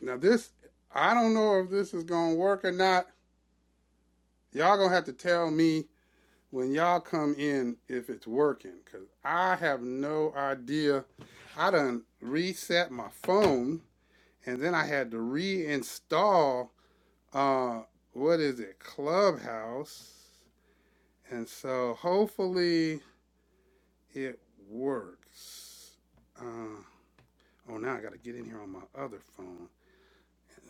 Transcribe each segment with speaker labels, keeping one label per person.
Speaker 1: Now this, I don't know if this is gonna work or not. Y'all gonna have to tell me when y'all come in if it's working, cause I have no idea. I done reset my phone, and then I had to reinstall. Uh, what is it? Clubhouse. And so hopefully it works. Uh, oh, now I gotta get in here on my other phone.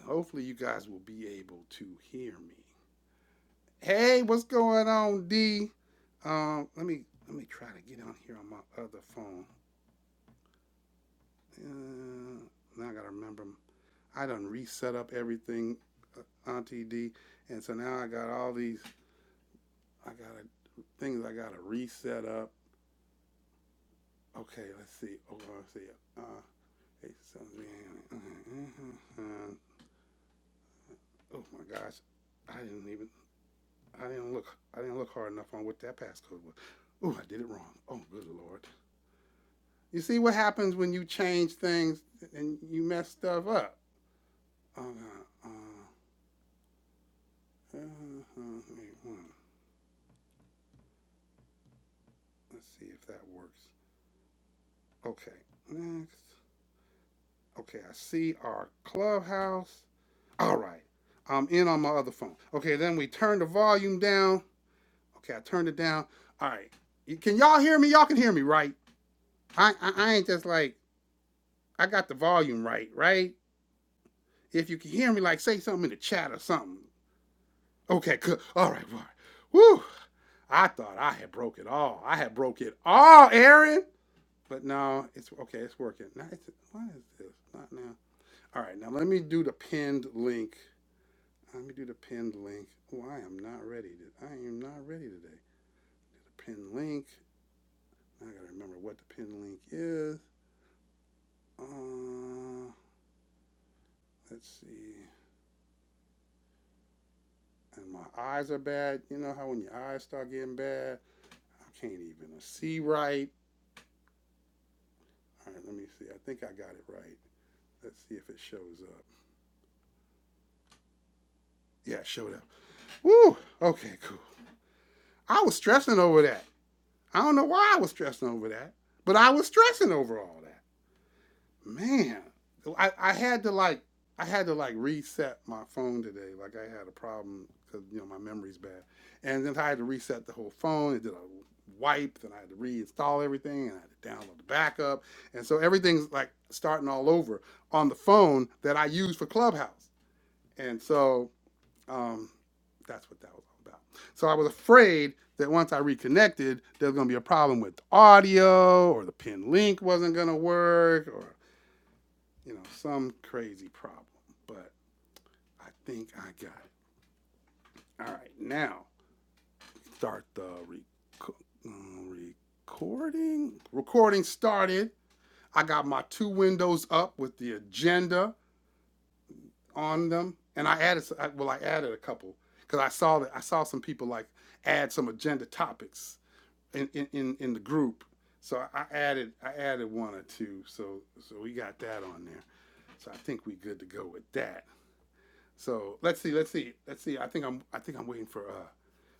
Speaker 1: Hopefully you guys will be able to hear me. Hey, what's going on, D? Um, let me let me try to get on here on my other phone. Uh, now I gotta remember. I done reset up everything, uh, Auntie D, and so now I got all these. I got things I gotta reset up. Okay, let's see. Oh, let's see. Uh, hey, so- uh, oh my gosh, I didn't even. I didn't look. I didn't look hard enough on what that passcode was. Oh, I did it wrong. Oh, good lord. You see what happens when you change things and you mess stuff up. Uh, uh, uh, uh, wait, one. Let's see if that works. Okay, next. Okay, I see our clubhouse. All right, I'm in on my other phone. Okay, then we turn the volume down. Okay, I turned it down. All right, can y'all hear me? Y'all can hear me, right? I, I I ain't just like I got the volume right, right? If you can hear me, like say something in the chat or something. Okay, good. All right, all right. Woo! I thought I had broke it all. I had broke it all, Aaron. But no, it's okay. It's working. Now, it's, what is this? Not now. All right, now let me do the pinned link. Let me do the pinned link. Oh, I am not ready. I am not ready today. The pinned link. I gotta remember what the pinned link is. Uh, let's see. And my eyes are bad. You know how when your eyes start getting bad, I can't even see right. All right, let me see. I think I got it right. Let's see if it shows up. Yeah, it showed up. Woo! Okay, cool. I was stressing over that. I don't know why I was stressing over that, but I was stressing over all that. Man, I, I had to like I had to like reset my phone today. Like I had a problem because you know my memory's bad, and then I had to reset the whole phone. It did a wipe, then I had to reinstall everything, and I had to download the backup, and so everything's like starting all over on the phone that I use for Clubhouse. And so um, that's what that was all about. So I was afraid that once I reconnected, there was going to be a problem with the audio or the pin link wasn't going to work or, you know, some crazy problem. But I think I got it. All right, now start the rec- uh, recording. Recording started. I got my two windows up with the agenda on them, and I added well, I added a couple because I saw that I saw some people like add some agenda topics in in in, the group. So I- I added I added one or two. So so we got that on there. So I think we good to go with that. So let's see let's see let's see. I think I'm I think I'm waiting for uh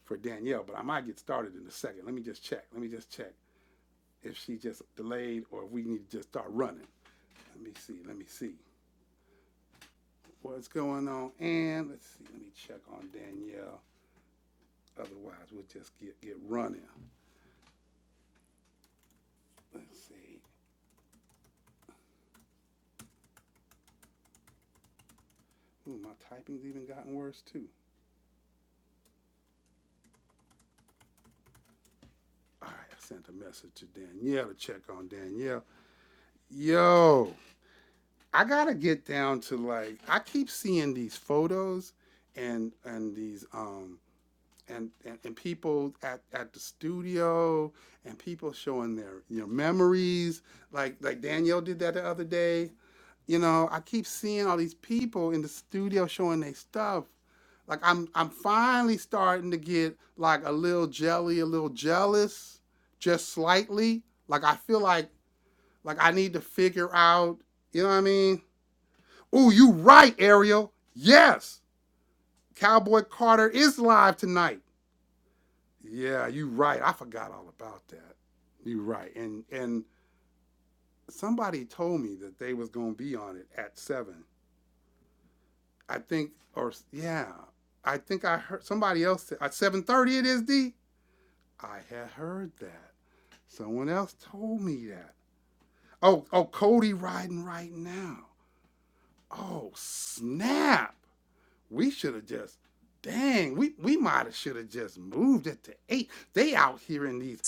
Speaker 1: for Danielle, but I might get started in a second. Let me just check. Let me just check if she just delayed or if we need to just start running. Let me see. Let me see what's going on. And let's see. Let me check on Danielle. Otherwise, we'll just get, get running. Let's see, Ooh, my typing's even gotten worse too. All right, I sent a message to Danielle to check on Danielle. Yo, I gotta get down to like, I keep seeing these photos and, and these, um, and, and, and people at, at the studio and people showing their you know memories like like Danielle did that the other day You know, I keep seeing all these people in the studio showing their stuff. Like I'm I'm finally starting to get like a little jelly, a little jealous, just slightly. Like I feel like like I need to figure out, you know what I mean? Oh, you right, Ariel. Yes. Cowboy Carter is live tonight. Yeah, you right. I forgot all about that. You right. And and somebody told me that they was gonna be on it at seven. I think, or yeah, I think I heard somebody else said at seven thirty it is D. I had heard that. Someone else told me that. Oh, oh, Cody riding right now. Oh snap! We should have just, dang, we we might have should have just moved it to eight. They out here in these.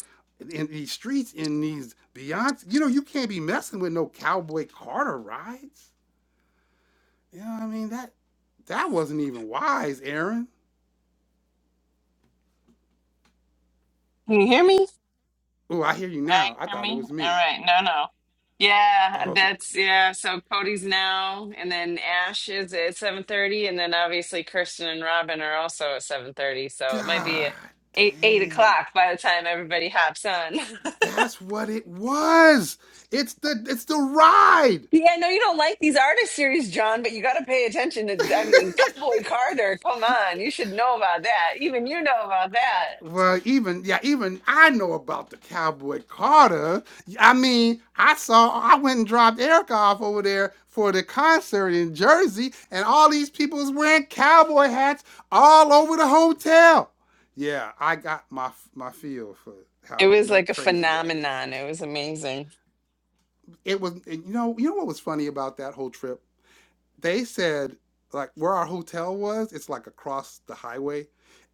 Speaker 1: In these streets, in these Beyonce, you know, you can't be messing with no Cowboy Carter rides. You know what I mean? That that wasn't even wise, Aaron.
Speaker 2: Can you hear me?
Speaker 1: Oh, I hear you
Speaker 2: I
Speaker 1: now. I
Speaker 2: hear
Speaker 1: thought it
Speaker 2: me.
Speaker 1: was
Speaker 2: All
Speaker 1: me.
Speaker 2: right. No, no. Yeah,
Speaker 1: Okay.
Speaker 2: that's yeah. So Cody's now, and then Ash is at seven thirty, and then obviously Kirsten and Robin are also at seven thirty. So it might be
Speaker 1: God
Speaker 2: eight eight
Speaker 1: dang.
Speaker 2: o'clock by the time everybody hops on.
Speaker 1: That's what it was. It's the it's the ride.
Speaker 2: Yeah, no, you don't like these artist series, John, but you got to pay attention to. I mean, Cowboy Carter. Come on, you should know about that. Even you know about that.
Speaker 1: Well, even yeah, even I know about the Cowboy Carter. I mean, I saw I went and dropped Erica off over there for the concert in Jersey, and all these people was wearing cowboy hats all over the hotel. Yeah, I got my my feel for
Speaker 2: It
Speaker 1: how
Speaker 2: was
Speaker 1: nut
Speaker 2: like a
Speaker 1: crazy that is.
Speaker 2: phenomenon. It was amazing.
Speaker 1: it was and you know you know what was funny about that whole trip they said like where our hotel was it's like across the highway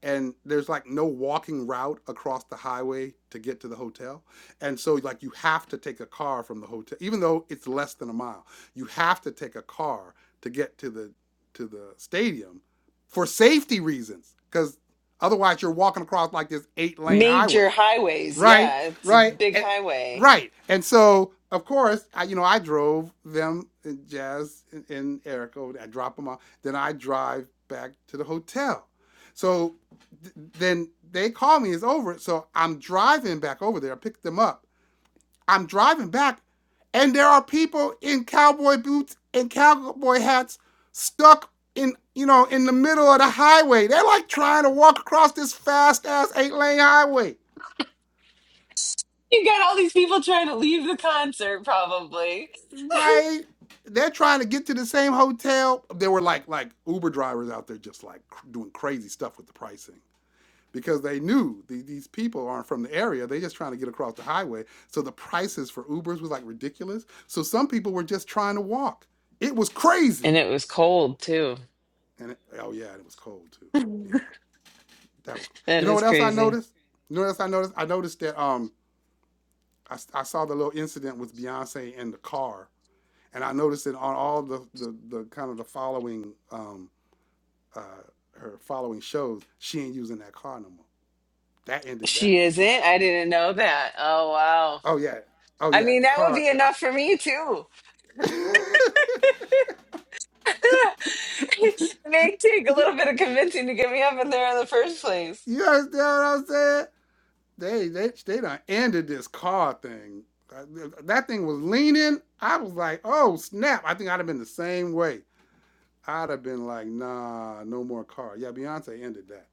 Speaker 1: and there's like no walking route across the highway to get to the hotel and so like you have to take a car from the hotel even though it's less than a mile you have to take a car to get to the to the stadium for safety reasons because otherwise you're walking across like this eight lane highway
Speaker 2: Major highways,
Speaker 1: right,
Speaker 2: yeah, it's a
Speaker 1: right,
Speaker 2: big
Speaker 1: and,
Speaker 2: highway.
Speaker 1: right. And so, of course, I, you know, I drove them, and Jazz and, and Eric over. there. I drop them off. Then I drive back to the hotel. So th- then they call me. It's over. So I'm driving back over there. I pick them up. I'm driving back, and there are people in cowboy boots and cowboy hats stuck in you know in the middle of the highway. They're like trying to walk across this fast ass eight lane highway.
Speaker 2: You got all these people trying to leave the concert, probably.
Speaker 1: Right. They're trying to get to the same hotel. There were like like Uber drivers out there just like cr- doing crazy stuff with the pricing because they knew the, these people aren't from the area. They're just trying to get across the highway. So the prices for Ubers was like ridiculous. So some people were just trying to walk. It was crazy.
Speaker 2: And it was cold too.
Speaker 1: And it, oh yeah, and it was cold too. Yeah, that was.
Speaker 2: That
Speaker 1: You know
Speaker 2: is
Speaker 1: what else I
Speaker 2: crazy.
Speaker 1: noticed? You know what else I noticed? I noticed that um I I saw the little incident with Beyonce in the car And I noticed it on all the the, the kind of the following um, uh, her following shows, she ain't using that car no more. That ended that.
Speaker 2: She isn't? I didn't know that. Oh, wow.
Speaker 1: Oh yeah, oh
Speaker 2: I
Speaker 1: yeah,
Speaker 2: mean,
Speaker 1: the
Speaker 2: that would
Speaker 1: car.
Speaker 2: be
Speaker 1: the- I-
Speaker 2: enough for me too. It may take a little bit of convincing to get me up in there in the first place.
Speaker 1: you understand what I'm saying? They they they done ended this car thing. Uh, That thing was leaning. I was like, oh snap! I think I'd have been the same way. I'd have been like, nah, no more car. Yeah, Beyonce ended that.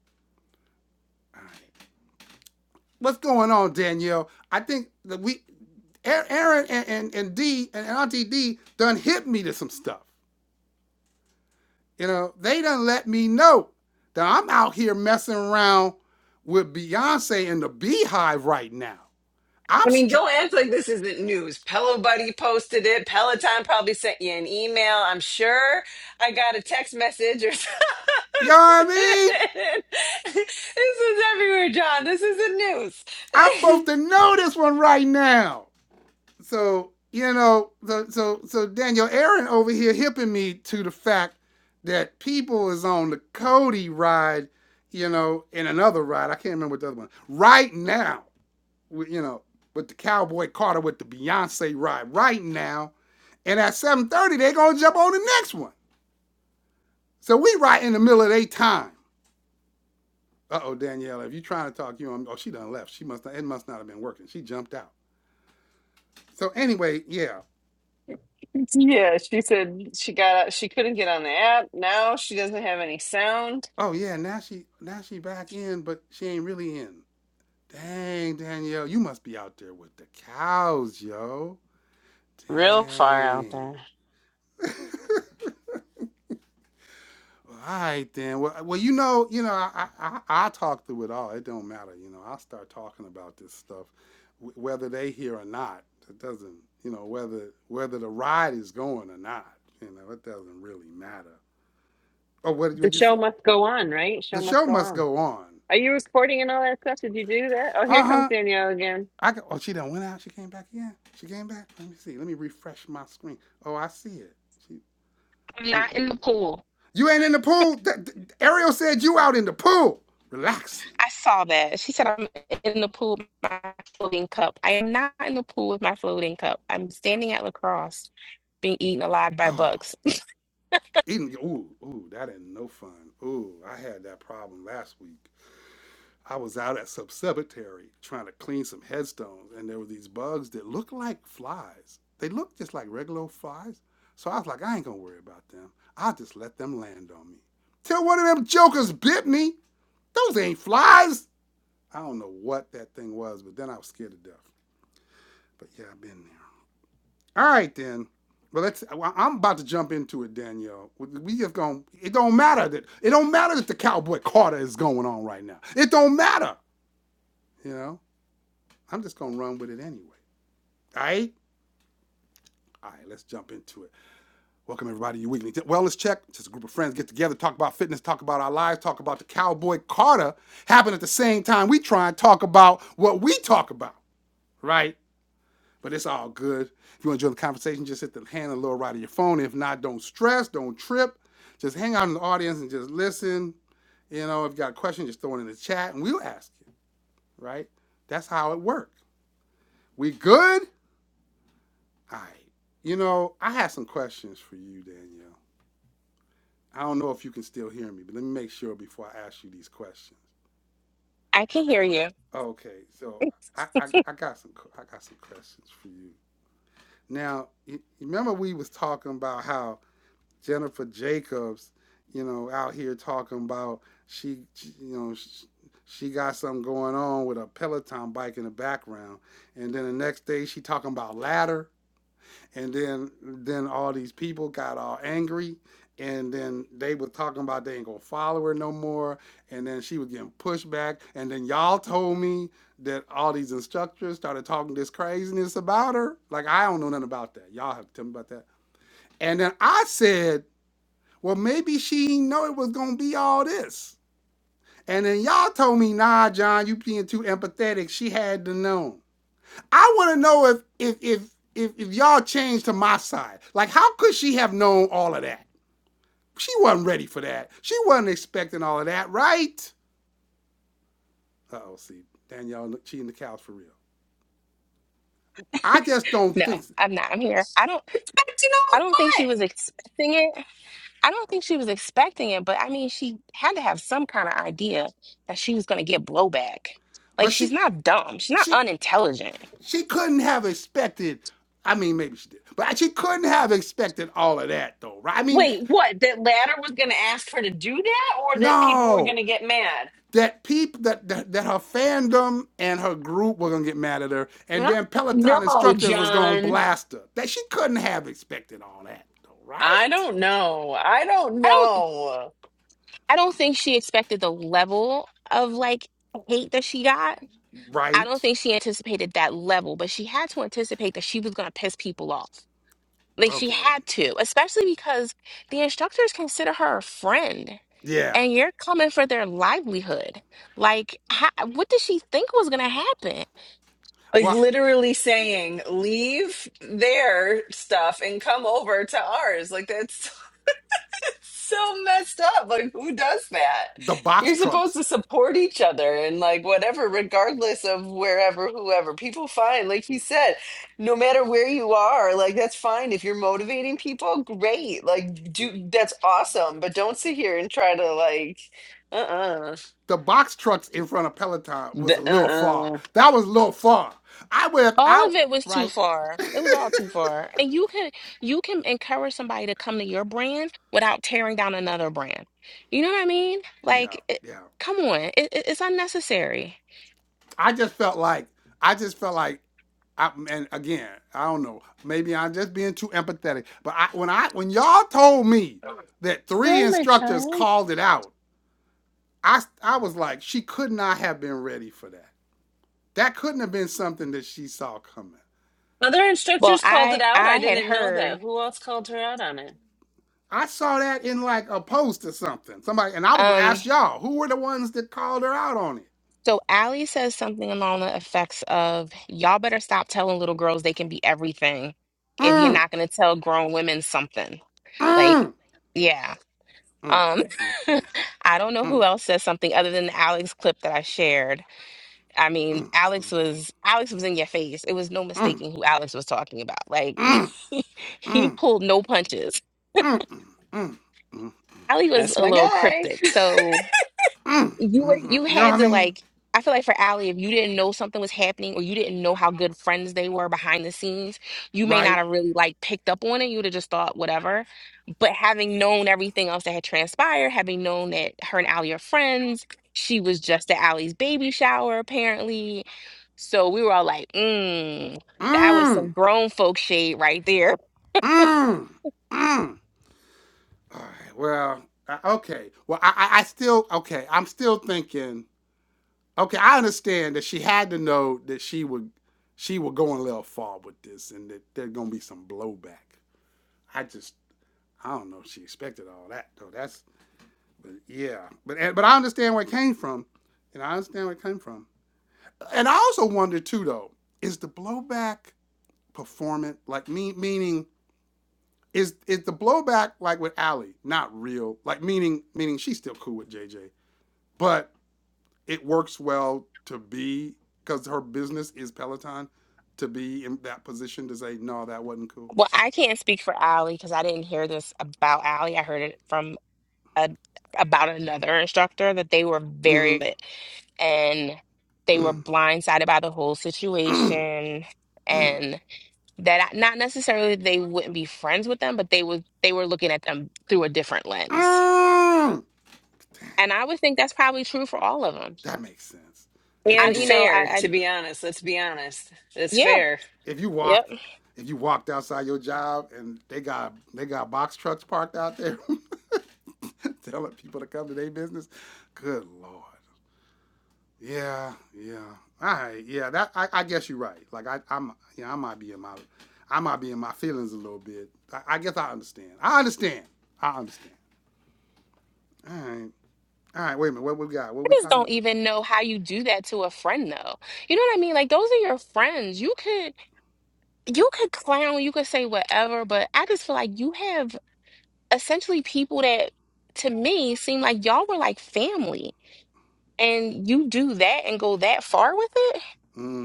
Speaker 1: All right. What's going on, Danielle? I think that we, Aaron and, and, and D and Auntie D done hit me to some stuff. You know, they done let me know that I'm out here messing around with Beyonce and the Beehive right now.
Speaker 2: I
Speaker 1: I'm,
Speaker 2: mean,
Speaker 1: str-
Speaker 2: don't act like this isn't news. Pillow Buddy posted it. Peloton probably sent you an email. I'm sure I got a text message or
Speaker 1: you know what I
Speaker 2: something.
Speaker 1: mean?
Speaker 2: this is everywhere, John. This isn't news.
Speaker 1: I'm supposed to know this one right now. so you know, so so so Daniel Aaron over here hipping me to the fact that people is on the Cody ride, you know, and another ride. I can't remember what the other one. Right now, you know, with the Cowboy Carter with the Beyonce ride right now, and at seven thirty they're gonna jump on the next one. So we right in the middle of their time. Uh oh, Danielle, if you trying to talk, you on. Oh, she done left. She must. not, It must not have been working. She jumped out. So anyway, yeah.
Speaker 2: yeah, she said she got out, she couldn't get on the app. Now she doesn't have any sound.
Speaker 1: Oh yeah, now she now she back in, but she ain't really in. Dang, Danielle, you must be out there with the cows, yo.
Speaker 2: Real far out
Speaker 1: Dang.
Speaker 2: there.
Speaker 1: Well, All right then. Well, well, you know, you know, I I, I I talk through it all. It don't matter, you know. I start talking about this stuff, wh- whether they hear or not. It doesn't, you know, whether whether the ride is going or not. You know, it doesn't really matter. Oh, what
Speaker 2: The
Speaker 1: did you say?
Speaker 2: show must go on, right? Show
Speaker 1: The
Speaker 2: must
Speaker 1: show
Speaker 2: go
Speaker 1: must
Speaker 2: on.
Speaker 1: go on.
Speaker 2: Are you recording and all that stuff? Did you do that? Oh, here
Speaker 1: Uh
Speaker 2: comes
Speaker 1: huh.
Speaker 2: Danielle again.
Speaker 1: I can, oh she done went out. She came back again. She came back. Let me see. Let me refresh my screen. Oh, I see it. She
Speaker 3: I'm
Speaker 1: oh
Speaker 3: not in the pool.
Speaker 1: you ain't in the pool. Th- th- Ariel said you out in the pool relaxing.
Speaker 3: I saw that. She said, I'm in the pool with my floating cup. I am not in the pool with my floating cup. I'm standing at lacrosse being eaten alive by
Speaker 1: Oh
Speaker 3: bugs.
Speaker 1: eating. Ooh ooh that ain't no fun. Ooh I had that problem last week. I was out at some cemetery trying to clean some headstones, and there were these bugs that looked like flies. They looked just like regular old flies. So I was like, I ain't gonna worry about them. I'll just let them land on me. Till one of them jokers bit me. Those ain't flies. I don't know what that thing was, but then I was scared to death. But yeah, I've been there. All right then. Well, let's. well, I'm about to jump into it, Danielle. We- just going to It don't matter that. It don't matter that the cowboy Carter is going on right now. It don't matter. You know. I'm just gonna run with it anyway. All right. All right. Let's jump into it. Welcome everybody to your weekly wellness check. Just a group of friends get together, talk about fitness, talk about our lives, talk about the cowboy Carter. Happen at the same time we try and talk about what we talk about. Right. But it's all good. If you enjoy the conversation, just hit the hand on the lower right of your phone. If not, don't stress, don't trip. Just hang out in the audience and just listen. You know, if you got a question, just throw it in the chat and we'll ask you. right? That's how it works. We good? All right. You know, I have some questions for you, Danielle. I don't know if you can still hear me, but let me make sure before I ask you these questions.
Speaker 3: I can hear you.
Speaker 1: Okay, so I, I, I got some I got some questions for you. Now, you, you remember we was talking about how Jennifer Jacobs, you know, out here talking about she, she you know, she, she got something going on with a Peloton bike in the background, and then the next day she talking about ladder, and then then all these people got all angry, and then they were talking about they ain't gonna follow her no more, and then she was getting pushed back, and then y'all told me that all these instructors started talking this craziness about her. Like I don't know nothing about that. Y'all have to tell me about that. And then I said well, maybe she didn't know it was gonna be all this. And then y'all told me, nah, John, you being too empathetic. She had to know. I wanna know if if if if, if y'all changed to my side. Like, how could she have known all of that? She wasn't ready for that. She wasn't expecting all of that, right? Uh oh, see, Danielle cheating the cows for real. I just don't
Speaker 3: No,
Speaker 1: think so.
Speaker 3: I'm not. I'm here. I don't
Speaker 2: But you know
Speaker 3: I don't
Speaker 2: what?
Speaker 3: think she was expecting it. I don't think she was expecting it, but I mean she had to have some kind of idea that she was gonna get blowback. Like
Speaker 1: but
Speaker 3: she's
Speaker 1: she
Speaker 3: not dumb. She's not
Speaker 1: she
Speaker 3: unintelligent.
Speaker 1: she couldn't have expected. I mean, maybe she did, but she couldn't have expected all of that though, right? I mean,
Speaker 2: Wait, what? That Ladder was going to ask her to do that or that people were
Speaker 1: no.
Speaker 2: going to get mad?
Speaker 1: that people that, that that her fandom and her group were gonna get mad at her, and
Speaker 2: I
Speaker 1: then
Speaker 2: don't
Speaker 1: Peloton
Speaker 2: know,
Speaker 1: instructors was gonna
Speaker 2: John.
Speaker 1: blast her. That she couldn't have expected all that,
Speaker 2: I
Speaker 1: right?
Speaker 2: don't know. I don't
Speaker 3: I don't
Speaker 2: know.
Speaker 3: I don't think she expected the level of like hate that she got. I don't
Speaker 1: Right.
Speaker 3: think she anticipated that level, but she had to anticipate that she was going to piss people off. Like she
Speaker 1: Okay.
Speaker 3: had to, especially because the instructors consider her a friend
Speaker 1: Yeah.
Speaker 3: and you're coming for their livelihood. Like, how, what did she think was going to happen?
Speaker 2: Like
Speaker 1: Well,
Speaker 2: literally saying, leave their stuff and come over to ours. Like that's so messed up. Like, who does that?
Speaker 1: the box
Speaker 2: You're supposed to
Speaker 1: trucks,
Speaker 2: support each other and like whatever, regardless of wherever, whoever. People find. Like he said, no matter where you are, like that's fine. If you're motivating people, great. Like do that's awesome. But don't sit here and try to like uh-uh.
Speaker 1: the box trucks in front of Peloton
Speaker 2: The,
Speaker 1: was a little far.
Speaker 2: uh-uh.
Speaker 1: That was a little far. I went
Speaker 3: All of
Speaker 1: out.
Speaker 3: it was too
Speaker 1: Right.
Speaker 3: far. It was all too far. And you can you can encourage somebody to come to your brand without tearing down another brand. You know what I mean?
Speaker 1: Yeah.
Speaker 3: Like, it,
Speaker 1: Yeah.
Speaker 3: come on, it, it- it's unnecessary.
Speaker 1: I just felt like I just felt like I, and again, I don't know. Maybe I'm just being too empathetic. But I, when I when y'all told me that three
Speaker 2: Hi, my
Speaker 1: instructors
Speaker 2: child.
Speaker 1: called it out, I I was like, she could not have been ready for that. That couldn't have been something that she saw coming.
Speaker 2: Other
Speaker 3: Well,
Speaker 2: instructors called it
Speaker 3: I
Speaker 2: out. I
Speaker 3: I had
Speaker 2: didn't know that.
Speaker 3: heard.
Speaker 2: Who else called her out on it?
Speaker 1: I saw that in like a post or something. Somebody and I was gonna
Speaker 3: Um,
Speaker 1: ask y'all who were the ones that called her out on it.
Speaker 3: So Allie says something along the effects of, y'all better stop telling little girls they can be everything if you're
Speaker 1: Mm,
Speaker 3: not going to tell grown women something. Like,
Speaker 1: mm,
Speaker 3: yeah.
Speaker 1: mm, mm,
Speaker 3: Um, I don't
Speaker 1: mm,
Speaker 3: know who
Speaker 1: mm,
Speaker 3: else says something other than the Alex clip that I shared. I mean,
Speaker 1: mm,
Speaker 3: Alex was Alex was in your face. It was no
Speaker 1: mm, mm,
Speaker 3: mistaking who Alex was talking about. Like
Speaker 1: mm,
Speaker 3: he
Speaker 1: mm,
Speaker 3: pulled no punches.
Speaker 1: mm, mm, mm,
Speaker 3: Allie was
Speaker 2: That's
Speaker 3: a
Speaker 2: my
Speaker 3: little
Speaker 2: guy.
Speaker 3: cryptic. So
Speaker 1: Mm,
Speaker 3: you would
Speaker 1: mm, mm.
Speaker 3: you
Speaker 1: You know what
Speaker 3: had
Speaker 1: I
Speaker 3: to
Speaker 1: mean?
Speaker 3: like I feel like for Allie, if you didn't know something was happening or you didn't know how good friends they were behind the scenes, you may not
Speaker 1: Right?
Speaker 3: have really like picked up on it. You would have just thought whatever. But having known everything else that had transpired, having known that her and Allie are friends, she was just at Allie's baby shower apparently. So we were all like, mm, that was
Speaker 1: Mm,
Speaker 3: some grown folk shade right there.
Speaker 1: mm, mm. All right. Well, uh, okay. Well, I, I, I still, okay. I'm still thinking, okay, I understand that she had to know that she would, she would go a little far with this and that there's going to be some blowback. I just, I don't know if she expected all that though. That's, but yeah. But, and- but I understand where it came from and I understand where it came from. And I also wonder too though, is the blowback performant? Like me, meaning, is is the blowback like with Allie not real? Like meaning meaning she's still cool with JJ, but it works well to be because her business is Peloton to be in that position to say no, that wasn't cool.
Speaker 3: Well, I can't speak for Allie because I didn't hear this about Allie. I heard it from a, about another instructor that they were very
Speaker 1: Mm-hmm.
Speaker 3: lit and they were blindsided by the whole situation. And that I, not necessarily they wouldn't be friends with them, but they would they were looking at them through a different lens. And I would think that's probably true for all of them.
Speaker 1: That makes sense. If
Speaker 3: I
Speaker 1: you
Speaker 2: And
Speaker 3: you
Speaker 1: gonna
Speaker 3: know I,
Speaker 2: fair,
Speaker 1: yeah,
Speaker 3: I
Speaker 2: to be honest. Let's be honest. It's
Speaker 3: yeah
Speaker 2: fair.
Speaker 1: if you
Speaker 3: yep.
Speaker 1: walked if you walked outside your job and they got they got box trucks parked out there telling people to come to their business, good lord. Yeah, yeah. All right, yeah. That I, I guess you're right. Like I, I'm, yeah, I might be in my, I might be in my feelings a little bit. I, I guess I understand. I understand. I understand. All right, all right. Wait a minute. What we got? What
Speaker 3: I
Speaker 1: we
Speaker 3: just
Speaker 1: talking
Speaker 3: don't
Speaker 1: about?
Speaker 3: even know how you do that to a friend though. You know what I mean? Like those are your friends. You could you could clown, you could say whatever, but I just feel like you have essentially people that to me seem like y'all were like family. And you do that and go that far with it?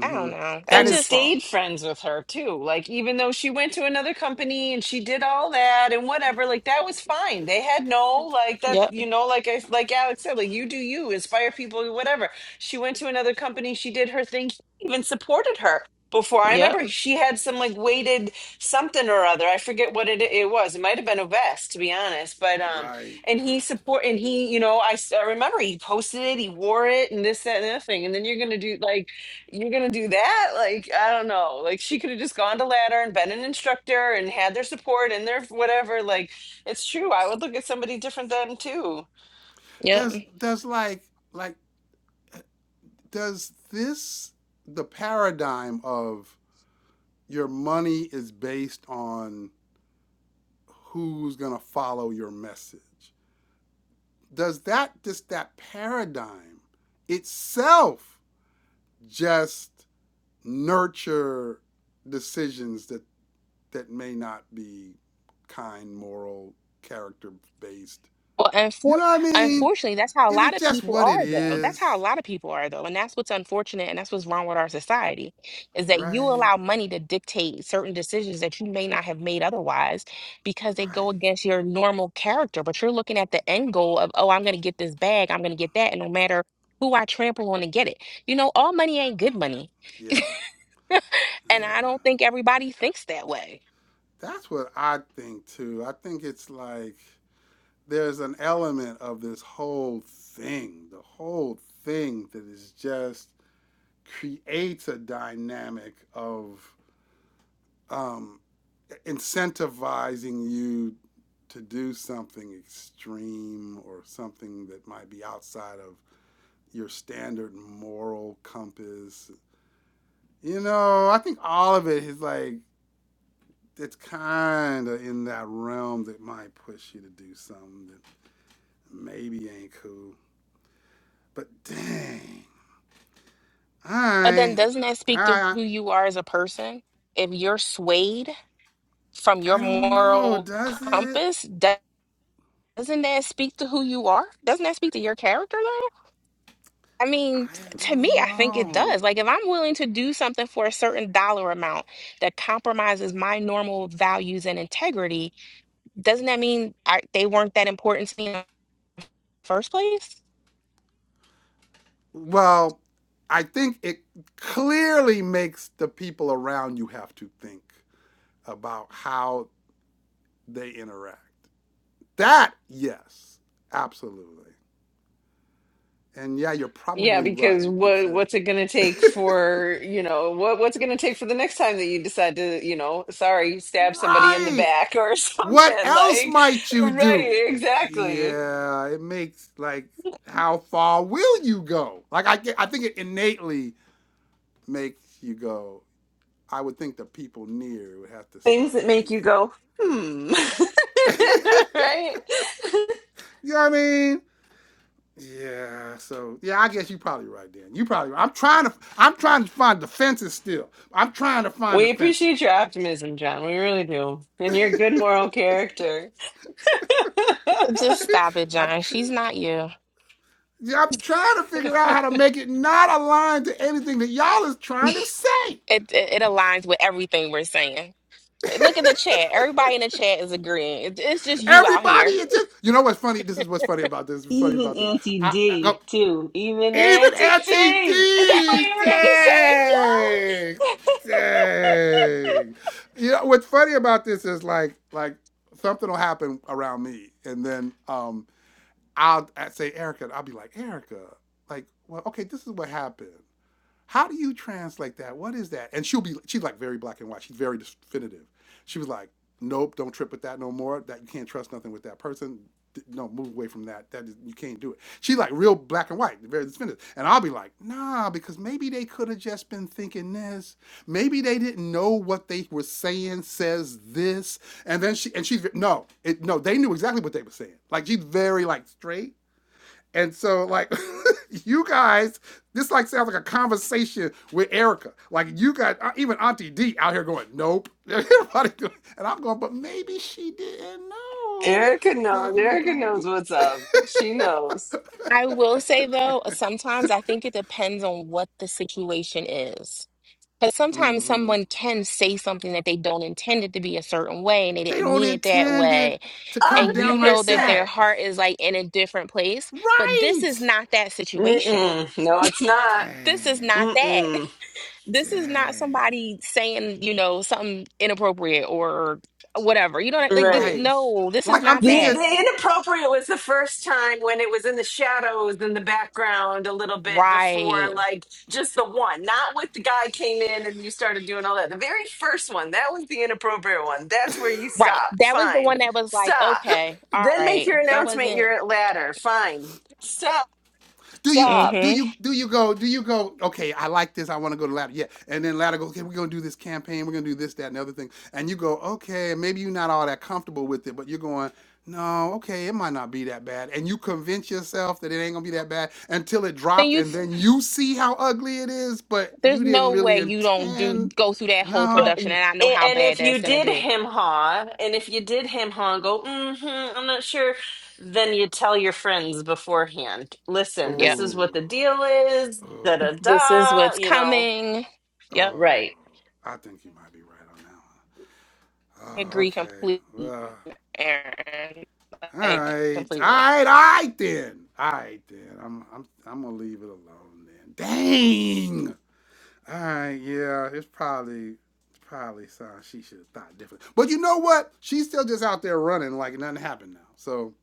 Speaker 3: I don't know. I
Speaker 1: That
Speaker 2: and
Speaker 1: is
Speaker 3: just,
Speaker 1: far.
Speaker 2: stayed friends with her too. Like, even though she went to another company and she did all that and whatever, like that was fine. They had no like that,
Speaker 3: yep,
Speaker 2: you know, like I like Alex said, like you do you, inspire people, whatever. She went to another company, she did her thing, he even supported her. Before I
Speaker 3: yep,
Speaker 2: remember, she had some like weighted something or other. I forget what it it was. It might have been a vest, to be honest. But um,
Speaker 1: Right.
Speaker 2: and he support and he, you know, I, s- I remember he posted it, he wore it, and this, that, and the other thing. And then you're gonna do like you're gonna do that like i don't know like she could have just gone to ladder and been an instructor and had their support and their whatever like it's true i would look at somebody different than too
Speaker 3: yep.
Speaker 1: Does does like like does this the paradigm of your money is based on who's gonna follow your message? does that just that paradigm itself just nurture decisions that that may not be kind moral character based
Speaker 3: Well,
Speaker 1: you
Speaker 3: unfor-
Speaker 1: know what i mean
Speaker 3: unfortunately, that's how a
Speaker 1: is
Speaker 3: lot
Speaker 1: it
Speaker 3: of
Speaker 1: just
Speaker 3: people
Speaker 1: what it
Speaker 3: are, though. That's how a
Speaker 1: is
Speaker 3: lot of people are, though. And that's what's unfortunate, and that's what's wrong with our society, is that you
Speaker 1: right
Speaker 3: allow money to dictate certain decisions that you may not have made otherwise because they go
Speaker 1: right
Speaker 3: against your normal character. But you're looking at the end goal of, oh, I'm going to get this bag, I'm going to get that, and no matter who I trample on to get it. You know, all money ain't good money.
Speaker 1: yeah yeah
Speaker 3: And I don't think everybody thinks that way.
Speaker 1: that's what i think too i think it's like there's an element of this whole thing the whole thing that is just creates a dynamic of um, incentivizing you to do something extreme or something that might be outside of your standard moral compass. You know, I think all of it is like it's kind of in that realm that might push you to do something that maybe ain't cool. But dang,
Speaker 3: But then
Speaker 1: I,
Speaker 3: doesn't that speak to
Speaker 1: I,
Speaker 3: who you are as a person? If you're swayed from your
Speaker 1: I don't know.
Speaker 3: moral
Speaker 1: Does it?
Speaker 3: compass, do- doesn't that speak to who you are? Doesn't that speak to your character though? I
Speaker 1: I
Speaker 3: mean, t- to me,
Speaker 1: don't
Speaker 3: I think it
Speaker 1: know.
Speaker 3: does. Like, if I'm willing to do something for a certain dollar amount that compromises my normal values and integrity, doesn't that mean I, they weren't that important to me in the first place?
Speaker 1: Well, I think it clearly makes the people around you have to think about how they interact. That, yes, absolutely. And yeah, you're
Speaker 2: yeah
Speaker 1: probably
Speaker 2: because
Speaker 1: right. It's
Speaker 2: what
Speaker 1: a
Speaker 2: what's it gonna take for you know what what's it gonna take for the next time that you decide to you know sorry stab somebody in the
Speaker 1: right.
Speaker 2: back or
Speaker 1: What
Speaker 2: something
Speaker 1: else
Speaker 2: like
Speaker 1: might you do?
Speaker 2: right exactly
Speaker 1: Yeah, it makes like how far will you go? Like I, get- I think it innately makes you go. I would think the people near would have to start
Speaker 2: things that make you
Speaker 1: thinking.
Speaker 2: go hmm
Speaker 1: you
Speaker 2: right
Speaker 1: know what I mean? Yeah. So yeah, I guess you're probably right, Dan. You probably. Right. I'm trying to. I'm trying to find defenses still. I'm trying to find
Speaker 2: We appreciate
Speaker 1: defenses.
Speaker 2: your optimism, John. We really do. And your good moral character.
Speaker 3: Just stop it,
Speaker 1: I'm,
Speaker 3: John.
Speaker 1: tr-
Speaker 3: She's not you.
Speaker 1: yeah, I'm trying to figure out how to make it not aligned to anything that y'all is trying to say.
Speaker 3: It, it, it aligns with everything we're saying. Look at the chat. Everybody in the chat is agreeing. It, it's just you out
Speaker 1: Everybody
Speaker 3: here.
Speaker 1: is just. You know what's funny? This is what's funny about this. What's funny
Speaker 2: Even
Speaker 1: about this?
Speaker 2: Auntie
Speaker 1: I, I
Speaker 2: D,
Speaker 1: oh,
Speaker 2: too. Even
Speaker 1: Even
Speaker 2: Auntie D. Is that what you
Speaker 1: LTD,
Speaker 2: were going to say,
Speaker 1: dang,
Speaker 2: John?
Speaker 1: dang. You know what's funny about this is like, like something will happen around me, and then um, I'll, i say Erica, and I'll be like, Erica, like, well, okay, this is what happened, how do you translate that? What is that? And she'll be she's like very black and white. She's very definitive. She was like, nope, don't trip with that no more. That you can't trust nothing with that person. D- No, move away from that. That is, you can't do it. She's like real black and white, very definitive. And I'll be like, nah, because maybe they could have just been thinking this. Maybe they didn't know what they were saying says this. And then she and she's no, it no, they knew exactly what they were saying. Like she's very like straight and so, like, you guys, this like sounds like a conversation with Erica. Like, you got uh, even Auntie D out here going, "Nope," everybody, doing, and I'm going, but maybe she didn't know
Speaker 2: Erica knows.
Speaker 1: that it was
Speaker 2: Erica
Speaker 1: gonna
Speaker 2: knows
Speaker 1: be.
Speaker 2: what's up. She knows.
Speaker 3: I will say though, sometimes I think it depends on what the situation is. Because sometimes
Speaker 1: Mhm.
Speaker 3: someone can say something that they don't intend it to be a certain way and they
Speaker 1: They
Speaker 3: didn't
Speaker 1: don't
Speaker 3: mean it that
Speaker 1: intend it
Speaker 3: way.
Speaker 1: to
Speaker 2: A
Speaker 1: come
Speaker 3: And you
Speaker 2: hundred
Speaker 1: down
Speaker 3: know
Speaker 1: like
Speaker 3: that
Speaker 2: percent.
Speaker 3: their
Speaker 1: that,
Speaker 3: heart is like in a different place. But this is
Speaker 1: right?
Speaker 3: not that situation.
Speaker 2: Mm-mm. No, it's not.
Speaker 3: This is
Speaker 1: Dang,
Speaker 3: not that.
Speaker 2: Mm-mm.
Speaker 3: This is not
Speaker 1: dang,
Speaker 3: somebody saying, you know, something inappropriate or whatever. You know, what I- like, th-
Speaker 2: Right.
Speaker 1: right.
Speaker 3: no, this is
Speaker 1: Like, I'm
Speaker 3: not
Speaker 2: The
Speaker 3: that.
Speaker 1: thinking
Speaker 2: the inappropriate was the first time when it was in the shadows in the background a little bit
Speaker 3: Right.
Speaker 2: before like just the one, not with the guy came in and you started doing all that. The very first one, that was the inappropriate one. That's where you
Speaker 3: Right.
Speaker 2: stop.
Speaker 3: That was the
Speaker 2: Fine.
Speaker 3: one that was like,
Speaker 2: Stop.
Speaker 3: okay, all
Speaker 2: Then make
Speaker 3: right.
Speaker 2: your
Speaker 3: That
Speaker 2: announcement
Speaker 3: wasn't.
Speaker 2: you're at ladder. Fine. Stop.
Speaker 1: Do you do
Speaker 2: Stop.
Speaker 3: Mm-hmm.
Speaker 1: you do you go do you go? Okay, I like this. I want to go to ladder. Yeah, and then ladder goes. Okay, we're gonna do this campaign. We're gonna do this, that, and the other thing. And you go, okay, maybe you're not all that comfortable with it, but you're going, no, okay, it might not be that bad. And you convince yourself that it ain't gonna be that bad until it
Speaker 3: Then
Speaker 1: drops,
Speaker 3: you,
Speaker 1: and then you see how ugly it is, but
Speaker 3: there's
Speaker 1: you didn't
Speaker 3: no way
Speaker 1: really
Speaker 3: you don't do
Speaker 1: intend.
Speaker 3: go through that whole
Speaker 2: But
Speaker 1: No.
Speaker 3: production,
Speaker 2: and
Speaker 3: and I know how bad
Speaker 2: if
Speaker 3: that's
Speaker 2: you
Speaker 3: gonna
Speaker 2: did
Speaker 3: be.
Speaker 2: him ha, and if you did him ha, and go, mm-hmm, I'm not sure. Then you tell your friends beforehand. Listen,
Speaker 3: Yep.
Speaker 2: this is what
Speaker 1: Oh,
Speaker 2: the deal is. Da
Speaker 1: oh,
Speaker 2: da
Speaker 3: This is
Speaker 2: da.
Speaker 3: what's
Speaker 2: You know.
Speaker 3: coming. Yep.
Speaker 1: oh.
Speaker 2: Right.
Speaker 1: I think you might be right on that
Speaker 3: I
Speaker 1: one. Oh,
Speaker 3: agree
Speaker 1: okay.
Speaker 3: completely,
Speaker 1: Well.
Speaker 3: Aaron.
Speaker 1: All
Speaker 3: Like
Speaker 1: right, all
Speaker 3: completely.
Speaker 1: right, all right then. All right then. I'm I'm I'm gonna leave it alone then. Dang. All right, yeah. It's probably it's probably something she should have thought different. But you know what? She's still just out there running like nothing happened now. So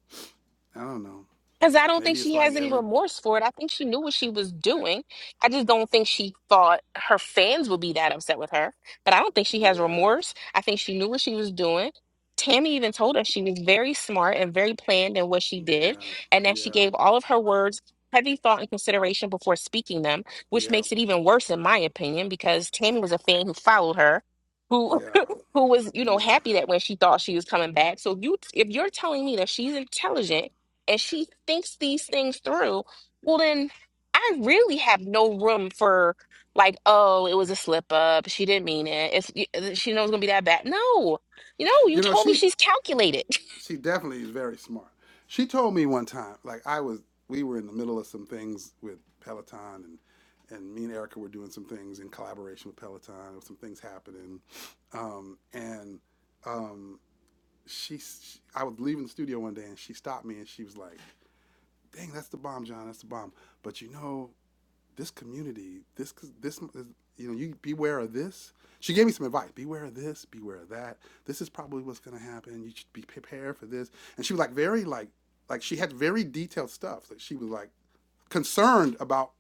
Speaker 1: I don't know.
Speaker 3: Because I don't think
Speaker 1: Maybe it's
Speaker 3: she has
Speaker 1: like
Speaker 3: any
Speaker 1: every
Speaker 3: remorse for it. I think she knew what she was doing. I just don't think she thought her fans would be that upset with her. But I don't think she
Speaker 1: yeah,
Speaker 3: has remorse. I think she knew what she was doing. Tammy even told us she was very smart and very planned in what she
Speaker 1: yeah,
Speaker 3: did, and that
Speaker 1: yeah,
Speaker 3: she gave all of her words heavy thought and consideration before speaking them, which
Speaker 1: yeah,
Speaker 3: makes it even worse, in my opinion, because Tammy was a fan who followed her. Who,
Speaker 1: yeah,
Speaker 3: who was you know
Speaker 1: yeah.
Speaker 3: happy that when she thought she was coming back. So you if you're telling me that she's intelligent and she thinks these things through, well, then I really have no room for like, oh, it was a slip up. She didn't mean it. It's y- uh, she knows it's gonna be that bad. No, you know, you
Speaker 1: You know,
Speaker 3: told me
Speaker 1: she
Speaker 3: she's calculated.
Speaker 1: she definitely is very smart. She told me one time, like I was, we were in the middle of some things with Peloton, and and me and Erica were doing some things in collaboration with Peloton. There were some things happening, um, and um, she, she, I was leaving the studio one day, and she stopped me, and she was like, "Dang, that's the bomb, John. That's the bomb." But you know, this community, this this you know, you beware of this. She gave me some advice: beware of this, beware of that. This is probably what's going to happen. You should be prepared for this. And she was like very like like she had very detailed stuff. Like she was like concerned about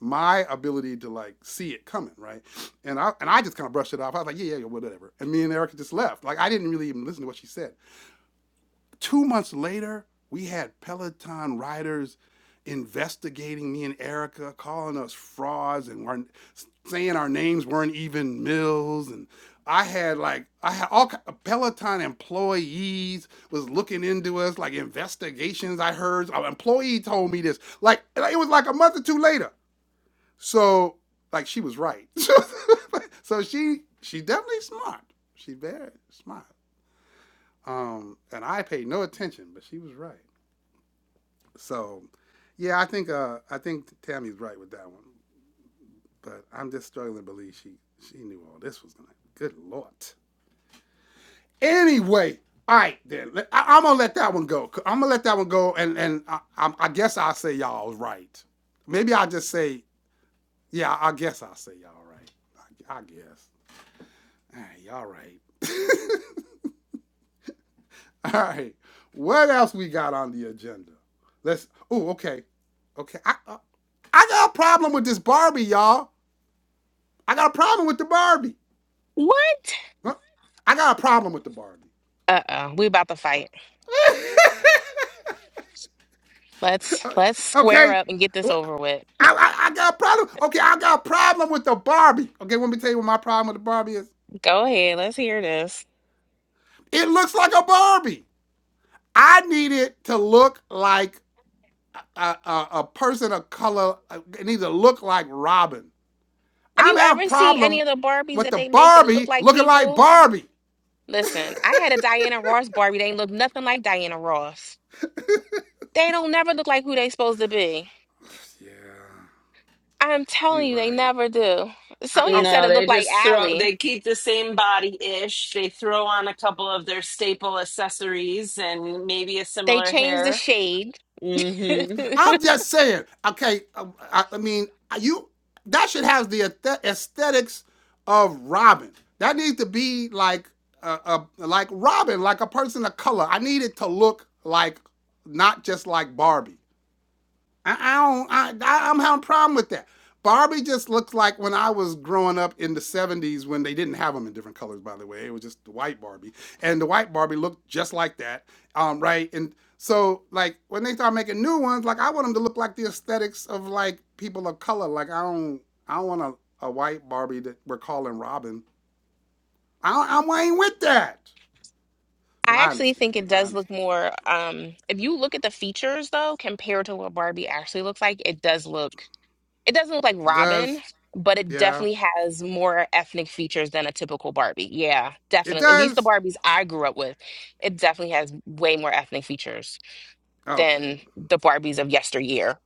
Speaker 1: my ability to like see it coming, right? And I and I just kind of brushed it off. I was like, yeah, yeah, yeah, whatever. And me and Erica just left. Like I didn't really even listen to what she said. Two months later, we had Peloton riders investigating me and Erica, calling us frauds and weren't, saying our names weren't even Mills. And I had like I had all Peloton employees was looking into us like investigations. I heard an employee told me this. Like like, it was like a month or two later. So like she was right. So, so she she definitely smart. She very smart. Um, and I paid no attention, but she was right. So, yeah, I think uh, I think Tammy's right with that one, but I'm just struggling to believe she she knew all this was gonna. Good lord. Anyway, all right then. Let- I, am gonna let that one go. I'm gonna let that one go, and and I, I, I guess I'll say y'all was right. Maybe I'll just say yeah. I guess I'll say y'all right. I, I guess. All right, y'all right. all right. What else we got on the agenda? Let's. Oh, okay, okay. I, I I got a problem with this Barbie, y'all. I got a problem with the Barbie.
Speaker 3: What?
Speaker 1: Huh? I got a problem with the Barbie.
Speaker 3: Uh oh, we about to fight. Let's let's square
Speaker 1: okay?
Speaker 3: up and get this
Speaker 1: Well,
Speaker 3: over with.
Speaker 1: I, I, I got a problem. Okay, I got a problem with the Barbie. Okay, let me tell you what my problem with the Barbie is.
Speaker 3: Go ahead, let's hear this.
Speaker 1: It looks like a Barbie. I need it to look like a, a, a person of color. uh, It needs to look like Robin.
Speaker 3: Have
Speaker 1: I'm
Speaker 3: you
Speaker 1: having a
Speaker 3: ever seen any
Speaker 1: problem
Speaker 3: of the Barbies
Speaker 1: with
Speaker 3: that
Speaker 1: the
Speaker 3: they make that look
Speaker 1: Barbie
Speaker 3: like
Speaker 1: looking like
Speaker 3: people?
Speaker 1: Barbie.
Speaker 3: Listen, I had a Diana Ross Barbie. They look nothing like Diana Ross. They don't never look like who they supposed to be.
Speaker 1: Yeah,
Speaker 3: I'm telling
Speaker 1: you're
Speaker 3: you, they
Speaker 1: right.
Speaker 3: never do.
Speaker 1: I,
Speaker 3: Sonia
Speaker 1: okay,
Speaker 3: said
Speaker 2: No,
Speaker 3: it looked
Speaker 2: they
Speaker 3: like
Speaker 2: just throw.
Speaker 3: Allie.
Speaker 2: They keep the same body ish. They throw on a couple of their staple accessories and maybe a
Speaker 3: They
Speaker 2: similar
Speaker 3: changed the
Speaker 2: hair.
Speaker 3: shade.
Speaker 2: mm hmm
Speaker 1: I'm just saying, okay, um, I, I mean, you that should have the aesthetics of Robin. That needs to be like a uh, like Robin, like a person of color. I need it to look like not just like Barbie. I, I don't. I, I, am having a problem with that. Barbie just looked like when I was growing up in the '70s when they didn't have them in different colors. By the way, it was just the white Barbie, and the white Barbie looked just like that, um, right? And so, like when they start making new ones, like I want them to look like the aesthetics of like people of color. Like I don't, I don't want a, a white Barbie that we're calling Robin. I, don't- I ain't with that. But
Speaker 3: I
Speaker 1: I
Speaker 3: actually
Speaker 1: understand.
Speaker 3: think it
Speaker 1: I
Speaker 3: does look
Speaker 1: understand.
Speaker 3: more, um, if you look at the features though, compared to what Barbie actually looks like, it does look, it doesn't look like
Speaker 1: It does.
Speaker 3: Robin, but it
Speaker 1: Yeah.
Speaker 3: definitely has more ethnic features than a typical Barbie. Yeah,
Speaker 1: It
Speaker 3: definitely. At least the
Speaker 1: does.
Speaker 3: Barbies I grew up with, it definitely has way more ethnic features
Speaker 1: Okay.
Speaker 3: than the Barbies of yesteryear.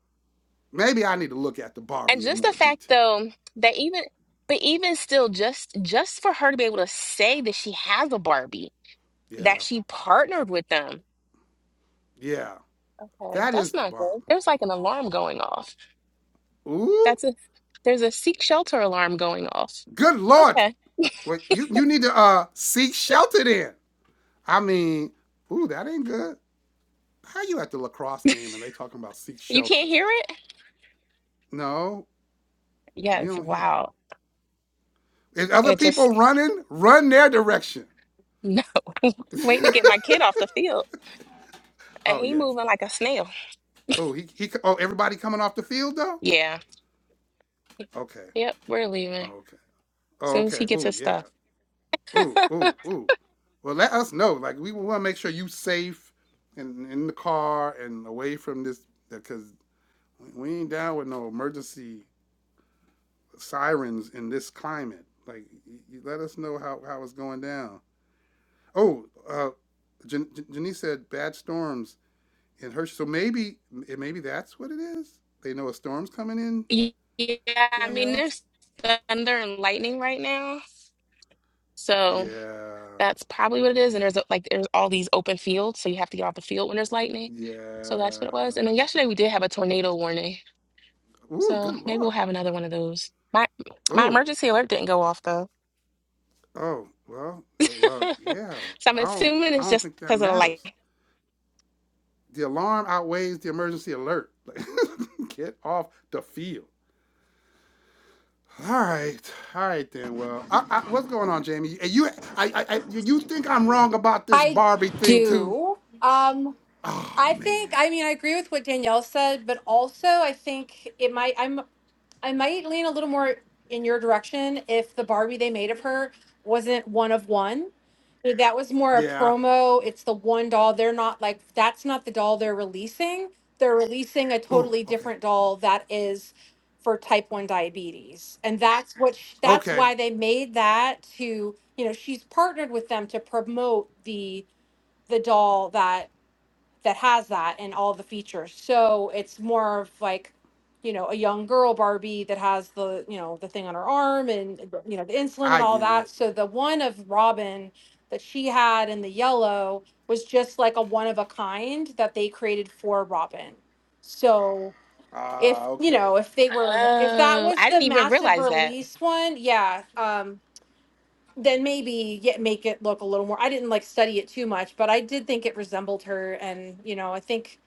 Speaker 1: Maybe I need to look at the
Speaker 3: And
Speaker 1: Barbie in
Speaker 3: just the
Speaker 1: more
Speaker 3: fact
Speaker 1: detail.
Speaker 3: though that even but even still just just for her to be able to say that she has a Barbie, that
Speaker 1: Yeah,
Speaker 3: she partnered with them.
Speaker 1: yeah,
Speaker 3: Okay,
Speaker 1: that
Speaker 3: that's
Speaker 1: is the
Speaker 3: not good.
Speaker 1: bomb.
Speaker 3: There's like an alarm going off.
Speaker 1: Ooh,
Speaker 3: That's a there's a seek shelter alarm going off.
Speaker 1: good lord!
Speaker 3: Okay.
Speaker 1: Well, you you need to uh seek shelter then. I mean, ooh, that ain't good. How you at the lacrosse game and they talking about seek
Speaker 3: You can't
Speaker 1: shelter?
Speaker 3: hear it?
Speaker 1: No, we
Speaker 3: Yes,
Speaker 1: don't hear
Speaker 3: wow.
Speaker 1: it. If other
Speaker 3: It just
Speaker 1: people running, run their direction.
Speaker 3: waiting to get my kid off the field. And
Speaker 1: Oh
Speaker 3: he
Speaker 1: yeah.
Speaker 3: moving like a snail.
Speaker 1: Oh he he. Oh everybody coming off the field though.
Speaker 3: Yeah.
Speaker 1: Okay.
Speaker 3: Yep, we're leaving. As
Speaker 1: Okay. Oh,
Speaker 3: soon as he
Speaker 1: Okay.
Speaker 3: gets
Speaker 1: Oh
Speaker 3: his
Speaker 1: yeah.
Speaker 3: stuff.
Speaker 1: ooh, ooh, ooh. Well, let us know. Like, we want to make sure you safe and in the car and away from this, because we ain't down with no emergency sirens in this climate. Like, you, let us know how, how it's going down. Oh, uh, Jan- Janice said bad storms in Hershey. So maybe, maybe that's what it is. They know a storm's coming in,
Speaker 3: Yeah, I mean,
Speaker 1: Danielle.
Speaker 3: there's thunder and lightning right now. So
Speaker 1: Yeah,
Speaker 3: that's probably what it is. And there's a- like there's all these open fields, so you have to get off the field when there's lightning. So that's
Speaker 1: yeah.
Speaker 3: what it was. And then yesterday we did have a tornado warning.
Speaker 1: Ooh,
Speaker 3: So
Speaker 1: good
Speaker 3: maybe we'll
Speaker 1: lord.
Speaker 3: have another one of those. My my
Speaker 1: Oh,
Speaker 3: emergency alert didn't go off though.
Speaker 1: Oh, well, th- well, yeah.
Speaker 3: So I'm
Speaker 1: I don't
Speaker 3: assuming
Speaker 1: I
Speaker 3: it's
Speaker 1: don't
Speaker 3: just
Speaker 1: think that
Speaker 3: because of the light.
Speaker 1: matters. The alarm outweighs the emergency alert. Get off the field. All right, all right then. Well, I, I, what's going on, Jamie? And you, I, I, I, you you think I'm wrong about this
Speaker 4: I
Speaker 1: Barbie thing too?
Speaker 4: do. Um,
Speaker 1: Oh
Speaker 4: I
Speaker 1: man.
Speaker 4: think. I mean, I agree with what Danielle said, but also I think it might. I'm. I might lean a little more in your direction if the Barbie they made of her wasn't one of one. If That was more a
Speaker 1: Yeah.
Speaker 4: promo. It's the one doll. They're not like that's not the doll they're releasing. They're releasing a
Speaker 1: Ooh.
Speaker 4: totally
Speaker 1: Okay.
Speaker 4: different doll that is for type 1 diabetes. And that's what sh- that's
Speaker 1: Okay.
Speaker 4: why they made that to, you know, she's partnered with them to promote the the doll that that has that and all the features. So it's more of like, you know, a young girl Barbie that has the, you know, the thing on her arm and you know, the insulin and
Speaker 1: I
Speaker 4: all
Speaker 1: get
Speaker 4: that.
Speaker 1: it.
Speaker 4: So the one of Robin that she had in the yellow was just like a one of a kind that they created for Robin. So
Speaker 1: Ah.
Speaker 4: if you
Speaker 1: okay.
Speaker 4: know, if they were if that
Speaker 3: Oh,
Speaker 4: was
Speaker 3: I
Speaker 4: the
Speaker 3: didn't even
Speaker 4: massive
Speaker 3: realize that.
Speaker 4: release one, yeah. um then maybe yeah, make it look a little more. I didn't like study it too much, but I did think it resembled her, and you know, I think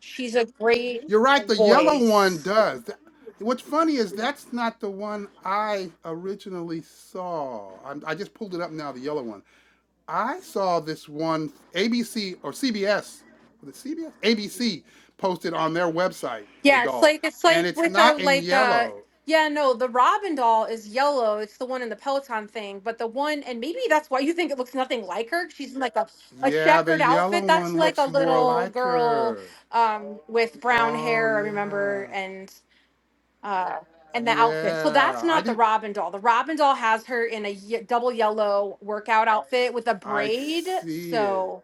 Speaker 4: she's a great
Speaker 1: You're right. The yellow one
Speaker 4: voice.
Speaker 1: does. That- What's funny is that's not the one I originally saw. I'm, I just pulled it up now. The yellow one. I saw this one. ABC or CBS. Was it CBS? ABC posted on their website the
Speaker 4: Yeah, it's
Speaker 1: doll,
Speaker 4: like it's
Speaker 1: and
Speaker 4: like
Speaker 1: it's
Speaker 4: with a
Speaker 1: not in
Speaker 4: like uh
Speaker 1: yellow.
Speaker 4: yeah no the Robin doll is yellow. It's the one in the Peloton thing, but the one and maybe that's why you think it looks nothing like her. She's in like a a
Speaker 1: Yeah, the
Speaker 4: checkered outfit.
Speaker 1: yellow
Speaker 4: That's
Speaker 1: one
Speaker 4: like a
Speaker 1: looks more
Speaker 4: little
Speaker 1: like
Speaker 4: girl
Speaker 1: her.
Speaker 4: um with brown
Speaker 1: Oh
Speaker 4: hair. I
Speaker 1: yeah,
Speaker 4: remember and. uh, and the outfit. So that's
Speaker 1: yeah. I
Speaker 4: not the
Speaker 1: did.
Speaker 4: Robin doll. The Robin doll has her in a ye- double yellow workout outfit with a
Speaker 1: I
Speaker 4: braid.
Speaker 1: see it.
Speaker 4: So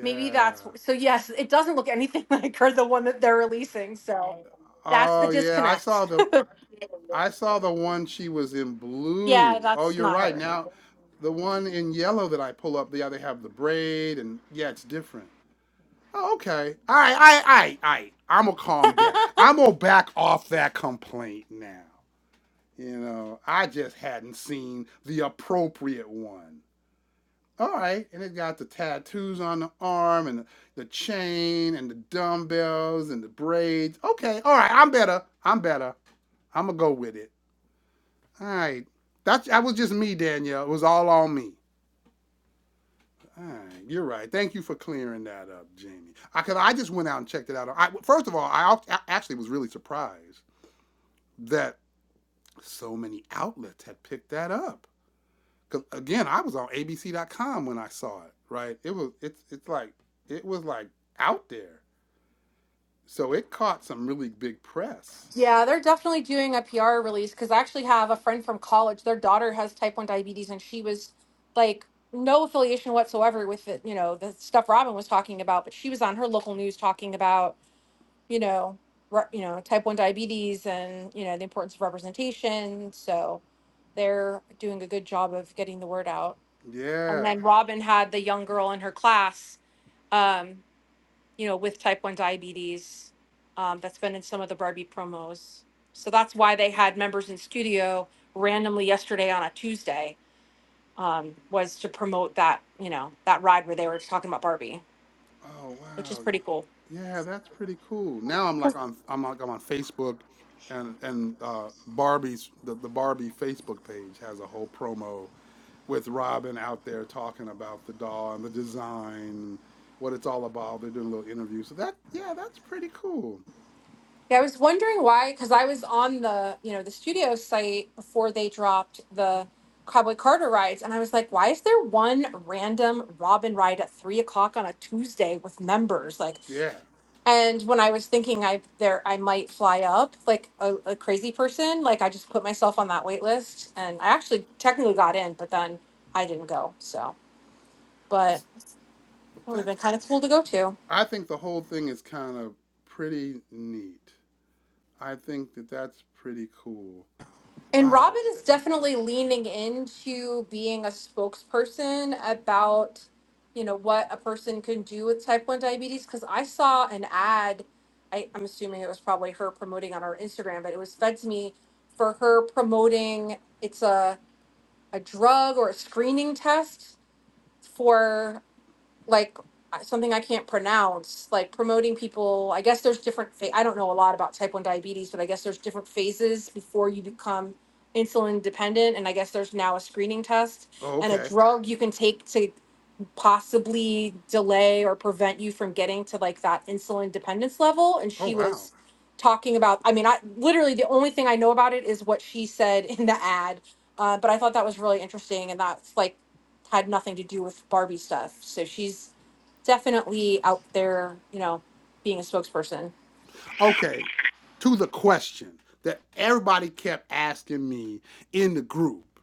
Speaker 4: maybe that's so. Yes, it doesn't look anything like her, the one that they're releasing. So that's the
Speaker 1: Oh yeah, I saw
Speaker 4: disconnect.
Speaker 1: the I saw the one she was in
Speaker 4: yeah,
Speaker 1: blue. Oh,
Speaker 4: that's
Speaker 1: you're
Speaker 4: not
Speaker 1: right.
Speaker 4: her.
Speaker 1: Now, the one in yellow that I pull up, yeah, they have the braid and yeah, it's different. Oh, okay. All right, all right, all right, all right. I'm gonna calm down. I'm gonna back off that complaint now. You know, I just hadn't seen the appropriate one. All right, and it got the tattoos on the arm and the, the chain and the dumbbells and the braids. Okay, all right, I'm better. I'm better. I'm gonna go with it. All right. That's that was just me, Danielle. It was all on me. All right, you're right. Thank you for clearing that up, Jamie. I cause I just went out and checked it out. I, first of all, I, I actually was really surprised that so many outlets had picked that up. Cause again, I was on ABC.com when I saw it. Right? It was it's it's like it was like out there. So it caught some really big press.
Speaker 4: Yeah, they're definitely doing a PR release because I actually have a friend from college. Their daughter has type 1 diabetes, and she was like, no affiliation whatsoever with the, you know, the stuff Robin was talking about, but she was on her local news talking about you know, re- you know, type one diabetes and you know the importance of representation. So they're doing a good job of getting the word out. And
Speaker 1: Yeah.
Speaker 4: then Robin had the young girl in her class, um, you know, with type one diabetes. Um, that's been in some of the Barbie promos. So that's why they had members in studio randomly yesterday on a Tuesday um, was to promote that, you know, that ride where they were talking about Barbie,
Speaker 1: Oh
Speaker 4: which is
Speaker 1: wow.
Speaker 4: pretty cool.
Speaker 1: Yeah, that's pretty cool. Now I'm like on I'm like I'm on Facebook and and uh Barbie's the, the Barbie Facebook page has a whole promo with Robin out there talking about the doll and the design and what it's all about. They're doing a little interview. So that yeah, that's pretty cool.
Speaker 4: Yeah, I was wondering why, because I was on the, you know, the studio site before they dropped the Cowboy Carter rides, and I was like, why is there one random Robin ride at three o'clock on a Tuesday with members? Like,
Speaker 1: Yeah.
Speaker 4: and when I was thinking I there I might fly up like a, a crazy person, like I just put myself on that wait list, and I actually technically got in, but then I didn't go. So, but
Speaker 1: S-
Speaker 4: it would have been
Speaker 1: That's
Speaker 4: kind of cool to go to.
Speaker 1: I think the whole thing is kind of pretty neat. I think that that's pretty cool.
Speaker 4: And Robin
Speaker 1: Wow.
Speaker 4: is definitely leaning into being a spokesperson about, you know, what a person can do with type 1 diabetes. Because I saw an ad, I, I'm assuming it was probably her promoting on her Instagram, but it was fed to me for her promoting it's a, a drug or a screening test for like uh, something I can't pronounce, like promoting people. I guess there's different. Fa- I don't know a lot about type one diabetes, but I guess there's different phases before you become insulin dependent, and I guess there's now a screening test
Speaker 1: Oh,
Speaker 4: and a
Speaker 1: okay.
Speaker 4: drug you can take to possibly delay or prevent you from getting to like that insulin dependence level and
Speaker 1: Oh
Speaker 4: she
Speaker 1: wow.
Speaker 4: was talking about i mean i literally the only thing i know about it is what she said in the ad uh, but i thought that was really interesting and that's like had nothing to do with barbie stuff so she's definitely out there you know being a spokesperson
Speaker 1: okay, to the question that everybody kept asking me in the group,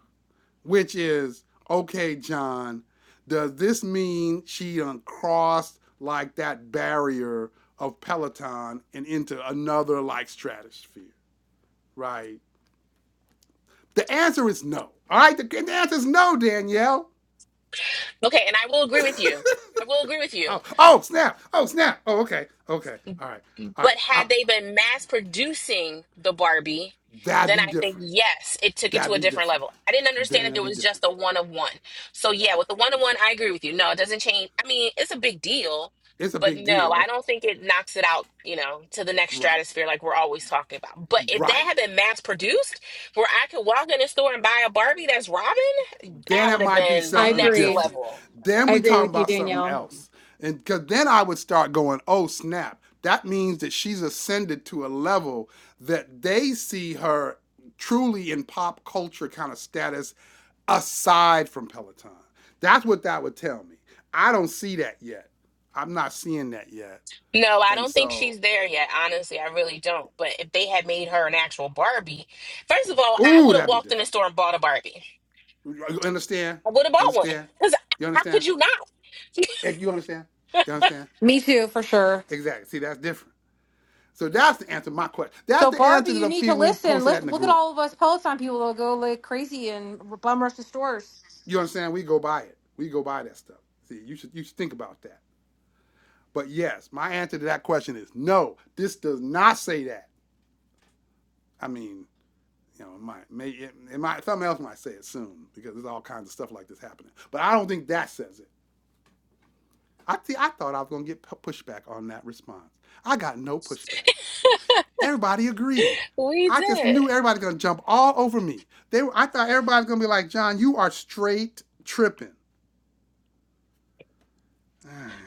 Speaker 1: which is, okay, John, does this mean she uncrossed like that barrier of Peloton and into another like stratosphere, right? The answer is no. All right, the, the answer is no, Danielle.
Speaker 3: Okay, and I will agree with you. I will agree with you.
Speaker 1: Oh, oh, snap. Oh, snap. Oh, okay. Okay. All right. All
Speaker 3: But
Speaker 1: right. I,
Speaker 3: had they been mass producing the Barbie,
Speaker 1: that'd
Speaker 3: then
Speaker 1: be
Speaker 3: I think
Speaker 1: different.
Speaker 3: yes, it took it to
Speaker 1: That'd
Speaker 3: a
Speaker 1: be
Speaker 3: different
Speaker 1: different.
Speaker 3: level. I didn't understand that
Speaker 1: That'd
Speaker 3: there
Speaker 1: be
Speaker 3: was just
Speaker 1: different.
Speaker 3: a one of one. So yeah, with the one of one, I agree with you. No, it doesn't change. I mean, it's a big deal,
Speaker 1: It's a
Speaker 3: but
Speaker 1: big
Speaker 3: no,
Speaker 1: deal
Speaker 3: I don't think it knocks it out, you know, to the next
Speaker 1: Right.
Speaker 3: stratosphere like we're always talking about. But if that
Speaker 1: Right.
Speaker 3: had been mass produced, where I could walk in the store and buy a Barbie that's Robin, that
Speaker 1: Then it
Speaker 3: would have
Speaker 1: might be
Speaker 3: been
Speaker 4: I
Speaker 1: something
Speaker 3: next
Speaker 4: agree.
Speaker 1: different.
Speaker 3: level.
Speaker 1: Then
Speaker 4: I
Speaker 1: we
Speaker 4: agree
Speaker 1: talking
Speaker 4: with you,
Speaker 1: about something
Speaker 4: Danielle.
Speaker 1: else. And cause then I would start going, oh snap. That means that she's ascended to a level that they see her truly in pop culture kind of status aside from Peloton. That's what that would tell me. I don't see that yet. I'm not seeing that yet.
Speaker 3: No, I
Speaker 1: And
Speaker 3: don't think
Speaker 1: so,
Speaker 3: she's there yet. Honestly, I really don't. But if they had made her an actual Barbie, first of all, I
Speaker 1: ooh,
Speaker 3: would have
Speaker 1: that'd be
Speaker 3: walked in the
Speaker 1: different.
Speaker 3: store and bought a Barbie.
Speaker 1: You understand?
Speaker 3: I would have bought one.
Speaker 1: Understand?
Speaker 3: Because
Speaker 1: You
Speaker 3: how could
Speaker 1: understand?
Speaker 3: you not?
Speaker 1: you understand? You understand?
Speaker 4: me too for sure
Speaker 1: Exactly. See, that's different. So that's the answer to my question. That's
Speaker 4: so
Speaker 1: the
Speaker 4: barbie
Speaker 1: answer to
Speaker 4: you
Speaker 1: the
Speaker 4: need to
Speaker 1: people who
Speaker 4: listen
Speaker 1: posted that
Speaker 4: Let's
Speaker 1: in the
Speaker 4: look at
Speaker 1: group.
Speaker 4: all of us peloton people that go like crazy and bum rush the stores
Speaker 1: You understand? We go by it. We go by that stuff. See, you should you should think about that. But yes, my answer to that question is no. This does not say that. I mean, you know, it might, may, it, it might, something else might say it soon because there's all kinds of stuff like this happening. But I don't think that says it. I, th- I thought I was going to get pushback on that response. I got no pushback. Everybody agreed.
Speaker 3: We
Speaker 1: I just
Speaker 3: did.
Speaker 1: knew everybody's gonna jump all over me. They, were, I thought everybody's gonna be like, John, you are straight tripping.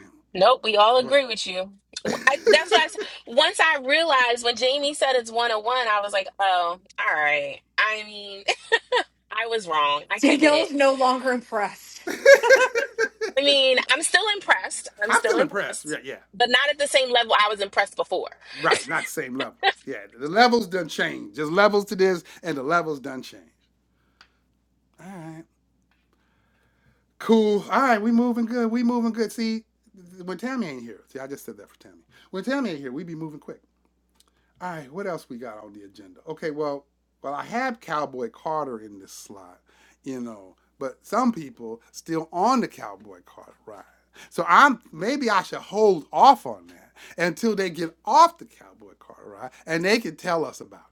Speaker 3: Nope, we all agree with you. I, that's what I s- Once I realized when Jamie said it's one on one, I was like, oh, all right. I mean, I was wrong. I can admit
Speaker 4: Danielle
Speaker 3: it.
Speaker 4: no longer impressed.
Speaker 3: I mean, I'm still impressed. I'm
Speaker 1: I'm
Speaker 3: still
Speaker 1: still impressed.
Speaker 3: impressed,
Speaker 1: Yeah, yeah,
Speaker 3: but not at the same level I was impressed before.
Speaker 1: right. Not the same level. Yeah, the levels done change. There's levels to this, and the levels done change. All right, cool. All right, we moving good. We moving good. See, when Tammy ain't here, see, I just said that for Tammy. When Tammy ain't here, we be moving quick. All right, what else we got on the agenda? Okay, well, well, I had Cowboy Carter in this slot, you know, but some people still on the Cowboy Carter ride. So I'm maybe I should hold off on that until they get off the Cowboy Carter ride and they can tell us about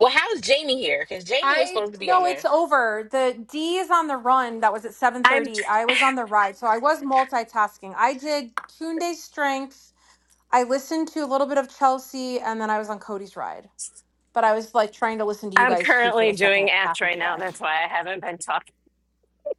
Speaker 3: Well, how's Jamie here? Because Jamie was
Speaker 4: I
Speaker 3: supposed to be on
Speaker 4: no, it's
Speaker 3: there.
Speaker 4: over. The D is on the run. That was at seven
Speaker 2: I'm
Speaker 4: thirty. I was on the ride, so I was multitasking. I did Tunde Strength. I listened to a little bit of Chelsea, and then I was on Cody's ride. But I was like trying to listen to you
Speaker 2: I'm
Speaker 4: guys too for
Speaker 2: currently
Speaker 4: the second
Speaker 2: doing ads
Speaker 4: half of the
Speaker 2: right now.
Speaker 4: ride.
Speaker 2: That's why I haven't been talking.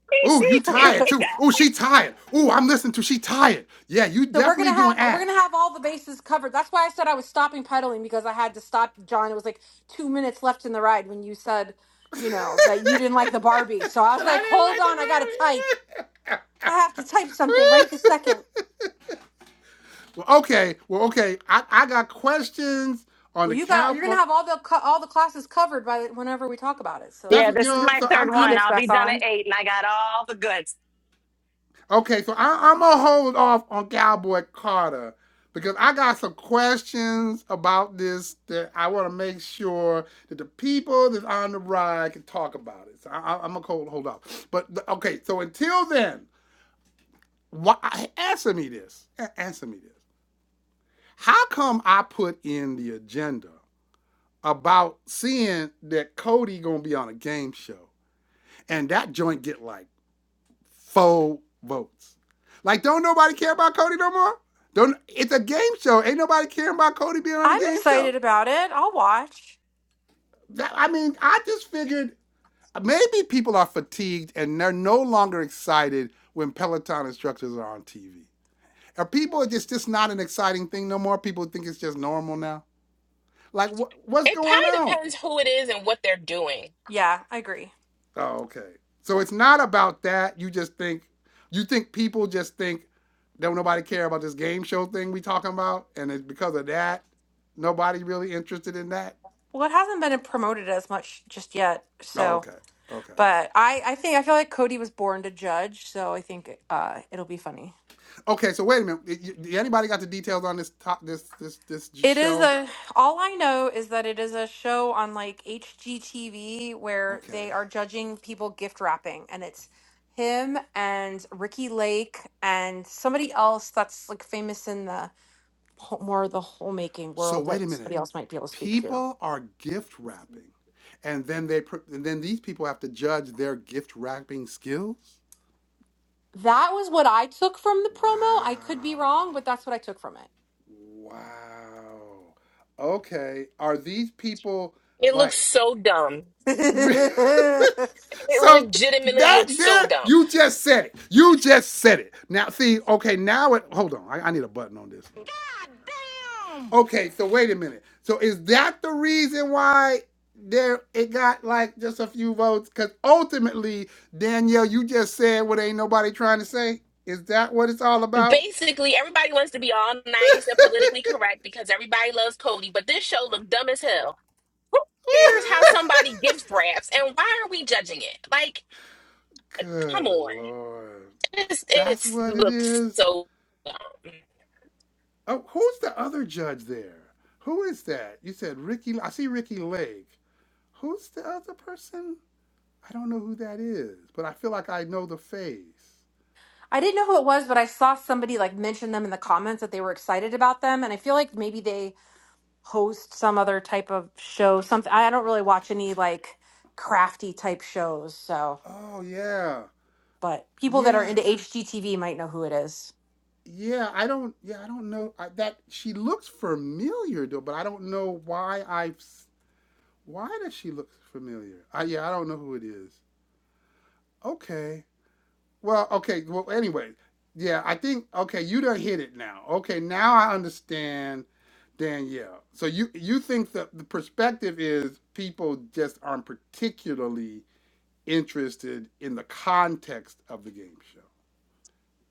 Speaker 1: it. Ooh, you tired too. Ooh, she tired. Ooh, I'm listening to she tired. Yeah, you
Speaker 4: So we're gonna
Speaker 1: definitely
Speaker 4: have
Speaker 1: doing
Speaker 4: we're gonna
Speaker 1: Ash.
Speaker 4: have all the bases covered. That's why I said I was stopping pedaling because I had to stop John. It was like two minutes left in the ride when you said,
Speaker 1: but
Speaker 4: you know, that you didn't like the Barbie. So I was like, hold on, I gotta type.
Speaker 1: I didn't like
Speaker 4: I have
Speaker 1: the
Speaker 4: to type something right
Speaker 1: movie.
Speaker 4: this second.
Speaker 1: Well, okay. Well, okay. I, I got questions on
Speaker 4: Well,
Speaker 1: the
Speaker 4: you got you're gonna
Speaker 1: cowboy.
Speaker 4: have all the co- all the classes covered by the, whenever we talk about it.
Speaker 1: That's
Speaker 2: Yeah,
Speaker 4: So
Speaker 1: what- you
Speaker 2: this is
Speaker 1: know.
Speaker 2: my
Speaker 1: So
Speaker 4: if
Speaker 2: third
Speaker 1: I'm
Speaker 4: he
Speaker 2: one.
Speaker 1: I'm
Speaker 4: gets
Speaker 2: I'll be
Speaker 4: back
Speaker 2: done at
Speaker 4: on,
Speaker 2: eight, and I got all the goods.
Speaker 1: okay. So I, I'm gonna hold off on Cowboy Carter because I got some questions about this that I want to make sure that the people that's on the ride can talk about it. So I, I, I'm gonna hold hold off. But the- okay. So until then, why answer me this? A- Answer me this. How come I put in the agenda about seeing that Cody gonna be on a game show? and that joint get like four votes. Like, don't nobody care about Cody no more. Don't. It's a game show. Ain't nobody caring about Cody being on a
Speaker 4: I'm
Speaker 1: game show.
Speaker 4: excited about it. I'll watch.
Speaker 1: That, I mean, I just figured maybe people are fatigued and they're no longer excited when Peloton instructors are on TV. Are people it's just not an exciting thing no more? People think it's just normal now. Like, wh- what's
Speaker 3: It probably
Speaker 1: going on?
Speaker 3: depends who it is and what they're doing.
Speaker 4: Yeah, I agree.
Speaker 1: Oh, okay. So it's not about that. You just think you think people just think don't nobody care about this game show thing we talking about, and it's because of that nobody really interested in that.
Speaker 4: Well, it hasn't been promoted as much just yet.
Speaker 1: Oh,
Speaker 4: So,
Speaker 1: okay, okay,
Speaker 4: but I I think I feel like Cody was born to judge. So I think uh it'll be funny.
Speaker 1: okay. So wait a minute. Anybody got the details on this top this this this
Speaker 4: It is
Speaker 1: show?
Speaker 4: a, all I know is that it is a show on like HGTV where
Speaker 1: Okay.
Speaker 4: they are judging people gift wrapping and it's him and Ricky Lake and somebody else that's like famous in the ho- more of the homemaking
Speaker 1: So
Speaker 4: world that
Speaker 1: wait a
Speaker 4: somebody
Speaker 1: minute.
Speaker 4: else might be able to speak to.
Speaker 1: People are gift wrapping, and then they pr- and then these people have to judge their gift wrapping skills.
Speaker 4: That was what I took from the promo. I could be
Speaker 1: Wow.
Speaker 4: wrong, but that's what I took from it.
Speaker 1: Wow. Okay. Are these people
Speaker 3: It looks
Speaker 1: like
Speaker 3: so dumb. It
Speaker 1: So
Speaker 3: legitimately
Speaker 1: that
Speaker 3: looks so
Speaker 1: there
Speaker 3: dumb.
Speaker 1: you just said it. You just said it. Now see, okay, now it hold on. I, I need a button on this. God damn. Okay, so wait a minute. So is that the reason why there it got like just a few votes? Cause ultimately, Danielle, you just said what ain't nobody trying to say. Is that what it's all about?
Speaker 3: Basically, everybody wants to be all nice and politically correct because everybody loves Cody, but this show looked dumb as hell. Who cares how somebody gives raps and why are we judging it? Like, come
Speaker 1: Good
Speaker 3: on.
Speaker 1: lord.
Speaker 3: It's,
Speaker 1: That's
Speaker 3: it's
Speaker 1: what it
Speaker 3: looks
Speaker 1: is.
Speaker 3: so dumb.
Speaker 1: Oh, who's the other judge there? Who is that? You said Ricky. I see Ricky Lake. Who's the other person? I don't know who that is, but I feel like I know the face.
Speaker 4: I didn't know who it was, but I saw somebody like mention them in the comments that they were excited about them, and I feel like maybe they host some other type of show. Something I don't really watch any like crafty type shows. So,
Speaker 1: Oh yeah,
Speaker 4: but people that are
Speaker 1: yeah,
Speaker 4: into HGTV might know who it is.
Speaker 1: yeah. I don't. Yeah, I don't know I, that she looks familiar though, but I don't know why I. have Why does she look familiar? I, yeah, I don't know who it is. Okay. Well, okay. Well, anyway, yeah, I think okay, you done hit it now. Okay, now I understand Danielle. So you you think that the perspective is people just aren't particularly interested in the context of the game show.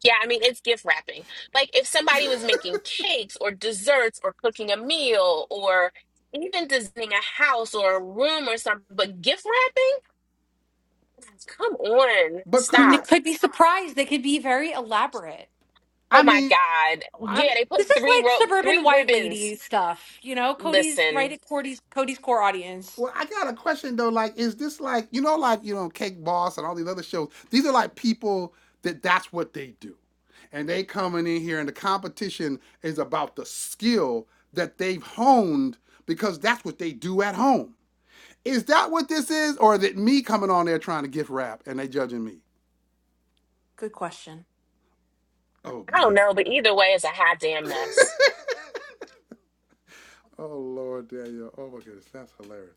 Speaker 3: Yeah, I mean, it's gift wrapping. Like if somebody was making cakes or desserts or cooking a meal or even designing a house or a room or something, but gift wrapping? Come on,
Speaker 1: But
Speaker 4: It
Speaker 1: couldn't
Speaker 3: stop.
Speaker 1: it?
Speaker 4: could be surprised. They could be very elaborate.
Speaker 3: Oh
Speaker 1: I
Speaker 3: my
Speaker 1: mean,
Speaker 3: God.
Speaker 1: I
Speaker 3: Yeah, they put
Speaker 4: This is
Speaker 3: three
Speaker 4: like
Speaker 3: rope,
Speaker 4: suburban
Speaker 3: three
Speaker 4: white lady
Speaker 3: ribbons.
Speaker 4: stuff, you know. Cody's right
Speaker 3: Listen,
Speaker 4: at Cody's Cody's core audience.
Speaker 1: Well, I got a question though. Like, is this like you know, like you know, Cake Boss and all these other shows? These are like people that that's what they do, and they coming in here, and the competition is about the skill that they've honed because that's what they do at home. Is that what this is, or is it me coming on there trying to gift wrap and they judging me?
Speaker 4: Good question.
Speaker 1: Oh
Speaker 3: I don't
Speaker 1: man.
Speaker 3: know, but either way, it's a hot damn mess.
Speaker 1: oh Lord, Daniel. Oh my goodness, that's hilarious.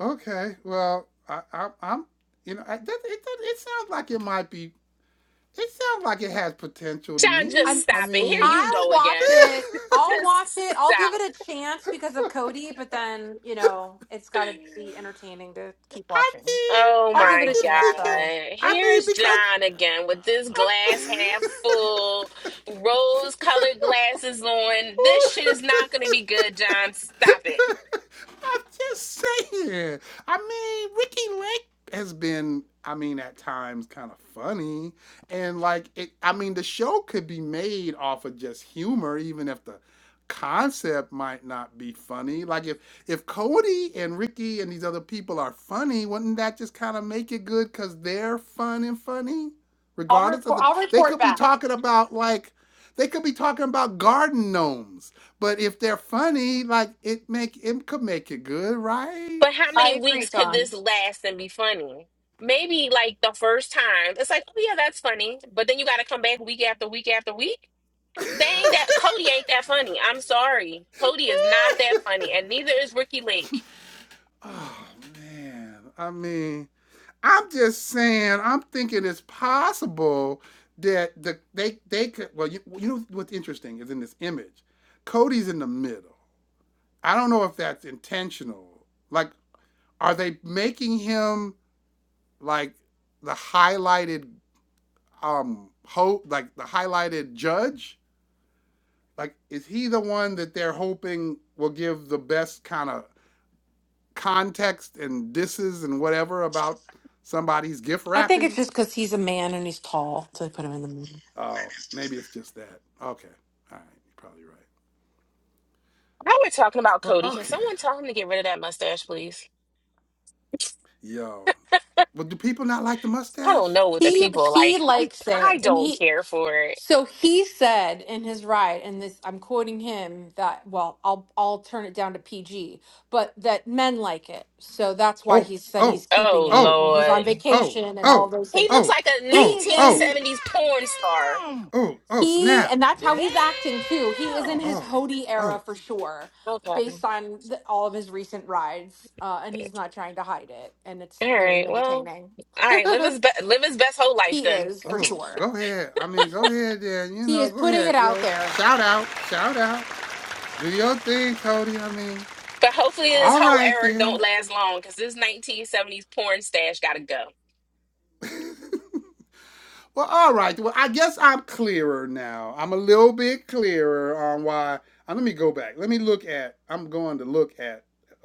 Speaker 1: Okay, well, I, I, I'm, you know, I, that, it, that, it sounds like it might be It sounds like it has potential to
Speaker 3: John, just
Speaker 4: I'm
Speaker 1: me. I
Speaker 3: stop it. Here
Speaker 1: mean,
Speaker 3: you
Speaker 4: I'll
Speaker 3: go
Speaker 4: watch
Speaker 3: again.
Speaker 4: it. I'll watch
Speaker 3: just
Speaker 4: it. I'll give it
Speaker 3: stop.
Speaker 4: a chance because of Cody, but then, you know, it's got to be entertaining to keep
Speaker 1: I
Speaker 4: watching.
Speaker 1: mean,
Speaker 3: Oh
Speaker 4: I'll
Speaker 1: I'm
Speaker 4: give it a
Speaker 3: my
Speaker 1: just
Speaker 4: chance
Speaker 1: thinking.
Speaker 4: though.
Speaker 3: God.
Speaker 1: I mean,
Speaker 3: Here's
Speaker 1: because
Speaker 3: John again with this glass half
Speaker 1: uh,
Speaker 3: full, rose colored glasses on. This shit is
Speaker 1: I'm.
Speaker 3: not going to be good, John. Stop it.
Speaker 1: I'm just saying. I mean, Ricky Lake has been, I mean, at times kind of funny. And like it I mean, the show could be made off of just humor, even if the concept might not be funny. Like if if Cody and Ricky and these other people are funny, wouldn't that just kind of make it good because they're fun and funny?
Speaker 4: I'll
Speaker 1: Regardless of
Speaker 4: report
Speaker 1: the
Speaker 4: I'll
Speaker 1: they
Speaker 4: report
Speaker 1: could be
Speaker 4: back.
Speaker 1: talking about like they could be talking about garden gnomes, but if they're funny, like it make it could make it good, right?
Speaker 3: But how
Speaker 4: I
Speaker 3: many
Speaker 4: agree,
Speaker 3: weeks could this
Speaker 4: John.
Speaker 3: last and be funny? Maybe like the first time, it's like, oh yeah, that's funny. But then you got to come back week after week after week. They ain't that Cody ain't that funny. I'm sorry. Cody is not that funny, and neither is Ricky Lake.
Speaker 1: Oh man, I mean, I'm just saying, I'm thinking it's possible that the they they could. Well, you, you know what's interesting is in this image, Cody's in the middle. I don't know if that's intentional. Like, are they making him like the highlighted um ho like the highlighted judge? like is he the one that they're hoping will give the best kind of context and disses and whatever about somebody's gift
Speaker 4: I think it's
Speaker 1: wrapping?
Speaker 4: just cuz he's a man and he's tall, so they put him in the movie.
Speaker 1: Oh, maybe it's just that. Okay. All right. You're probably right.
Speaker 3: Now we're talking about Cody.
Speaker 1: Well,
Speaker 3: Can
Speaker 1: okay.
Speaker 3: someone tell him to get rid of that mustache, please?
Speaker 1: Yo. Well, do people not like the
Speaker 3: I don't
Speaker 1: mustache?
Speaker 3: know what the
Speaker 4: He
Speaker 3: people
Speaker 4: he
Speaker 3: like. I'm,
Speaker 4: likes
Speaker 3: I i
Speaker 4: it.
Speaker 3: do
Speaker 4: And
Speaker 3: not
Speaker 4: he
Speaker 3: care for it.
Speaker 4: So he said in his ride, and this I'm quoting him that well, I'll I'll turn it down to PG, but that men like it. So that's why
Speaker 1: Oh,
Speaker 4: he said
Speaker 1: oh,
Speaker 4: he's keeping
Speaker 3: Oh
Speaker 4: it.
Speaker 1: oh,
Speaker 4: when He's on
Speaker 3: Lord,
Speaker 1: oh,
Speaker 4: vacation and all
Speaker 1: oh,
Speaker 4: those things.
Speaker 3: he looks
Speaker 1: oh,
Speaker 3: like a
Speaker 4: He
Speaker 1: oh,
Speaker 4: is
Speaker 1: oh,
Speaker 4: in
Speaker 3: 1970s
Speaker 1: God
Speaker 3: porn star.
Speaker 1: damn! oh, oh,
Speaker 4: he
Speaker 1: snap.
Speaker 4: and that's
Speaker 1: Damn!
Speaker 4: how he's acting too. He is in his
Speaker 1: Oh,
Speaker 4: Hody era
Speaker 1: oh,
Speaker 4: for sure,
Speaker 3: Okay, all
Speaker 4: based on the, all of his recent rides, uh, and he's not trying to hide it, and it's very
Speaker 3: right. Well,
Speaker 4: entertaining.
Speaker 3: all right. Live his be- live his best whole life
Speaker 4: he
Speaker 3: then.
Speaker 4: is for
Speaker 1: Oh,
Speaker 4: sure.
Speaker 1: go ahead. I mean, go ahead then. You
Speaker 4: He
Speaker 1: know,
Speaker 4: is
Speaker 1: go
Speaker 4: putting it
Speaker 1: ahead. You
Speaker 4: out
Speaker 1: know,
Speaker 4: there.
Speaker 1: shout out, shout out. Do your thing, Cody. I mean,
Speaker 3: But hopefully, this
Speaker 1: all
Speaker 3: whole
Speaker 1: right
Speaker 3: era don't
Speaker 1: then.
Speaker 3: last long because this 1970s porn stash gotta go.
Speaker 1: well, all right. Well, I guess I'm clearer now. I'm a little bit clearer on why. Uh, let me go back. Let me look at. I'm going to look at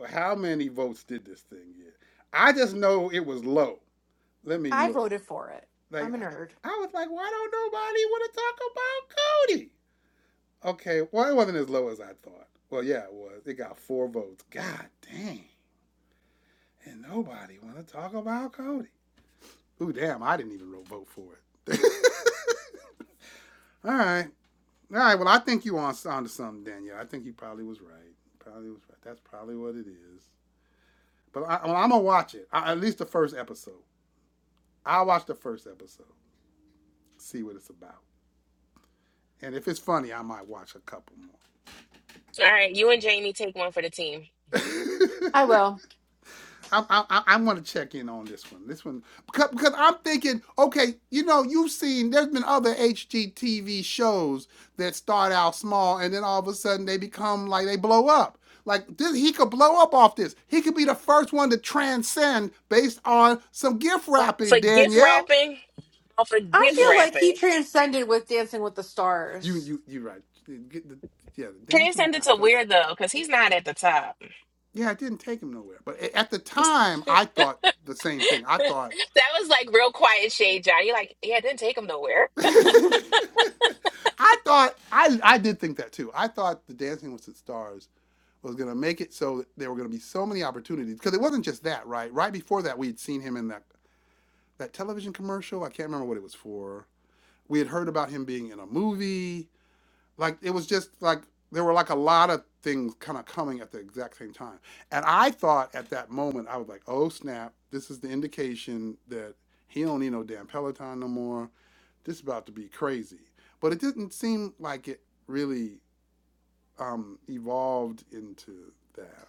Speaker 1: how many votes did this thing get. I just know it was low. Let me
Speaker 4: I
Speaker 1: look.
Speaker 4: voted for it.
Speaker 1: Like
Speaker 4: I'm a
Speaker 1: I
Speaker 4: nerd.
Speaker 1: I was like, why don't nobody want to talk about Cody? Okay, well, it wasn't as low as I thought. Well, yeah, it was. It got four votes. God dang. And nobody want to talk about Cody. Ooh, damn, I didn't even vote for it. All right. All right, well, I think you on, on to something, Danielle. I think you probably was right. Probably was right. That's probably what it is. But I, well, I'm going to watch it, I, at least the first episode. I'll watch the first episode, see what it's about. And if it's funny, I might watch a couple
Speaker 3: All right, you and Jamie take one for the team.
Speaker 1: more.
Speaker 4: I will.
Speaker 1: I I I want to check in on this one. This one because, because I'm thinking, okay, you know, you've seen there's been other HGTV shows that start out small and then all of a sudden they become like they blow up. Like this, he could blow up off this. He could be the first one to transcend based on some gift wrapping.
Speaker 3: For gift
Speaker 1: Danielle,
Speaker 3: wrapping, oh, for
Speaker 4: I
Speaker 3: gift
Speaker 4: feel
Speaker 1: yeah,
Speaker 4: like he
Speaker 3: wrapping.
Speaker 4: transcended with Dancing with the
Speaker 1: you
Speaker 4: Stars.
Speaker 1: you you are right. Get the, yeah, the
Speaker 3: Can you
Speaker 1: Dancing
Speaker 3: send
Speaker 1: with the
Speaker 3: it to
Speaker 1: Stars.
Speaker 3: Weird though? Because he's not at the top.
Speaker 1: Yeah, it didn't take him nowhere. But at the time, I thought the same thing. I thought
Speaker 3: that was like real quiet shade, John. You're like, yeah, it didn't take him nowhere.
Speaker 1: I thought I I did think that too. I thought the Dancing with the Stars was gonna make it so that there were gonna be so many opportunities because it wasn't just that, right? Right before that, we had seen him in that that television commercial. I can't remember what it was for. We had heard about him being in a movie. Like it was just like there were like a lot of things kind of coming at the exact same time. And I thought at that moment I was like, "Oh snap, this is the indication that he don't need no damn Peloton no more. This is about to be crazy." But it didn't seem like it really um, evolved into that.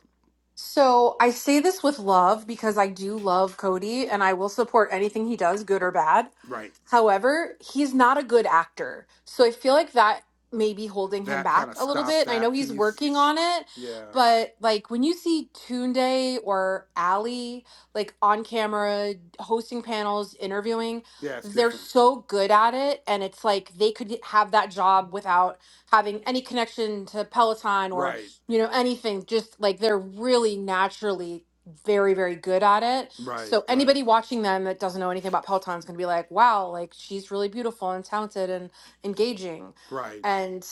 Speaker 4: So I say this with love because I do love Cody and I will support anything he does, good or bad.
Speaker 1: Right.
Speaker 4: However, he's not a good actor. So I feel like that may be holding him
Speaker 1: That
Speaker 4: back
Speaker 1: kind of
Speaker 4: a little bit.
Speaker 1: stopped
Speaker 4: And I know
Speaker 1: that
Speaker 4: he's
Speaker 1: piece.
Speaker 4: working on it,
Speaker 1: Yeah.
Speaker 4: but like when you see Tunde or Ali like on camera, hosting panels, interviewing,
Speaker 1: Yeah, it's
Speaker 4: they're
Speaker 1: different.
Speaker 4: so good at it. And it's like they could have that job without having any connection to Peloton
Speaker 1: Right.
Speaker 4: you know anything just like they're really naturally very very good at it
Speaker 1: Right.
Speaker 4: so
Speaker 1: Right.
Speaker 4: anybody watching them that doesn't know anything about peloton is going to be like wow like she's really beautiful and talented and engaging
Speaker 1: Right.
Speaker 4: and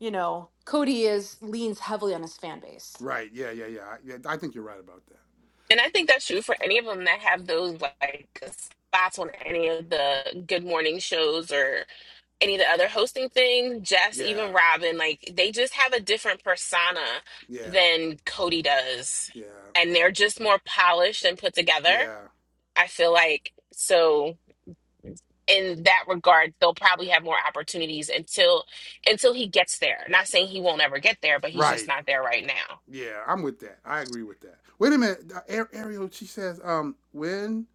Speaker 4: you know cody is leans heavily on his fan base
Speaker 1: Right. Yeah. Yeah. Yeah. I, yeah, I think you're right about that.
Speaker 3: And I think that's true for any of them that have those like spots on any of the good morning shows or any of the other hosting thing, Jess, even
Speaker 1: Yeah.
Speaker 3: Robin, like they just have a different persona
Speaker 1: Yeah.
Speaker 3: than Cody does.
Speaker 1: Yeah.
Speaker 3: And they're just more polished and put together.
Speaker 1: Yeah.
Speaker 3: I feel like so in that regard, they'll probably have more opportunities until until he gets there. Not saying he won't ever get there, but he's just
Speaker 1: Right.
Speaker 3: not there right now.
Speaker 1: Yeah. I'm with that. I agree with that. Wait a minute. uh, Ariel, she says, um, when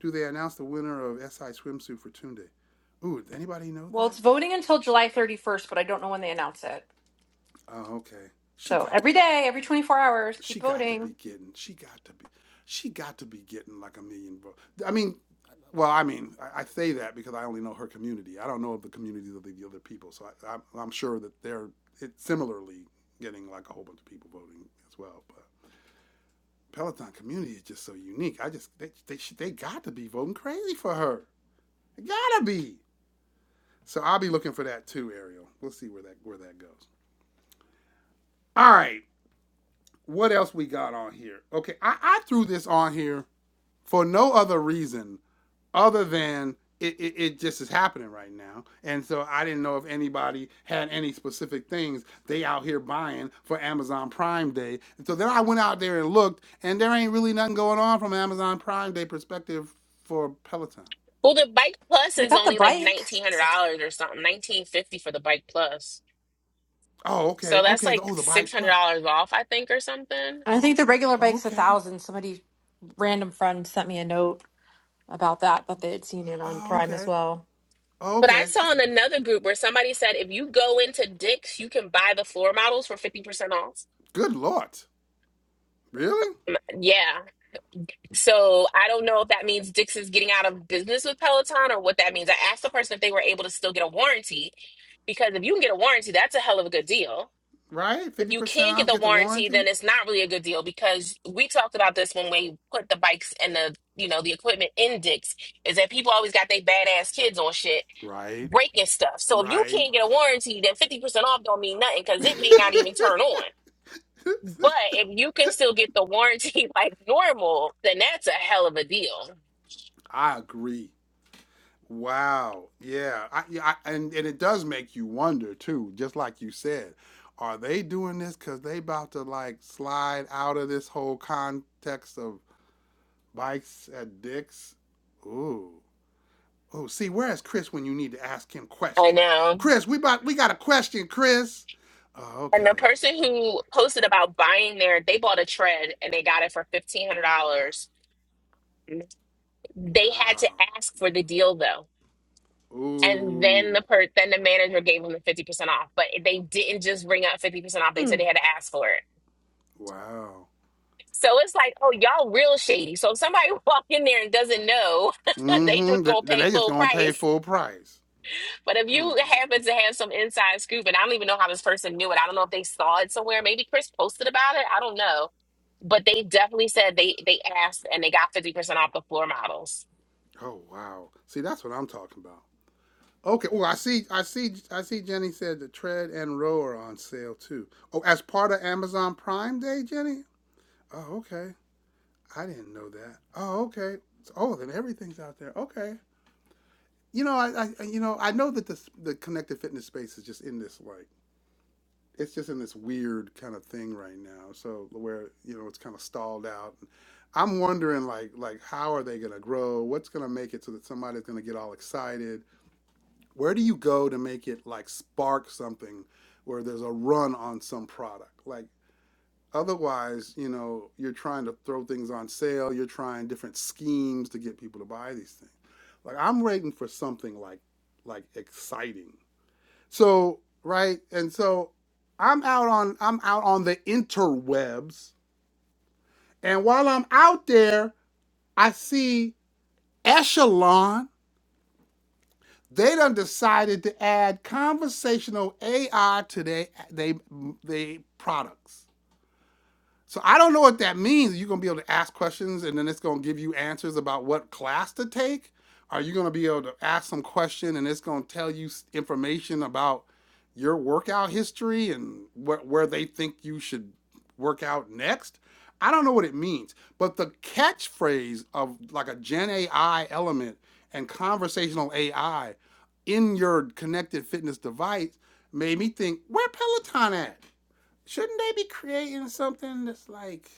Speaker 1: do they announce the winner of SI swimsuit for Tunde? Ooh, does anybody know
Speaker 4: Well, it's
Speaker 1: that?
Speaker 4: voting until July 31st, but I don't know when they announce it.
Speaker 1: Oh, okay. She
Speaker 4: So
Speaker 1: got to
Speaker 4: every
Speaker 1: be.
Speaker 4: day, every 24 hours,
Speaker 1: She
Speaker 4: keep
Speaker 1: got to be
Speaker 4: voting.
Speaker 1: getting. She got to be. She got to be getting like a million votes. I mean, well, I mean, I, I say that because I only know her community. I don't know of the communities of the, the other people, so I, I'm, I'm sure that they're it, similarly getting like a whole bunch of people voting as well. But Peloton community is just so unique. I just they they they got to be voting crazy for her. They gotta be. So I'll be looking for that too, Ariel. We'll see where that where that goes. All right, what else we got on here? Okay, I, I threw this on here for no other reason other than it, it, it just is happening right now. And so I didn't know if anybody had any specific things they out here buying for Amazon Prime Day. And so then I went out there and looked, and there ain't really nothing going on from an Amazon Prime Day perspective for Peloton.
Speaker 3: Well, the bike plus
Speaker 4: they
Speaker 3: is
Speaker 4: got the
Speaker 3: only like
Speaker 4: bike
Speaker 3: nineteen hundred dollars or something, nineteen fifty for the bike plus.
Speaker 1: Oh,
Speaker 3: So
Speaker 1: okay,
Speaker 3: that's
Speaker 1: okay. The,
Speaker 3: like
Speaker 1: Oh, the
Speaker 3: six
Speaker 1: Bike
Speaker 3: hundred
Speaker 1: Plus.
Speaker 3: dollars off, I think, or something.
Speaker 4: And i think the regular
Speaker 1: Oh,
Speaker 4: bike's a
Speaker 1: okay.
Speaker 4: thousand somebody random friend sent me a note about that that they had seen it on
Speaker 1: Oh,
Speaker 4: Prime as
Speaker 1: okay.
Speaker 4: well.
Speaker 1: Oh,
Speaker 3: But I
Speaker 1: okay.
Speaker 3: saw in another group where somebody said if you go into Dick's, you can buy the floor models for fifty percent off.
Speaker 1: Good Lord. Really?
Speaker 3: Mm, Yeah. So I don't know if that means Dick's is getting out of business with Peloton or what that means. I asked the person if they were able to still get a warranty because if you can get a warranty, that's a hell of a good deal.
Speaker 1: Right?
Speaker 3: if you
Speaker 1: 50%
Speaker 3: can't get
Speaker 1: off,
Speaker 3: the
Speaker 1: get the
Speaker 3: warranty,
Speaker 1: warranty?
Speaker 3: then it's not really a good deal because we talked about this when we put the bikes and the you know the equipment in Dick's is that people always got their badass kids on shit
Speaker 1: Right.
Speaker 3: breaking stuff. So if you
Speaker 1: Right.
Speaker 3: can't get a warranty, then fifty percent off don't mean nothing because it may not even turn on. But if you can still get the warranty like normal, then that's a hell of a deal.
Speaker 1: I agree. Wow. Yeah. I, yeah, I, and and it does make you wonder too, just like you said, are they doing this because they about to like slide out of this whole context of bikes at dicks? Ooh. Oh, see, where's Chris when you need to ask him
Speaker 3: I
Speaker 1: questions?
Speaker 3: know.
Speaker 1: Chris, we about we got a question, Chris. Oh,
Speaker 3: And the
Speaker 1: okay.
Speaker 3: person who posted about buying their, they bought a tread and they got it for $1,500. They had to
Speaker 1: Wow.
Speaker 3: ask for the deal though. And then
Speaker 1: Ooh.
Speaker 3: the per then the manager gave them the 50% off, but they didn't just bring up 50% off. They
Speaker 4: Hmm.
Speaker 3: said they had to ask for it.
Speaker 1: Wow.
Speaker 3: So it's like, oh, y'all real shady. So if somebody walk in there and doesn't know, they
Speaker 1: Mm-hmm.
Speaker 3: just
Speaker 1: Then
Speaker 3: gonna pay
Speaker 1: they just
Speaker 3: full
Speaker 1: gonna pay
Speaker 3: price
Speaker 1: full price.
Speaker 3: But if you
Speaker 1: Mm.
Speaker 3: happen to have some inside scoop, and I don't even know how this person knew it, I don't know if they saw it somewhere. Maybe Chris posted about it. I don't know, but they definitely said they they asked and they got fifty percent off the floor models.
Speaker 1: Oh wow. See, that's what I'm talking about. Okay, well, I see, I see, I see. Jenny said the tread and row are on sale too. Oh, as part of Amazon Prime Day, Jenny. Oh, okay. I didn't know that. Oh, okay. Oh, then everything's out there. Okay. You know, I, I you know, I know that the the connected fitness space is just in this like it's just in this weird kind of thing right now. So where you know it's kind of stalled out. I'm wondering like like how are they gonna grow? What's gonna make it so that somebody's gonna get all excited? Where do you go to make it like spark something where there's a run on some product? Like otherwise, you know, you're trying to throw things on sale, you're trying different schemes to get people to buy these things. Like I'm waiting for something like like exciting. So, right? And so I'm out on I'm out on the interwebs, and while I'm out there, I see Echelon they done decided to add conversational AI to their they they products. So I don't know what that means. You're gonna be able to ask questions, and then it's gonna give you answers about what class to take. Are you gonna be able to ask some question, and it's gonna tell you information about your workout history and wh- where they think you should work out next? I don't know what it means, but the catchphrase of like a Gen AI element and conversational AI in your connected fitness device made me think, where Peloton at? shouldn't they be creating something that's like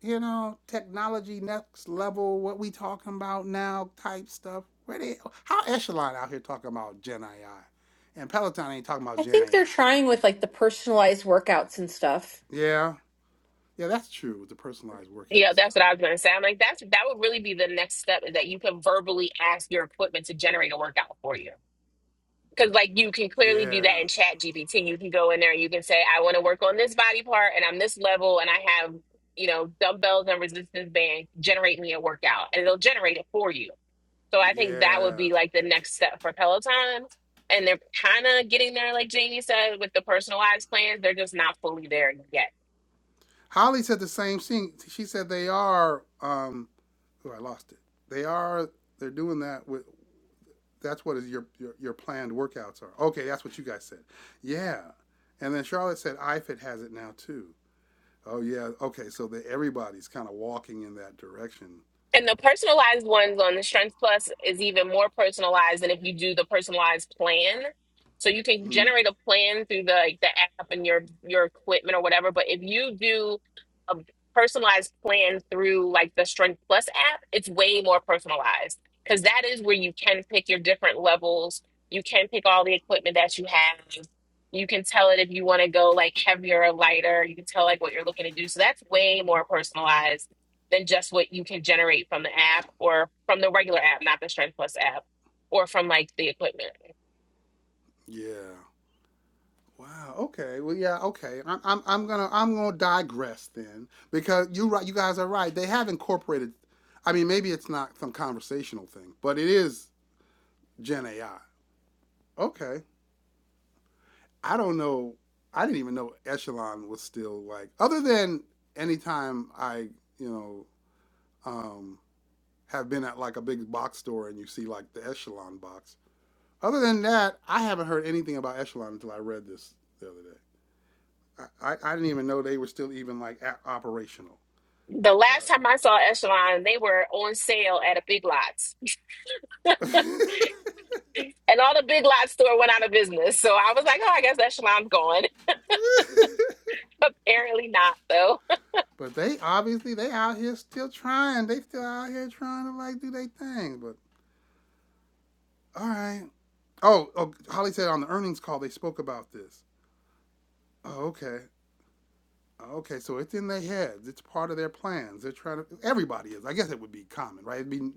Speaker 1: you know technology next level what we talking about now type stuff where they how echelon out here talking about gen ai and peloton ain't talking about
Speaker 4: I
Speaker 1: gen
Speaker 4: think
Speaker 1: ai
Speaker 4: they're trying with like the personalized workouts and stuff.
Speaker 1: yeah yeah that's true with the personalized workout
Speaker 3: Yeah,
Speaker 1: stuff
Speaker 3: that's what I was gonna say. I'm like, that's that would really be the next step is that you can verbally ask your equipment to generate a workout for you. Because like you can clearly do
Speaker 1: yeah
Speaker 3: that in Chat GPT. You can go in there and you can say, I want to work on this body part, and I'm this level, and I have you know dumbbells and resistance bands. Generate me a workout, and it'll generate it for you So I think that would
Speaker 1: yeah
Speaker 3: be like the next step for Peloton. And they're kind of getting there, like Jamie said, with the personalized plans. They're just not fully there yet.
Speaker 1: holly said the same thing she said they are um oh i lost it they are they're doing that with. that's what is your, your your planned workouts are. Okay, that's what you guys said. Yeah, and then Charlotte said IFIT has it now too. Oh yeah, okay. So that everybody's kind of walking in that direction.
Speaker 3: And the personalized ones on the Strength Plus is even more personalized than if you do the personalized plan. So you can
Speaker 1: Mhm.
Speaker 3: generate a plan through the like, the app and your your equipment or whatever. But if you do a personalized plan through like the Strength Plus app, it's way more personalized because that is where you can pick your different levels. You can pick all the equipment that you have. You can tell it if you want to go like heavier or lighter. You can tell like what you're looking to do. So that's way more personalized than just what you can generate from the app or from the regular app, not the Strength Plus app, or from like the equipment.
Speaker 1: Yeah. Wow. Okay. Well, yeah. Okay. I'm, I'm, I'm gonna I'm gonna digress then because you right. You guys are right. They have incorporated. I mean, maybe it's not some conversational thing, but it is Gen AI. Okay. I don't know. I didn't even know Echelon was still like, other than anytime I, you know, um, have been at like a big box store and you see like the Echelon box. Other than that, I haven't heard anything about Echelon until I read this the other day. I, I, I didn't even know they were still even like a operational,
Speaker 3: The last time
Speaker 1: but.
Speaker 3: I saw Echelon, they were on sale at a Big Lots, and all the Big Lots store went out of business. So I was like, oh, I guess Echelon's gone. Apparently not, though.
Speaker 1: But they obviously they out here still trying. They still out here trying to like do their thing. But all right, Oh, oh, Holly said on the earnings call they spoke about this. Oh, okay. Oh, Okay, so it's in their heads. It's part of their plans. They're trying to. Everybody is. I guess it would be common, right? It'd be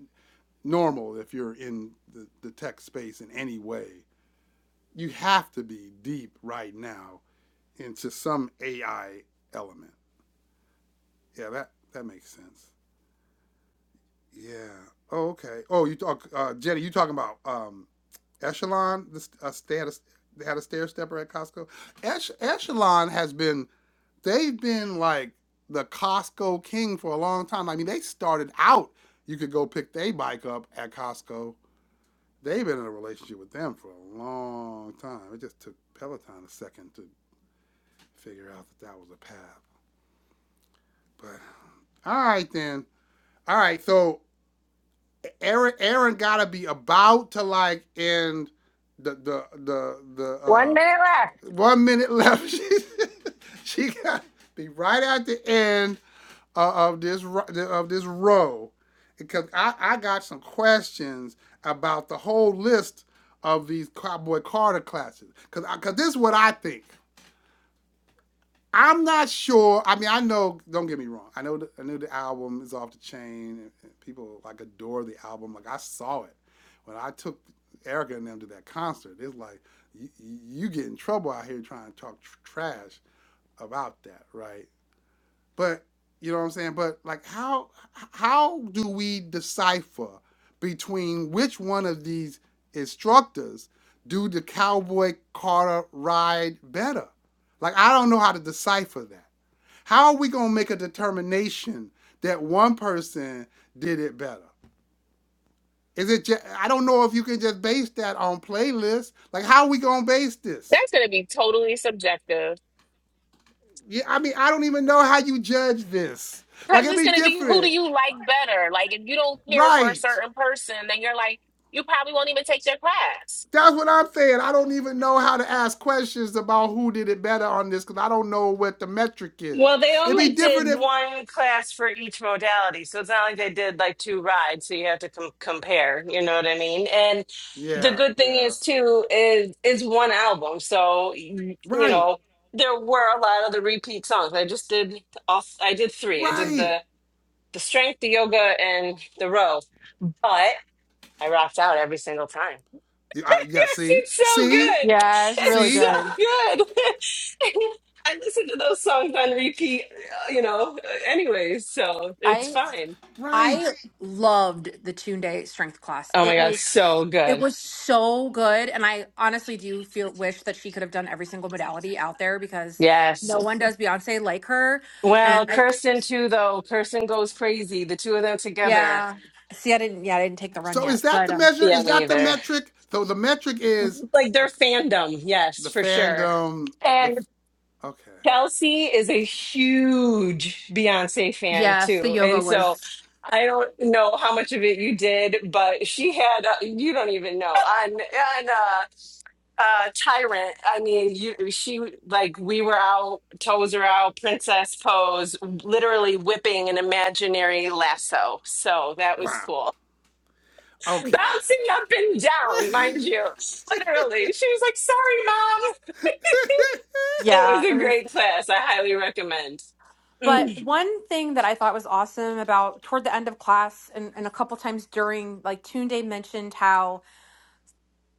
Speaker 1: normal if you're in the, the tech space in any way. You have to be deep right now into some AI element. Yeah, that that makes sense. Yeah. Oh, okay. Oh, you talk, uh, Jenny. You talking about um, Echelon? The uh, status. They had a stair stepper at Costco. Ech- Echelon has been they've been like the Costco king for a long time. I mean, they started out, you could go pick their bike up at Costco. They've been in a relationship with them for a long time. It just took Peloton a second to figure out that that was a path. But all right then. All right, so Aaron Aaron gotta be about to like end the the the the
Speaker 2: One
Speaker 1: uh
Speaker 2: minute left.
Speaker 1: one minute left. She gotta be right at the end uh, of this of this row, because I, I got some questions about the whole list of these Cowboy Carter classes. Because because this is what I think. I'm not sure. I mean, I know. Don't get me wrong. I know. The, I know the album is off the chain. and people like adore the album. Like I saw it when I took Erica and them to that concert. It's like you, you get in trouble out here trying to talk tr- trash about that, right? But you know what I'm saying? But like how how do we decipher between which one of these instructors do the cowboy Carter ride better? Like I don't know how to decipher that. How are we gonna make a determination that one person did it better? Is it just, I don't know if you can just base that on playlists. Like how are we gonna base this?
Speaker 3: That's going to be totally subjective.
Speaker 1: Yeah, I mean I don't even know how you judge this. Like
Speaker 3: Because
Speaker 1: it'd
Speaker 3: it's
Speaker 1: be
Speaker 3: going to be who do
Speaker 1: different.
Speaker 3: you like better? Like, if you don't care for a
Speaker 1: Right.
Speaker 3: certain person, then you're like, you probably won't even take their class.
Speaker 1: That's what I'm saying. I don't even know how to ask questions about who did it better on this because I don't know what the metric is.
Speaker 2: Well, they
Speaker 1: It'd be
Speaker 2: only
Speaker 1: different
Speaker 2: did
Speaker 1: if,
Speaker 2: one class for each modality, so it's not like they did like two rides. So you have to com- compare. You know what I mean? And the
Speaker 1: yeah,
Speaker 2: good thing
Speaker 1: yeah,
Speaker 2: is too is is one album, so you
Speaker 1: right,
Speaker 2: know there were a lot of the repeat songs. I just did all. I did three. I did
Speaker 1: right.
Speaker 2: the the strength, the yoga, and the row. But I rocked out every single time.
Speaker 1: Yeah, uh, yeah,
Speaker 2: Yes,
Speaker 1: see,
Speaker 2: it's so
Speaker 1: see,
Speaker 2: good.
Speaker 4: Yeah, it was
Speaker 2: It's
Speaker 4: really
Speaker 2: so
Speaker 1: see,
Speaker 4: good.
Speaker 2: good. I listen to those songs on repeat, uh, you know, anyways, so it's
Speaker 4: I
Speaker 2: fine.
Speaker 1: right.
Speaker 4: I loved the 2 Day strength class.
Speaker 2: Oh my
Speaker 4: It
Speaker 2: God,
Speaker 4: was
Speaker 2: so
Speaker 4: it
Speaker 2: good.
Speaker 4: was so good, and I honestly do feel wish that she could have done every single modality out there because
Speaker 2: Yes.
Speaker 4: no one does Beyonce like her. And
Speaker 2: Well,
Speaker 4: I
Speaker 2: Kirsten too, though. Kirsten goes crazy. The two of them together.
Speaker 4: yeah, see, I didn't yeah I didn't take the run
Speaker 1: So
Speaker 4: yet,
Speaker 1: is that
Speaker 4: but
Speaker 1: the
Speaker 4: um,
Speaker 1: measure?
Speaker 2: Yeah,
Speaker 1: Is
Speaker 2: me
Speaker 1: that the
Speaker 2: either.
Speaker 1: metric? So the metric is
Speaker 2: Like
Speaker 1: uh,
Speaker 2: their fandom, yes,
Speaker 1: the
Speaker 2: for sure.
Speaker 1: fandom. The
Speaker 2: And.
Speaker 1: okay,
Speaker 2: Kelsey is a huge Beyonce fan
Speaker 4: yes, the
Speaker 2: too.
Speaker 4: yoga
Speaker 2: And so
Speaker 4: was
Speaker 2: I don't know how much of it you did, but she had, uh, you don't even know, on, on uh, uh, Tyrant. I mean, you, she, like, we were out, toes are out, princess pose, literally whipping an imaginary lasso. So that was
Speaker 1: wow,
Speaker 2: cool.
Speaker 1: okay,
Speaker 2: Bouncing up and down, mind you. Literally. She was like, sorry, mom. It was a
Speaker 4: yeah.
Speaker 2: great class. I highly recommend.
Speaker 4: But one thing that I thought was awesome about toward the end of class and, and a couple times during, like Tune Day mentioned how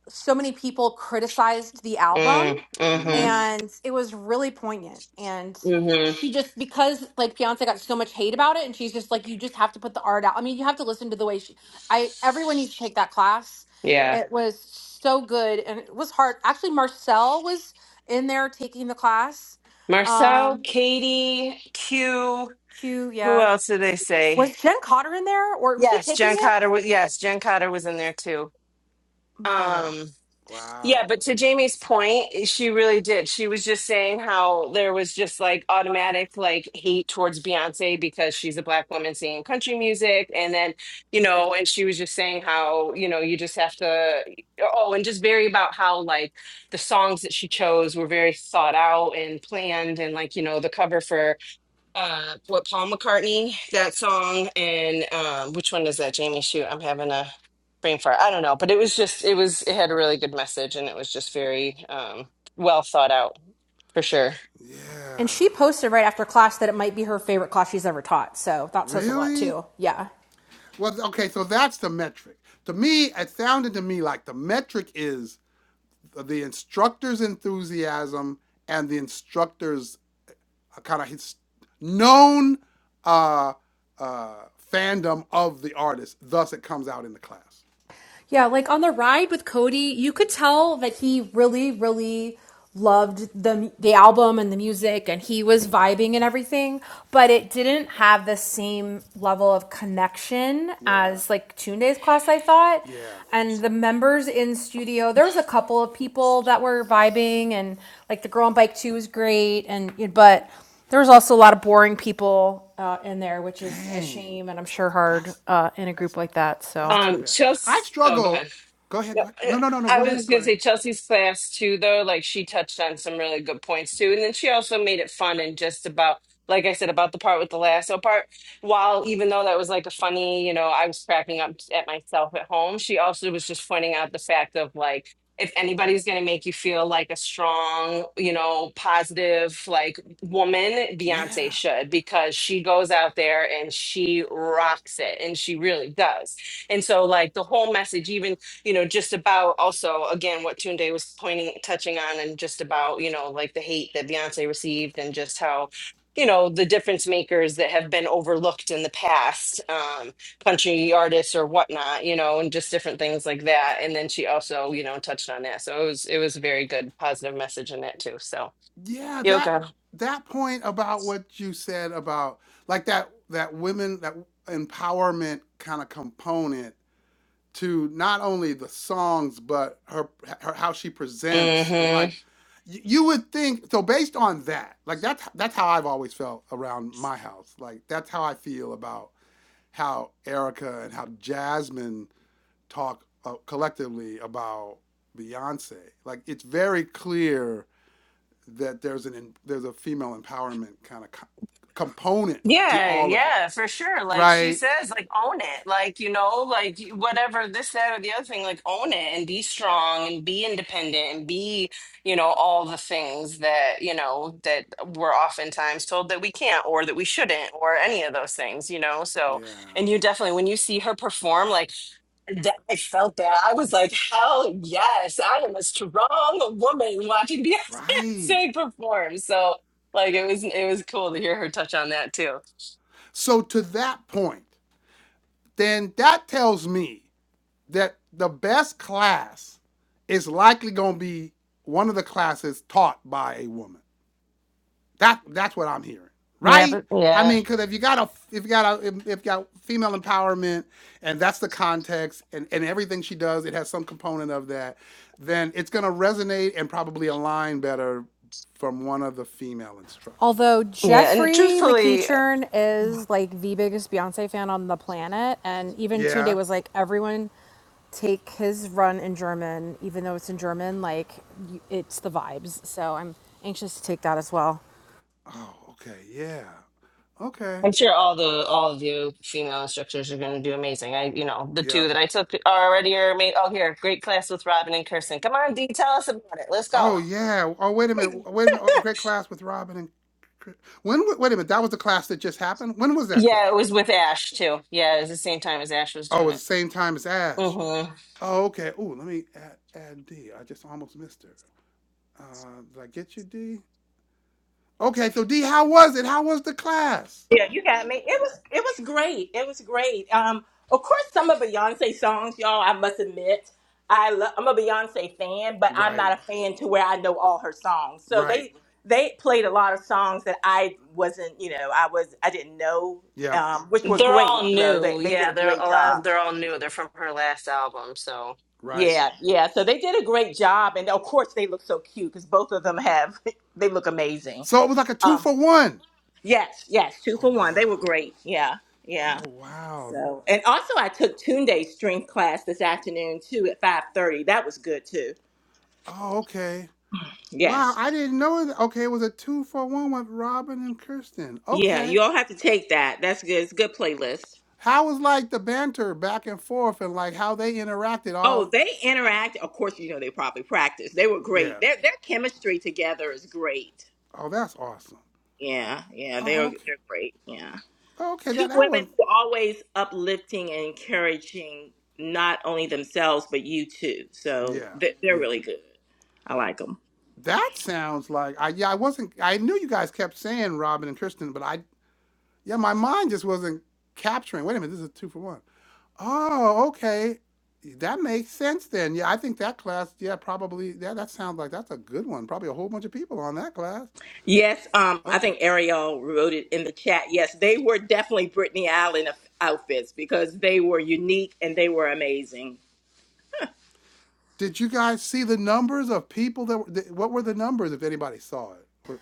Speaker 4: so many people criticized the album
Speaker 2: Mm, mm-hmm.
Speaker 1: mm-hmm,
Speaker 4: and it was really poignant. And
Speaker 2: Mm-hmm.
Speaker 4: she just, because like Beyonce got so much hate about it and she's just like, you just have to put the art out. I mean, you have to listen to the way she, I, everyone needs to take that class.
Speaker 1: yeah,
Speaker 2: Yeah.
Speaker 4: It was so good and it was hard. Actually, Marcel was in there taking the class.
Speaker 2: Marcel,
Speaker 4: Um,
Speaker 2: Katie, Q.
Speaker 4: Q,
Speaker 2: Who
Speaker 4: yeah
Speaker 2: else did they say?
Speaker 4: Was Jen Cotter in there, or was she
Speaker 2: Yes,
Speaker 4: taking
Speaker 2: Jen
Speaker 4: it?
Speaker 2: Cotter was yes, Jen Cotter was in there too.
Speaker 4: But uh,
Speaker 2: Um Yeah,
Speaker 1: wow,
Speaker 2: but to Jamie's point, eh, she really did. She was just saying how there was just like automatic like hate towards Beyonce because she's a black woman singing country music. And then, you know, and she was just saying how, you know, you just have to, oh, and just very about how like the songs that she chose were very thought out and planned. And like, you know, the cover for uh with Paul McCartney that song and um which one is that Jamie shoot I'm having a brain fart I don't know but it was just it was it had a really good message and it was just very um well thought out for sure
Speaker 4: And
Speaker 1: yeah.
Speaker 4: she posted right after class that it might be her favorite class she's ever taught. So that says a lot
Speaker 1: Really?
Speaker 4: too. Yeah.
Speaker 1: Well, okay, so that's the metric. To me, it sounded to me like the metric is the instructor's enthusiasm and the instructor's kind of his known uh, uh, fandom of the artist. Thus, it comes out in the class.
Speaker 4: Yeah, like on the ride with Cody, you could tell that he really, really loved the the album and the music, and he was vibing and everything. But it didn't have the same level of connection
Speaker 1: Yeah,
Speaker 4: as like Tune Days class. I thought,
Speaker 1: yeah.
Speaker 4: and the members in studio, there was a couple of people that were vibing, and like the girl on bike two was great, and but there was also a lot of boring people uh, in there, which is a
Speaker 1: Dang,
Speaker 4: shame, and I'm sure hard
Speaker 1: that's
Speaker 4: uh, in a
Speaker 1: that's
Speaker 4: group like that.
Speaker 1: that's
Speaker 4: So.
Speaker 1: too
Speaker 2: um
Speaker 1: bad. I
Speaker 2: Chelsea oh go ahead
Speaker 1: struggle. Go ahead.
Speaker 2: Yeah,
Speaker 1: Go ahead.
Speaker 2: I
Speaker 1: No, no, no, no. Go
Speaker 2: I was
Speaker 1: ahead.
Speaker 2: just
Speaker 1: Go
Speaker 2: gonna
Speaker 1: ahead.
Speaker 2: say Chelsea's class too, though. Like she touched on some really good points too, and then she also made it fun and just about, like I said, about the part with the lasso part. While even though that was like a funny, you know, I was cracking up at myself at home. She also was just pointing out the fact of like if anybody's gonna make you feel like a strong, you know, positive like woman, Beyonce
Speaker 1: Yeah.
Speaker 2: should because she goes out there and she rocks it, and she really does. And so, like the whole message, even you know, just about also again what Tune Day was pointing touching on and just about, you know, like the hate that Beyonce received and just how, you know, the difference makers that have been overlooked in the past, um, country artists or whatnot, you know, and just different things like that. And then she also, you know, touched on that. So it was it was a very good positive message in that too. So
Speaker 1: yeah that
Speaker 2: yoga.
Speaker 1: that point about what you said about like that that women that empowerment kind of component to not only the songs but her, her how she presents it like y- you would think so based on that like that's that's how i've always felt around my house like that's how i feel about how erica and how jasmine talk uh, collectively about beyonce like it's very clear that there's an there's a female empowerment kind of co- component to
Speaker 2: Yeah,
Speaker 1: all of it,
Speaker 2: yeah, for sure. Like she
Speaker 1: right?
Speaker 2: says, like own it. Like, you know, like whatever this, that, or the other thing, like own it and be strong and be independent and be, you know, all the things that, you know, that we're oftentimes told that we can't or that we shouldn't or any of those things, you know? So,
Speaker 1: Yeah,
Speaker 2: and you definitely, when you see her perform, like that, I felt that. I was like, hell yes, I am a strong woman watching
Speaker 1: right.
Speaker 2: Beyonce perform. So, like it was it was cool to hear her touch on that too.
Speaker 1: So to that point, then that tells me that the best class is likely going to be one of the classes taught by a woman. That that's what I'm hearing,
Speaker 2: Yeah,
Speaker 1: right?
Speaker 2: but
Speaker 1: I
Speaker 2: yeah,
Speaker 1: mean, because if you got a if you got a if, you got female empowerment and that's the context and and everything she does, it has some component of that, then it's gonna resonate and probably align better from one of the female instructors.
Speaker 4: Although
Speaker 2: yeah, and
Speaker 4: Jeffrey
Speaker 2: truthfully,
Speaker 4: McEachern is like the biggest Beyonce fan on the planet, and even Tunde
Speaker 1: Yeah.
Speaker 4: was like, everyone take his run in German, even though it's in German, like you- it's the vibes. So I'm anxious to take that as well.
Speaker 1: Oh, okay. Yeah. Okay.
Speaker 2: I'm sure all the all of you female instructors are going to do amazing. I, you know, the
Speaker 1: Yeah.
Speaker 2: two that I took are already are made. Oh, here, great class with Robin and Kirsten. Come on, D, tell us about it. Let's go.
Speaker 1: Oh yeah. Oh wait a minute. Wait a minute. Oh, great class with Robin and Chris. when? Wait a minute. That was the class that just happened. When was that class?
Speaker 2: Yeah, it was with Ash too. Yeah, it was the same time as Ash was
Speaker 1: Oh, it
Speaker 2: doing
Speaker 1: was
Speaker 2: it.
Speaker 1: the same time as Ash.
Speaker 2: hmm
Speaker 1: Oh, okay. Ooh, let me add, add D. I just almost missed her. Uh, did I get you, D? Okay, so D, how was it? How was the class?
Speaker 5: Yeah, you got me. It was it was great. It was great. Um, of course, some of Beyonce songs, y'all. I must admit, I lo- I'm a Beyonce fan, but I'm not
Speaker 1: Right,
Speaker 5: a fan to where I know all her songs. So
Speaker 1: right.
Speaker 5: they they played a lot of songs that I wasn't, you know, I was I didn't know,
Speaker 1: Yep,
Speaker 5: um, which were
Speaker 2: They're all
Speaker 5: great though. They
Speaker 2: new.
Speaker 5: they did
Speaker 2: Yeah,
Speaker 5: a
Speaker 2: they're
Speaker 5: great
Speaker 2: a lot.
Speaker 5: job.
Speaker 2: They're all new. They're from her last album, so
Speaker 1: right.
Speaker 5: Yeah, yeah. So they did a great job, and of course they look so cute because both of them have they look amazing.
Speaker 1: So it was like a two
Speaker 5: Um,
Speaker 1: for one.
Speaker 5: yes, yes, two for
Speaker 1: Oh,
Speaker 5: one. They
Speaker 1: wow.
Speaker 5: were great. Yeah, yeah.
Speaker 1: Oh, wow.
Speaker 5: So, and also I took Tunde's strength class this afternoon too at five thirty. That was good too.
Speaker 1: Oh, okay. Wow,
Speaker 5: Yes.
Speaker 1: I didn't know that. Okay, it was a two for one with Robin and Kirsten.
Speaker 5: Yeah,
Speaker 1: Okay.
Speaker 5: you all have to take that. That's good. It's a good playlist.
Speaker 1: How was like the banter back and forth and like how they interacted
Speaker 5: Oh,
Speaker 1: all?
Speaker 5: they interact. Of course, you know they probably practice. They were great.
Speaker 1: Yeah.
Speaker 5: Their their chemistry together is great.
Speaker 1: Oh, that's awesome.
Speaker 5: Yeah, yeah, they are.
Speaker 1: Oh, okay.
Speaker 5: They're great. Yeah,
Speaker 1: Okay, that,
Speaker 5: two
Speaker 1: that
Speaker 5: women
Speaker 1: one.
Speaker 5: who are always uplifting and encouraging not only themselves but you too. So
Speaker 1: Yeah,
Speaker 5: they- they're
Speaker 1: yeah.
Speaker 5: really good. I like them.
Speaker 1: That sounds like I yeah I wasn't I knew you guys kept saying Robin and Kristen but I yeah my mind just wasn't capturing. Wait a minute, this is a two for one. Oh, okay, that makes sense then. Yeah, I think that class. Yeah, probably. Yeah, that sounds like that's a good one. Probably a whole bunch of people on that class.
Speaker 5: Yes, um, I
Speaker 1: Okay.
Speaker 5: think Ariel wrote it in the chat. Yes, they were definitely Brittany Allen of- outfits because they were unique and they were amazing.
Speaker 1: Did you guys see the numbers of people that were? th- What were the numbers if anybody saw it? What?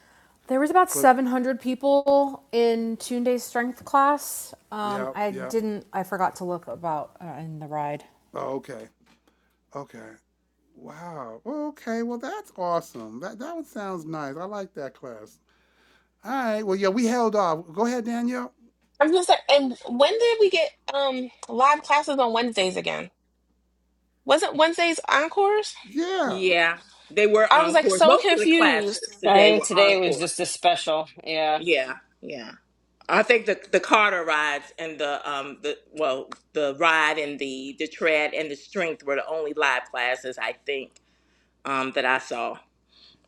Speaker 4: There was about
Speaker 1: What?
Speaker 4: 700 people in Tunde's strength class. Um,
Speaker 1: Yeah.
Speaker 4: I
Speaker 1: Yeah.
Speaker 4: didn't, I forgot to look about uh, in the ride.
Speaker 1: Oh, okay. Okay. Wow. Okay. Well, that's awesome. That that one sounds nice. I like that class. All right. Well, yeah, we held off. Go ahead, Danielle.
Speaker 3: I'm just like, and when did we get um live classes on Wednesdays again? Wasn't Wednesday's encores?
Speaker 1: Yeah.
Speaker 5: Yeah, they were
Speaker 3: I was like
Speaker 5: encore.
Speaker 3: so
Speaker 5: Most of the
Speaker 3: confused.
Speaker 5: classes
Speaker 2: I
Speaker 5: today
Speaker 2: think
Speaker 5: were
Speaker 2: today was
Speaker 5: encore.
Speaker 2: just a special. Yeah.
Speaker 5: Yeah, yeah. I think the the Carter rides and the um the well the ride and the the tread and the strength were the only live classes I think um that I saw.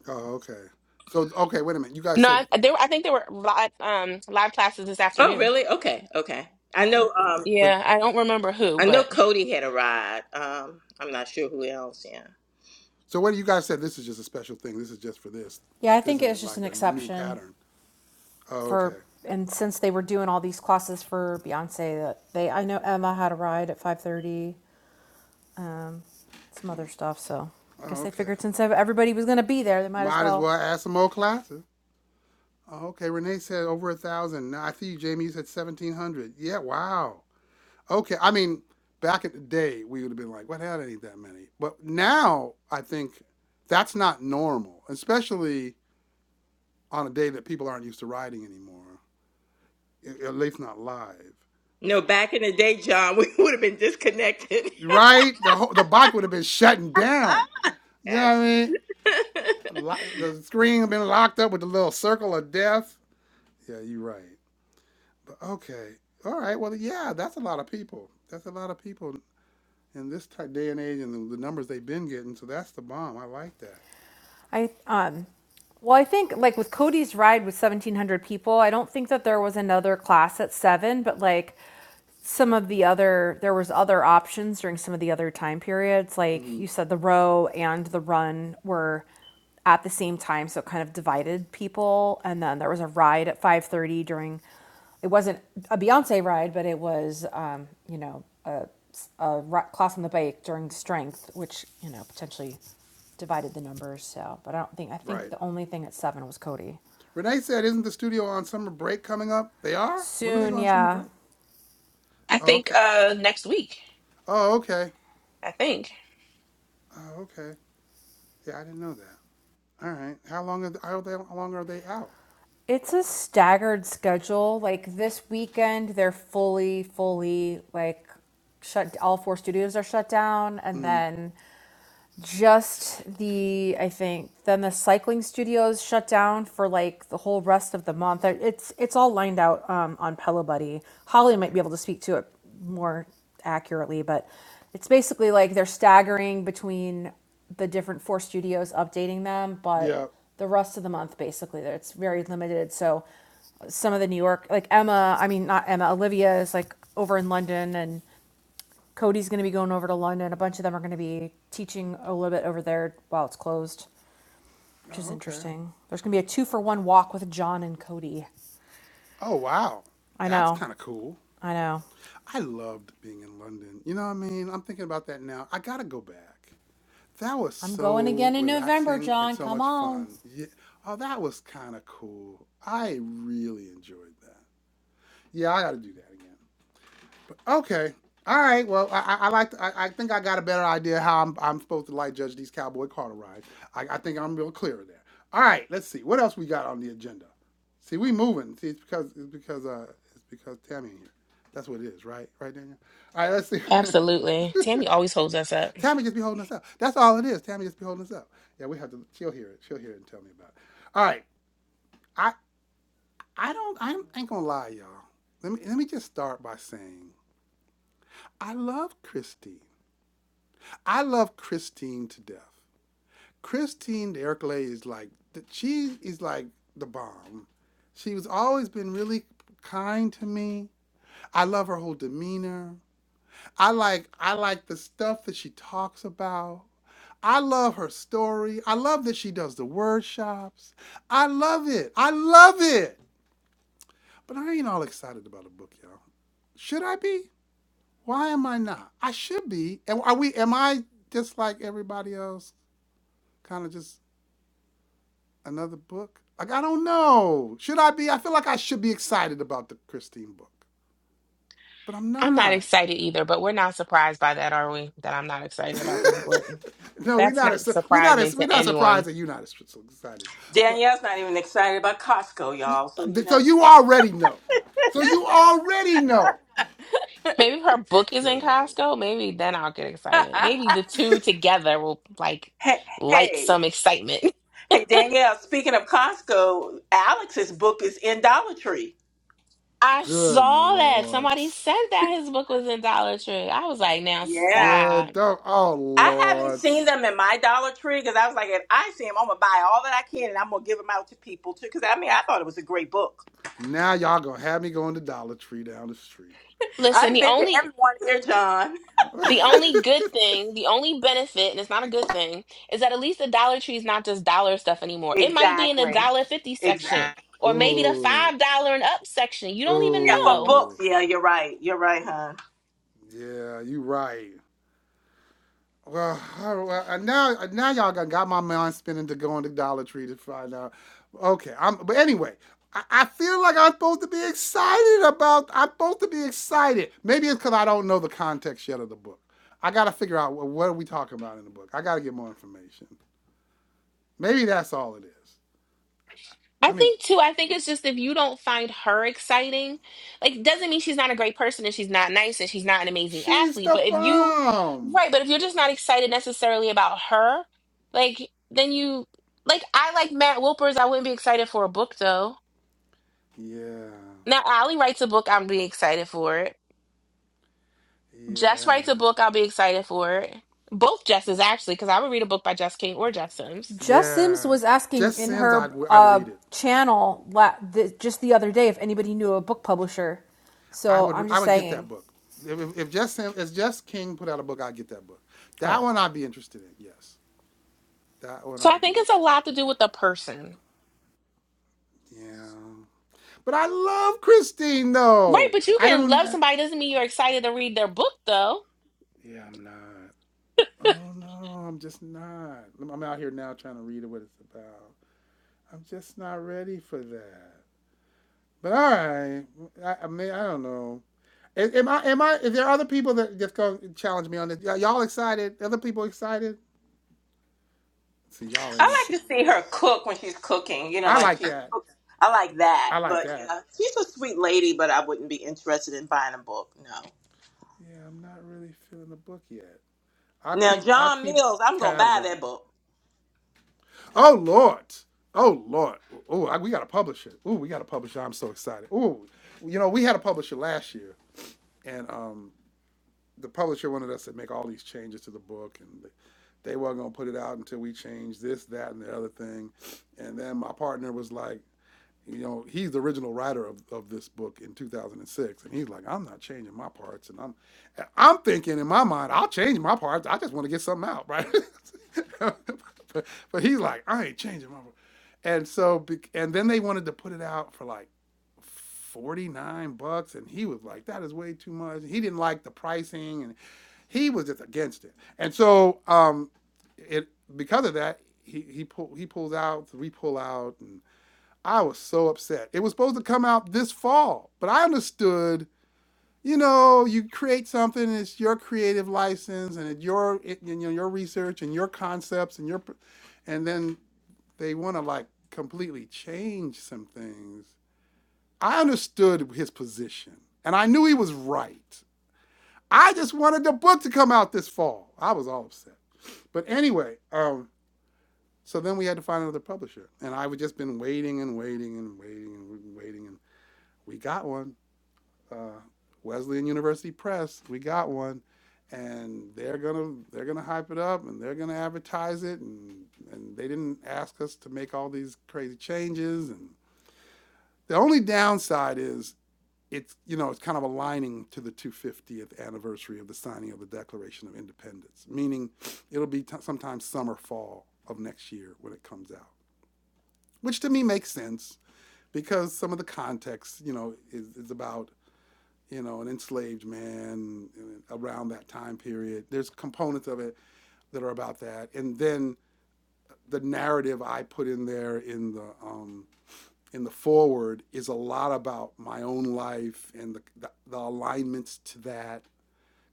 Speaker 1: Oh, okay. So, okay, wait a minute. You guys
Speaker 3: No,
Speaker 1: said,
Speaker 3: I, there. I think there were live um live classes this
Speaker 5: Oh,
Speaker 3: afternoon.
Speaker 5: really? Okay, okay. I know um
Speaker 1: but
Speaker 3: Yeah, I don't remember who,
Speaker 5: I know
Speaker 3: but
Speaker 5: Cody had a ride. Um, I'm not sure who else. Yeah.
Speaker 1: so what do you guys said? This is just a special thing. This is just for this.
Speaker 4: Yeah, I
Speaker 1: This
Speaker 4: think it was
Speaker 1: isn't
Speaker 4: just
Speaker 1: like
Speaker 4: an
Speaker 1: a new
Speaker 4: exception.
Speaker 1: pattern. Oh,
Speaker 4: for
Speaker 1: okay.
Speaker 4: and since they were doing all these classes for Beyonce, that they I know Emma had a ride at five thirty, um, some other stuff. So I guess
Speaker 1: Oh,
Speaker 4: they
Speaker 1: okay.
Speaker 4: figured since everybody was gonna be there, they might as
Speaker 1: Might as well
Speaker 4: well.
Speaker 1: add some more classes. Oh, okay. Renee said over a thousand. Nah, I see you, Jamie. You said seventeen hundred. Yeah. Wow. Okay. I mean, back in the day, we would have been like, "What hell? That ain't that many." But now, I think that's not normal, especially on a day that people aren't used to riding anymore, at least not live.
Speaker 5: No,
Speaker 1: So,
Speaker 5: back in the day, John, we would have been disconnected.
Speaker 1: right? The whole, the bike would have been shutting down. You know
Speaker 5: Yes.
Speaker 1: what I mean? Lo- The screen had been locked up with the little circle of death. Yeah, you're right. But okay, all right. Well, yeah, that's a lot of people. That's a lot of people in this type day and age, and the, the numbers they've been getting. So that's the bomb. I like that.
Speaker 4: I um, well, I think like with Cody's ride with seventeen hundred people, I don't think that there was another class at seven, but like some of the other there was other options during some of the other time periods like
Speaker 1: Mm,
Speaker 4: you said the row and the run were at the same time so it kind of divided people and then there was a ride at 5.30 during it wasn't a beyonce ride but it was um, you know a, a class on the bike during strength which you know potentially divided the numbers so but i don't think i think
Speaker 1: right.
Speaker 4: the only thing at seven was cody
Speaker 1: Renee said, "Isn't the studio on summer break coming up? They are. When do they go
Speaker 4: soon
Speaker 1: on summer
Speaker 4: yeah
Speaker 1: break?
Speaker 3: I
Speaker 1: Oh,
Speaker 3: think
Speaker 1: okay.
Speaker 3: uh next week.
Speaker 1: Oh, okay.
Speaker 3: I think.
Speaker 1: Oh, okay. Yeah, I didn't know that. All right. How long are they, how long are they out?
Speaker 4: It's a staggered schedule. Like this weekend, they're fully, fully like shut. All four studios are shut down, and
Speaker 1: Mm,
Speaker 4: then just the I think then the cycling studios shut down for like the whole rest of the month. It's it's all lined out um, on Pillow Buddy. Holly might
Speaker 1: okay.
Speaker 4: be able to speak to it more accurately, but it's basically like they're staggering between the different four studios updating them, but
Speaker 1: Yeah.
Speaker 4: the rest of the month basically it's very limited. So some of the New York like Emma, I mean not Emma, Olivia is like over in London and Cody's going to be going over to London. A bunch of them are going to be teaching a little bit over there while it's closed, which
Speaker 1: Oh,
Speaker 4: is
Speaker 1: okay.
Speaker 4: interesting. There's going to be a two for one walk with John and Cody.
Speaker 1: Oh, wow.
Speaker 4: I
Speaker 1: That's
Speaker 4: know.
Speaker 1: kind of cool.
Speaker 4: I know.
Speaker 1: I loved being in London. You know what I mean? I'm thinking about that now. I got to go back. That was
Speaker 4: I'm going
Speaker 1: so
Speaker 4: again in November,
Speaker 1: relaxing and
Speaker 4: John.
Speaker 1: so
Speaker 4: Come
Speaker 1: much
Speaker 4: on.
Speaker 1: fun. Yeah. Oh, that was kind of cool. I really enjoyed that. Yeah, I got to do that again. Okay. All right. Well, I, I I like. I, I think I got a better idea how I'm, I'm supposed to like judge these Cowboy Carter rides. I, I think I'm real clear there. All right. Let's see what else we got on the agenda. See, we moving. See, it's because it's because uh it's because Tammy in here. That's what it is, right? Right, Daniel. All right. Let's see.
Speaker 3: Absolutely. Tammy always holds us up.
Speaker 1: Tammy just be holding us up. That's all it is. Tammy just be holding us up. Yeah, we have to. She'll hear it. She'll hear it and tell me about it. All right. I I don't. I ain't gonna lie, y'all. Let me let me just start by saying I love Christy. I love Christine to death. Christine Derrickle is like she is like the bomb. She was always been really kind to me. I love her whole demeanor. I like I like the stuff that she talks about. I love her story. I love that she does the word shops. I love it. I love it. But I ain't all excited about a book, y'all. Should I be? Why am I not? I should be. Am- Are we? Am I just like everybody else? Kind of just another book? Like I don't know. Should I be? I feel like I should be excited about the Christine book, but I'm
Speaker 3: I'm not
Speaker 1: not.
Speaker 3: excited either, but we're not surprised by that, are we? That I'm not excited about this book.
Speaker 1: no, we are
Speaker 3: That's
Speaker 1: not
Speaker 3: not
Speaker 1: as we not
Speaker 3: surprising
Speaker 1: as we
Speaker 3: to
Speaker 1: not surprised
Speaker 3: anyone.
Speaker 1: that you're not as so excited. But
Speaker 5: Danielle's not even excited about Costco, y'all. So you
Speaker 1: so
Speaker 5: know.
Speaker 1: you already know. So you already know.
Speaker 3: Maybe if her book is in
Speaker 1: Good,
Speaker 3: Costco. Maybe then I'll get excited. Maybe the two together will like
Speaker 5: hey,
Speaker 3: light
Speaker 5: hey,
Speaker 3: some excitement.
Speaker 5: hey, Danielle. Speaking of Costco, Alex's book is in Dollar Tree.
Speaker 3: I
Speaker 1: good
Speaker 3: saw that.
Speaker 1: lord,
Speaker 3: Somebody said that his book was in Dollar Tree. I was like, now
Speaker 5: Yeah.
Speaker 3: stop.
Speaker 1: good. Don't, oh
Speaker 5: I haven't
Speaker 1: lord.
Speaker 5: seen them in my Dollar Tree because I was like, if I see them, I'm gonna buy all that I can and I'm gonna give them out to people too. Because I mean, I thought it was a great book.
Speaker 1: Now y'all gonna have me going to Dollar Tree down the street.
Speaker 3: Listen,
Speaker 5: I've
Speaker 3: the
Speaker 5: been to
Speaker 3: only
Speaker 5: everyone here, John.
Speaker 3: the only good thing, the only benefit, and it's not a good thing, is that at least the Dollar Tree is not just dollar stuff anymore. It might be in the
Speaker 5: Exactly.
Speaker 3: dollar fifty section
Speaker 5: Exactly.
Speaker 3: or maybe the
Speaker 1: ooh,
Speaker 3: five dollar and up section. You don't even
Speaker 5: Yeah, for
Speaker 3: know.
Speaker 1: ooh.
Speaker 5: books. Yeah, you're right. You're right, hon.
Speaker 1: Yeah, you right. Well, all right, well, uh, now uh, now y'all got got my mind spinning to go on to Dollar Tree to find out. Okay, I'm but anyway, I, I feel like I'm supposed to be excited about. I'm supposed to be excited. Maybe it's because I don't know the context yet of the book. I got to figure out what, what are we talking about in the book. I got to get more information. Maybe that's all it is.
Speaker 3: I
Speaker 1: I mean,
Speaker 3: think too, I think it's just if you don't find her exciting, like it doesn't mean she's not a great person and she's not nice and she's not an amazing
Speaker 1: she's
Speaker 3: athlete.
Speaker 1: the
Speaker 3: But if you,
Speaker 1: bomb.
Speaker 3: right, but if you're just not excited necessarily about her, like then you, like I like Matt Wilpers, I wouldn't be excited for a book though.
Speaker 1: Yeah,
Speaker 3: Now Allie writes a book, I'm be excited for it. Jess
Speaker 1: yeah,
Speaker 3: writes a book, I'll be excited for it. Both Jesses actually, because I would read a book by Jess King or Jess Sims.
Speaker 4: Jess
Speaker 1: yeah.
Speaker 4: Sims was asking
Speaker 1: Jess
Speaker 4: in
Speaker 1: Sims, I'd
Speaker 4: her
Speaker 1: I'd
Speaker 4: uh,
Speaker 1: read it.
Speaker 4: channel la- the, just the other day if anybody knew a book publisher.
Speaker 1: I
Speaker 4: So
Speaker 1: would
Speaker 4: I'm
Speaker 1: I
Speaker 4: just
Speaker 1: would get that
Speaker 4: saying.
Speaker 1: book. If, if- just if just King put out a book, I'd get that book. That
Speaker 4: Oh,
Speaker 1: one I'd be interested in. Yes, that one
Speaker 3: So I
Speaker 1: I'd be
Speaker 3: think it's a
Speaker 1: interested
Speaker 3: lot to do with the person.
Speaker 1: in. Yeah, but I love Christine
Speaker 3: Right,
Speaker 1: though.
Speaker 3: but you
Speaker 1: I
Speaker 3: can
Speaker 1: don't.
Speaker 3: love
Speaker 1: uh,
Speaker 3: somebody doesn't mean you're excited to read their book though.
Speaker 1: yeah, I'm not. I don't know. I'm just not. I'm out here now trying to read what it's about. I'm just not ready for that. But all right, I, I mean I don't know. Am- I? Am I? Is there other people that just go challenge me on this? Y- Y'all excited? Other people excited? See, y'all ain't.
Speaker 5: I
Speaker 4: she.
Speaker 5: like to see her cook when she's cooking. You know,
Speaker 1: I
Speaker 5: like
Speaker 1: like
Speaker 5: she
Speaker 1: that.
Speaker 5: cooks. I like that.
Speaker 1: I like
Speaker 5: But
Speaker 1: that.
Speaker 5: yeah, she's a sweet lady, but I wouldn't be interested in buying a book. No.
Speaker 1: Yeah, I'm not really feeling the book yet. I'll
Speaker 5: Now,
Speaker 1: keep I'll
Speaker 5: John
Speaker 1: keep
Speaker 5: Mills, I'm gonna
Speaker 1: tabs
Speaker 5: buy
Speaker 1: on
Speaker 5: that
Speaker 1: it.
Speaker 5: book.
Speaker 1: Oh Lord. Oh Lord. Oh, I- we got a publisher. Oh, we got a publisher. I'm so excited. Oh, you know, we had a publisher last year and um the publisher wanted us to make all these changes to the book and they weren't going to put it out until we changed this, that and the other thing. And then my partner was like, you know, he's the original writer of, of this book in 2006, and he's like, I'm not changing my parts, and I'm, I'm thinking in my mind, I'll change my parts. I just want to get something out, right? but, but he's like, I ain't changing my, par-" and so, and then they wanted to put it out for like 49 bucks, and he was like, that is way too much. He didn't like the pricing, and he was just against it. And so, um, it because of that, he he pull, he pulls out, we pull out, and I was so upset. It was supposed to come out this fall, but I understood. You know, you create something, and it's your creative license, and it's your it, you know your research and your concepts and your, and then they want to like completely change some things. I understood his position, and I knew he was right. I just wanted the book to come out this fall. I was all upset, but anyway, um, so then we had to find another publisher, and I would just been waiting and waiting and waiting and waiting, and we got one uh, Wesleyan University Press. We got one, and they're gonna they're gonna hype it up and they're gonna advertise it. And and they didn't ask us to make all these crazy changes. And the only downside is it's you know it's kind of aligning to the 250th anniversary of the signing of the Declaration of Independence, meaning it'll be t- sometime summer fall of next year when it comes out, which to me makes sense because some of the context you know is, is about you know, an enslaved man uh, around that time period. There's components of it that are about that, and then the narrative I put in there in the um, in the forward is a lot about my own life and the, the, the alignments to that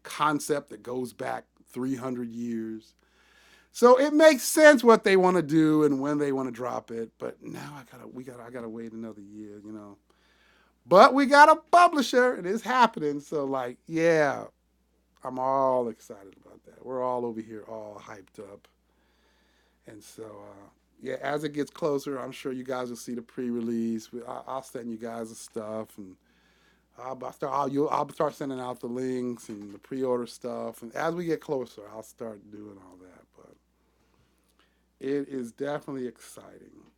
Speaker 1: concept that goes back 300 years. So it makes sense what they want to do and when they want to drop it. But now I gotta we gotta I gotta wait another year, you know. But we got a publisher and it's happening. So like, yeah, I'm all excited about that. We're all over here all hyped up. And so, uh, yeah, as it gets closer, I'm sure you guys will see the pre-release. We- I- I'll send you guys the stuff, and I'll, I'll start. I'll, you I'll start sending out the links and the pre-order stuff. And as we get closer, I'll start doing all that. But it is definitely exciting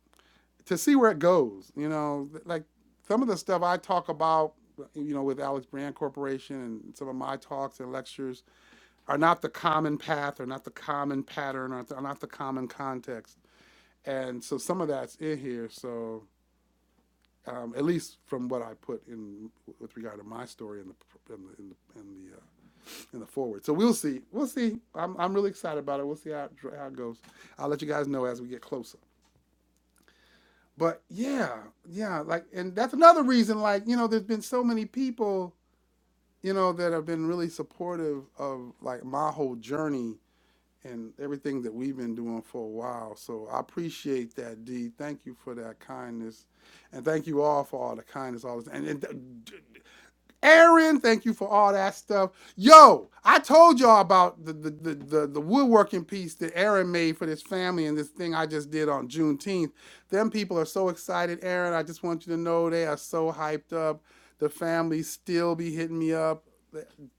Speaker 1: to see where it goes. You know, like some of the stuff I talk about, you know, with Alex Brand Corporation and some of my talks and lectures are not the common path or not the common pattern or are not the common context. And so some of that's in here. So um, at least from what I put in with regard to my story in the in the in the in the, uh, in the forward. So we'll see. We'll see. I'm, I'm really excited about it. We'll see how it, how it goes. I'll let you guys know as we get closer. But yeah, yeah, like and that's another reason like, you know, there's been so many people, you know, that have been really supportive of like my whole journey and everything that we've been doing for a while. So I appreciate that, D. Thank you for that kindness, and thank you all for all the kindness, all this, and, and Aaron, thank you for all that stuff. Yo, I told y'all about the the, the the the woodworking piece that Aaron made for this family and this thing I just did on Juneteenth. Them people are so excited, Aaron. I just want you to know they are so hyped up. The family still be hitting me up.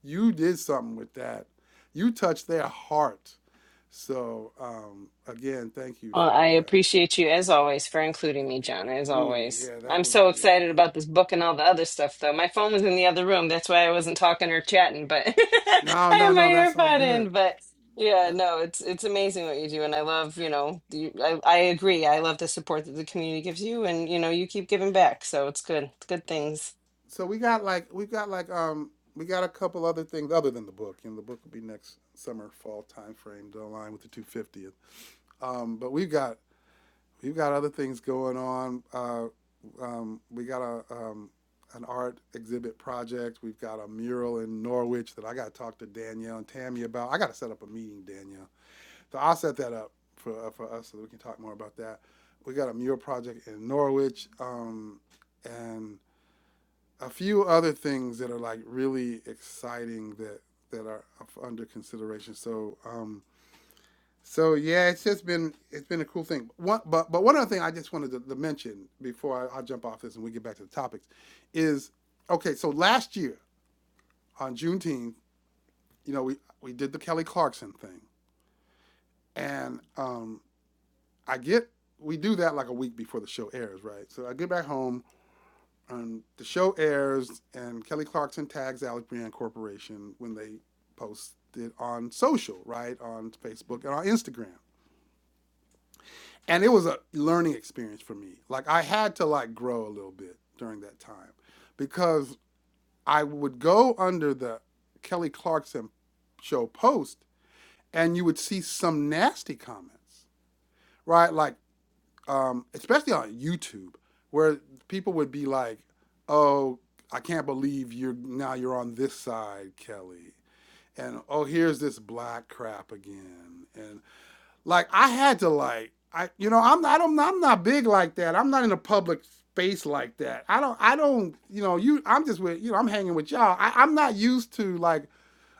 Speaker 1: You did something with that. You touched their heart. So um, again, thank you
Speaker 2: Well,
Speaker 1: for
Speaker 2: I
Speaker 1: all that.
Speaker 2: appreciate you as always for including me, John, as
Speaker 1: Ooh,
Speaker 2: always.
Speaker 1: yeah,
Speaker 2: I'm
Speaker 1: that was
Speaker 2: so
Speaker 1: big.
Speaker 2: excited about this book and all the other stuff, though. My phone was in the other room. That's why I wasn't talking or chatting, but I
Speaker 1: No,
Speaker 2: had
Speaker 1: no,
Speaker 2: my
Speaker 1: no, that's all
Speaker 2: earbud in.
Speaker 1: good.
Speaker 2: But yeah, no, it's it's amazing what you do. And I love, you know, you, I, I agree. I love the support that the community gives you, and, you know, you keep giving back. So it's good. It's good things.
Speaker 1: so we got like we got like um we got a couple other things other than the book. You know, the book will be next summer, fall time frame to align with the 250th. Um, but we've got we've got other things going on. Uh, um, we got a um, an art exhibit project. We've got a mural in Norwich that I got to talk to Danielle and Tammy about. I got to set up a meeting, Danielle. So I'll set that up for uh, for us so that we can talk more about that. We got a mural project in Norwich, um, and a few other things that are like really exciting that that are under consideration. So um, so yeah, it's just been it's been a cool thing. One, but but one other thing I just wanted to, to mention before I, I jump off this and we get back to the topics is okay. So last year on Juneteenth, you know, we we did the Kelly Clarkson thing, and um, I get we do that like a week before the show airs, right? So I get back home And the show airs, and Kelly Clarkson tags Alec Brand Corporation when they post it on social, right? On Facebook and on Instagram. And it was a learning experience for me. Like I had to like grow a little bit during that time because I would go under the Kelly Clarkson show post and you would see some nasty comments, right? Like um, especially on YouTube, where people would be like, "Oh, I can't believe you're now you're on this side, Kelly," and "Oh, here's this black crap again," and like I had to like I you know I'm I don't I'm not big like that. I'm not in a public space like that. I don't I don't you know you I'm just with you know I'm hanging with y'all. I, I'm not used to like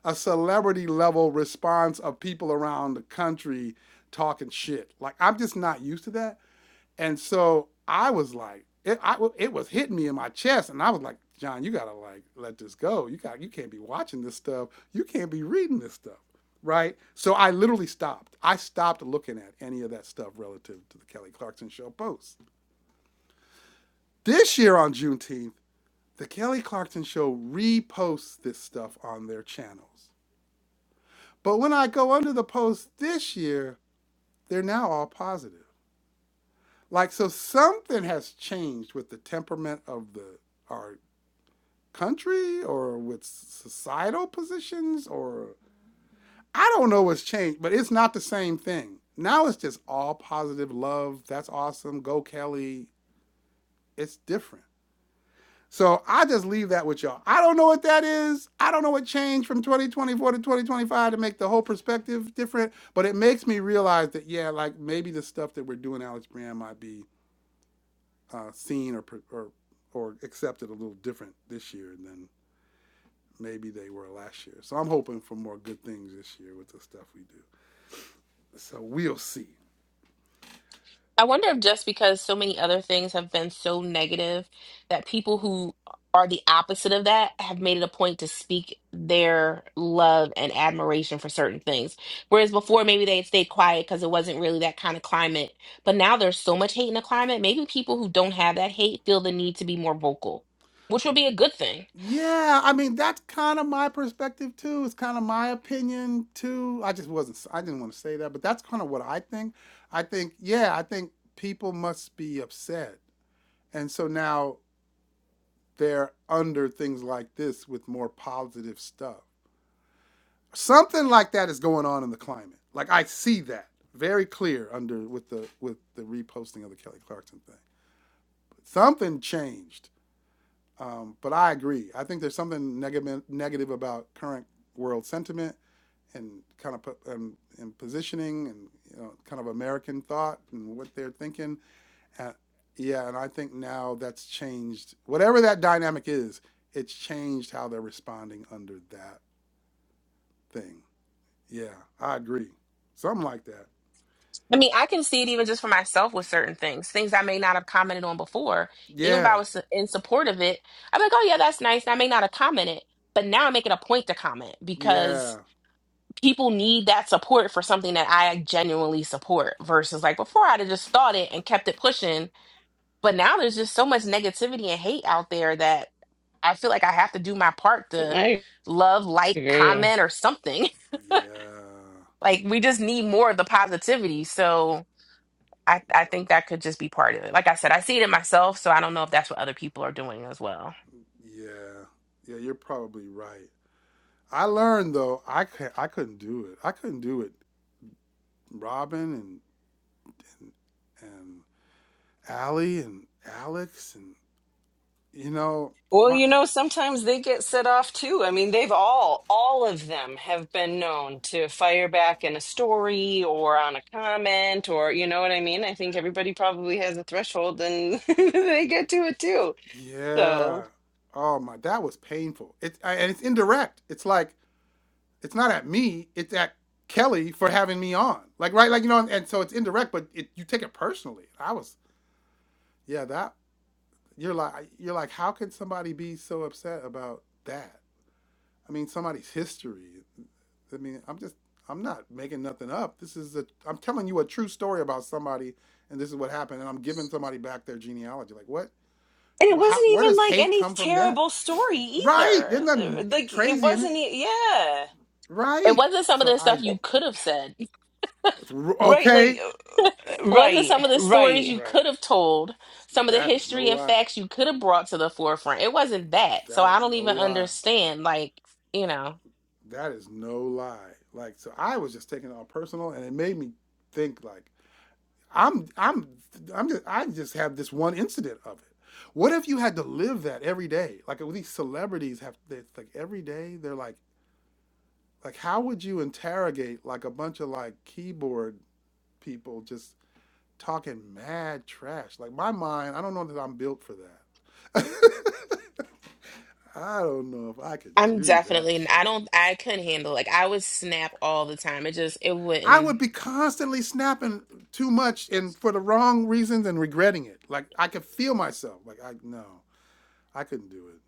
Speaker 1: a celebrity level response of people around the country talking shit. Like I'm just not used to that. And so I was like, it, I, it was hitting me in my chest, and I was like, John, you gotta like let this go. You got you can't be watching this stuff. You can't be reading this stuff, right? So I literally stopped. I stopped looking at any of that stuff relative to the Kelly Clarkson Show posts. This year on Juneteenth, the Kelly Clarkson Show reposts this stuff on their channels. But when I go under the posts this year, they're now all positive. Like so, something has changed with the temperament of the our country or with societal positions or I don't know what's changed, but it's not the same thing. Now it's just all positive love. That's awesome. Go Kelly. It's different. So I just leave that with y'all. I don't know what that is. I don't know what changed from 2024 to 2025 to make the whole perspective different, but it makes me realize that yeah, like maybe the stuff that we're doing, Alex Brand, might be uh, seen or, or or accepted a little different this year than maybe they were last year. So I'm hoping for more good things this year with the stuff we do. So we'll see.
Speaker 3: I wonder if just because so many other things have been so negative that people who are the opposite of that have made it a point to speak their love and admiration for certain things. Whereas before, maybe they had stayed quiet because it wasn't really that kind of climate. But now there's so much hate in the climate. Maybe people who don't have that hate feel the need to be more vocal, which would be a good thing.
Speaker 1: Yeah, I mean that's kind of my perspective too. It's kind of my opinion too. I just wasn't. I didn't want to say that, but that's kind of what I think. I think yeah, I think people must be upset, and so now they're under things like this with more positive stuff. Something like that is going on in the climate. Like I see that very clear under with the with the reposting of the Kelly Clarkson thing. something changed. Um, but I agree. I think there's something negative negative about current world sentiment and kind of put, and, and positioning and you know kind of American thought and what they're thinking. Uh, yeah, and I think now that's changed. Whatever that dynamic is, it's changed how they're responding under that thing. Yeah, I agree. Something like that.
Speaker 3: I mean, I can see it even just for myself with certain things, things I may not have commented on before. Even if I
Speaker 1: Yeah,
Speaker 3: was in support of it, I'm like, oh, yeah, that's nice. And I may not have commented, but now I make it a point to comment because
Speaker 1: yeah,
Speaker 3: people need that support for something that I genuinely support versus like before I'd have just thought it and kept it pushing. But now there's just so much negativity and hate out there that I feel like I have to do my part to
Speaker 2: I
Speaker 3: love, like,
Speaker 2: agree.
Speaker 3: comment, or something.
Speaker 1: yeah,
Speaker 3: Like, we just need more of the positivity. So. I, I think that could just be part of it. Like I said, I see it in myself, so I don't know if that's what other people are doing as well.
Speaker 1: yeah. Yeah, you're probably right. I learned though I can not I couldn't do it. I couldn't do it. Robin and and, and Allie and Alex and you know
Speaker 2: Well,
Speaker 1: my
Speaker 2: you know, sometimes they get set off too. I mean, they've all, all of them have been known to fire back in a story or on a comment or, you know what I mean? I think everybody probably has a threshold and they get to it too.
Speaker 1: yeah.
Speaker 2: So,
Speaker 1: Oh my, that was painful. It's and it's indirect. It's like it's not at me. It's at Kelly for having me on. Like right, like you know, and, and so it's indirect, but it, you take it personally. I was yeah that you're like you're like how can somebody be so upset about that? I mean, somebody's history. I mean, I'm just, I'm not making nothing up. This is a, I'm telling you a true story about somebody, and this is what happened, and I'm giving somebody back their genealogy. Like, what?
Speaker 2: and it
Speaker 1: Well, how,
Speaker 2: wasn't
Speaker 1: where
Speaker 2: even
Speaker 1: does
Speaker 2: like
Speaker 1: hate
Speaker 2: any
Speaker 1: come from that?
Speaker 2: terrible story
Speaker 1: Right? There's
Speaker 2: either. Uh,
Speaker 1: nothing
Speaker 2: Like, it
Speaker 1: crazy in it.
Speaker 2: wasn't, e- yeah. Uh,
Speaker 3: It
Speaker 1: Right?
Speaker 3: wasn't some of
Speaker 1: So
Speaker 3: the stuff
Speaker 1: I,
Speaker 3: you could have said. It
Speaker 1: it's r-
Speaker 2: Right, like,
Speaker 1: okay.
Speaker 2: uh,
Speaker 1: Yeah,
Speaker 3: wasn't some
Speaker 2: right,
Speaker 3: of the stories
Speaker 2: right.
Speaker 3: you
Speaker 1: right.
Speaker 3: could have told, some of the
Speaker 1: That is no
Speaker 3: history and
Speaker 1: lie.
Speaker 3: facts you could have brought to the forefront. It wasn't that. So
Speaker 1: That
Speaker 3: I
Speaker 1: is
Speaker 3: don't
Speaker 1: no
Speaker 3: even
Speaker 1: lie.
Speaker 3: understand. Like, you know,
Speaker 1: That is no lie. Like, so I was just taking it all personal, and it made me think like I'm I'm I'm just I just have this one incident of it. What if you had to live that every day? Like with these celebrities have they, like every day they're like like how would you interrogate like a bunch of like keyboard people just talking mad trash? Like my mind, I don't know that I'm built for that. I don't know if I could
Speaker 3: I'm
Speaker 1: do that
Speaker 3: definitely, I
Speaker 1: shit.
Speaker 3: don't, I couldn't handle Like, I would snap all the time. It just, it
Speaker 1: I
Speaker 3: wouldn't.
Speaker 1: would be constantly snapping too much and for the wrong reasons and regretting it. Like I could feel myself. Like I no, I couldn't do it.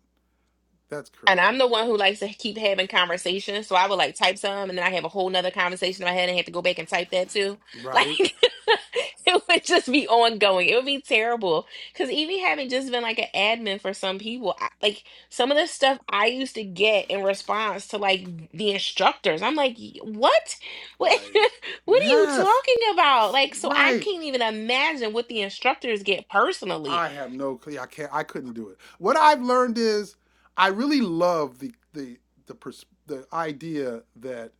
Speaker 1: That's
Speaker 3: And I'm
Speaker 1: crazy.
Speaker 3: the one who likes to keep having conversations. So I would like type some and then I have a whole nother conversation in my head and have to go back and type that too. Like
Speaker 1: Right?
Speaker 3: it would just be ongoing. It would be terrible. Cause even having just been like an admin for some people, I, like some of the stuff I used to get in response to like the instructors, I'm like, "Y- what? What,
Speaker 1: Right.
Speaker 3: what are you
Speaker 1: Yes.
Speaker 3: talking about? Like, so I
Speaker 1: Right.
Speaker 3: can't even imagine what the instructors get personally.
Speaker 1: I have no clue. I can't I couldn't do it. What I've learned is I really love the the the pers- the idea that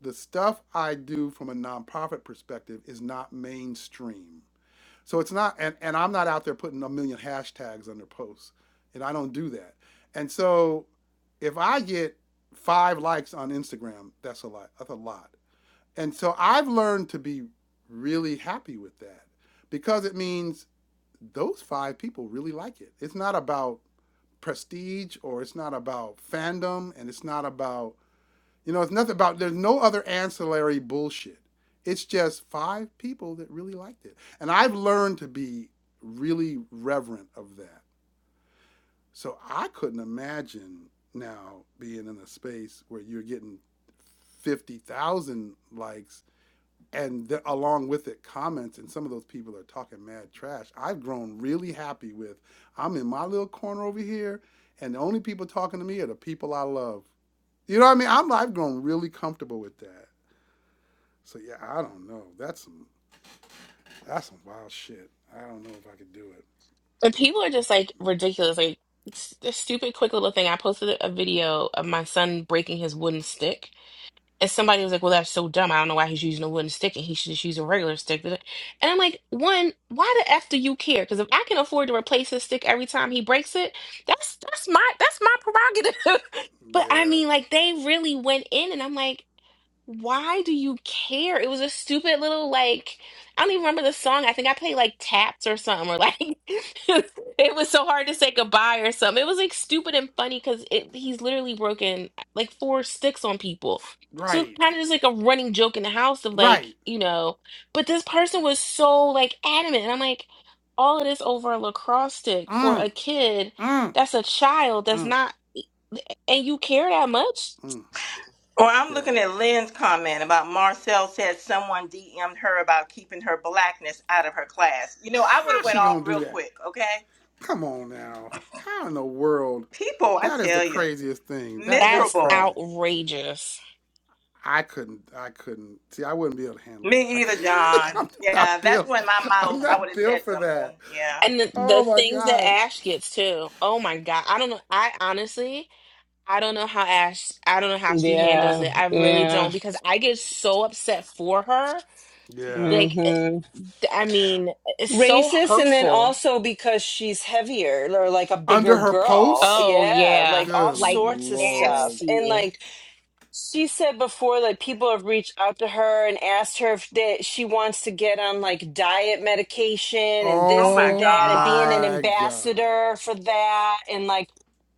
Speaker 1: the stuff I do from a nonprofit perspective is not mainstream. So it's not and, and I'm not out there putting a million hashtags under posts. And I don't do that. And so if I get five likes on Instagram, that's a lot. That's a lot. And so I've learned to be really happy with that because it means those five people really like it. It's not about prestige or it's not about fandom and it's not about, you know, it's nothing about, there's no other ancillary bullshit. It's just five people that really liked it. And I've learned to be really reverent of that. So I couldn't imagine now being in a space where you're getting 50,000 likes and the, along with it comments and some of those people are talking mad trash i've grown really happy with i'm in my little corner over here and the only people talking to me are the people i love you know what i mean I'm, i've grown really comfortable with that so yeah i don't know that's some that's some wild shit i don't know if i could do it
Speaker 3: And people are just like ridiculous. Like s- the stupid, quick little thing. I posted a video of my son breaking his wooden stick, and somebody was like, "Well, that's so dumb. I don't know why he's using a wooden stick, and he should just use a regular stick." And I'm like, "One, why the f do you care? Because if I can afford to replace his stick every time he breaks it, that's that's my that's my prerogative." but I
Speaker 1: yeah
Speaker 3: mean, like they really went in, and I'm like. Why do you care? It was a stupid little like I don't even remember the song. I think I played like Taps or something, or like it was so hard to say goodbye or something. It was like stupid and funny because it he's literally broken like four sticks on people. So it's
Speaker 1: right
Speaker 3: kind of just like a running joke in the house of like,
Speaker 1: right
Speaker 3: you know, but this person was so like adamant. And I'm like, all of this over a lacrosse stick for a
Speaker 1: mm,
Speaker 3: kid
Speaker 1: mm,
Speaker 3: that's a child that's
Speaker 1: mm,
Speaker 3: not and you care that much?
Speaker 1: mm.
Speaker 5: Or I'm
Speaker 1: yeah
Speaker 5: looking at Lynn's comment about Marcel said someone DM'd her about keeping her blackness out of her class. You know, I would
Speaker 1: how
Speaker 5: have went
Speaker 1: she
Speaker 5: off
Speaker 1: gonna do
Speaker 5: real
Speaker 1: that
Speaker 5: quick. Okay,
Speaker 1: Come on now. How in the world?
Speaker 5: people, I
Speaker 1: That is the
Speaker 5: tell you,
Speaker 1: craziest thing. That that's
Speaker 3: That's
Speaker 5: miserable.
Speaker 1: crazy.
Speaker 3: outrageous.
Speaker 1: I couldn't. I couldn't. See, I wouldn't be able to handle that. I
Speaker 5: Me either,
Speaker 1: could,
Speaker 5: John.
Speaker 1: I'm
Speaker 5: Yeah,
Speaker 1: not
Speaker 5: that's
Speaker 1: built.
Speaker 5: when my
Speaker 1: I'm
Speaker 5: mouth. I would
Speaker 1: not
Speaker 5: have
Speaker 1: built
Speaker 5: said
Speaker 1: for
Speaker 5: something.
Speaker 1: that.
Speaker 5: Yeah.
Speaker 3: And the, the
Speaker 1: Oh my
Speaker 3: things that
Speaker 1: god.
Speaker 3: Ash gets too. Oh my God. I don't know. I honestly, I don't know how Ash, I don't know how she handles
Speaker 2: Yeah,
Speaker 3: it. I really
Speaker 2: yeah.
Speaker 3: don't because I get so upset for her.
Speaker 1: Yeah.
Speaker 3: Like, eh,
Speaker 2: hmm
Speaker 3: I mean, it's so
Speaker 2: Racist, and then
Speaker 3: hurtful.
Speaker 2: also because she's heavier or like a
Speaker 1: Under
Speaker 2: bigger
Speaker 1: her
Speaker 2: girl.
Speaker 1: posts.
Speaker 3: Oh,
Speaker 2: Yeah,
Speaker 3: yeah.
Speaker 2: like all
Speaker 1: Good
Speaker 3: Like,
Speaker 2: sorts of stuff.
Speaker 1: lord.
Speaker 2: And
Speaker 3: nasty.
Speaker 2: like she said before, like people have reached out to her and asked her if that she wants to get on like diet medication and
Speaker 5: Oh
Speaker 2: this
Speaker 5: my
Speaker 2: and
Speaker 1: Oh
Speaker 2: that and being
Speaker 5: God.
Speaker 2: an
Speaker 1: my god.
Speaker 2: ambassador for that and like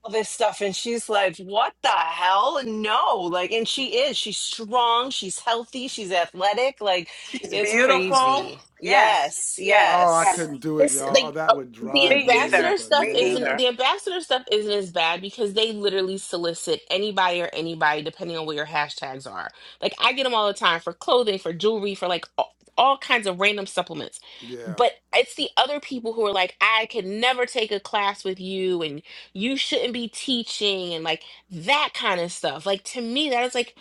Speaker 2: all this stuff. And she's like, what the hell? No. Like, and she is. She's strong. She's healthy. She's athletic. Like,
Speaker 5: It's
Speaker 2: it's
Speaker 1: Wow.
Speaker 5: beautiful.
Speaker 2: crazy.
Speaker 5: Yes,
Speaker 2: Yes,
Speaker 5: yes,
Speaker 1: Oh, I
Speaker 5: yes.
Speaker 2: yes.
Speaker 1: couldn't do it,
Speaker 3: It's
Speaker 1: y'all. Oh,
Speaker 3: like
Speaker 1: that
Speaker 3: uh,
Speaker 1: would
Speaker 3: the
Speaker 1: drive
Speaker 5: Me
Speaker 1: me
Speaker 3: ambassador
Speaker 5: either.
Speaker 3: stuff
Speaker 5: Me
Speaker 3: isn't
Speaker 5: either.
Speaker 1: bananas.
Speaker 3: the ambassador stuff isn't as bad because they literally solicit anybody or anybody depending on what your hashtags are. Like I get them all the time for clothing, for jewelry, for like all, all kinds of random supplements.
Speaker 1: Yeah.
Speaker 3: But it's the other people who are like, I could never take a class with you, and you shouldn't be teaching, and like that kind of stuff. Like to me, that is like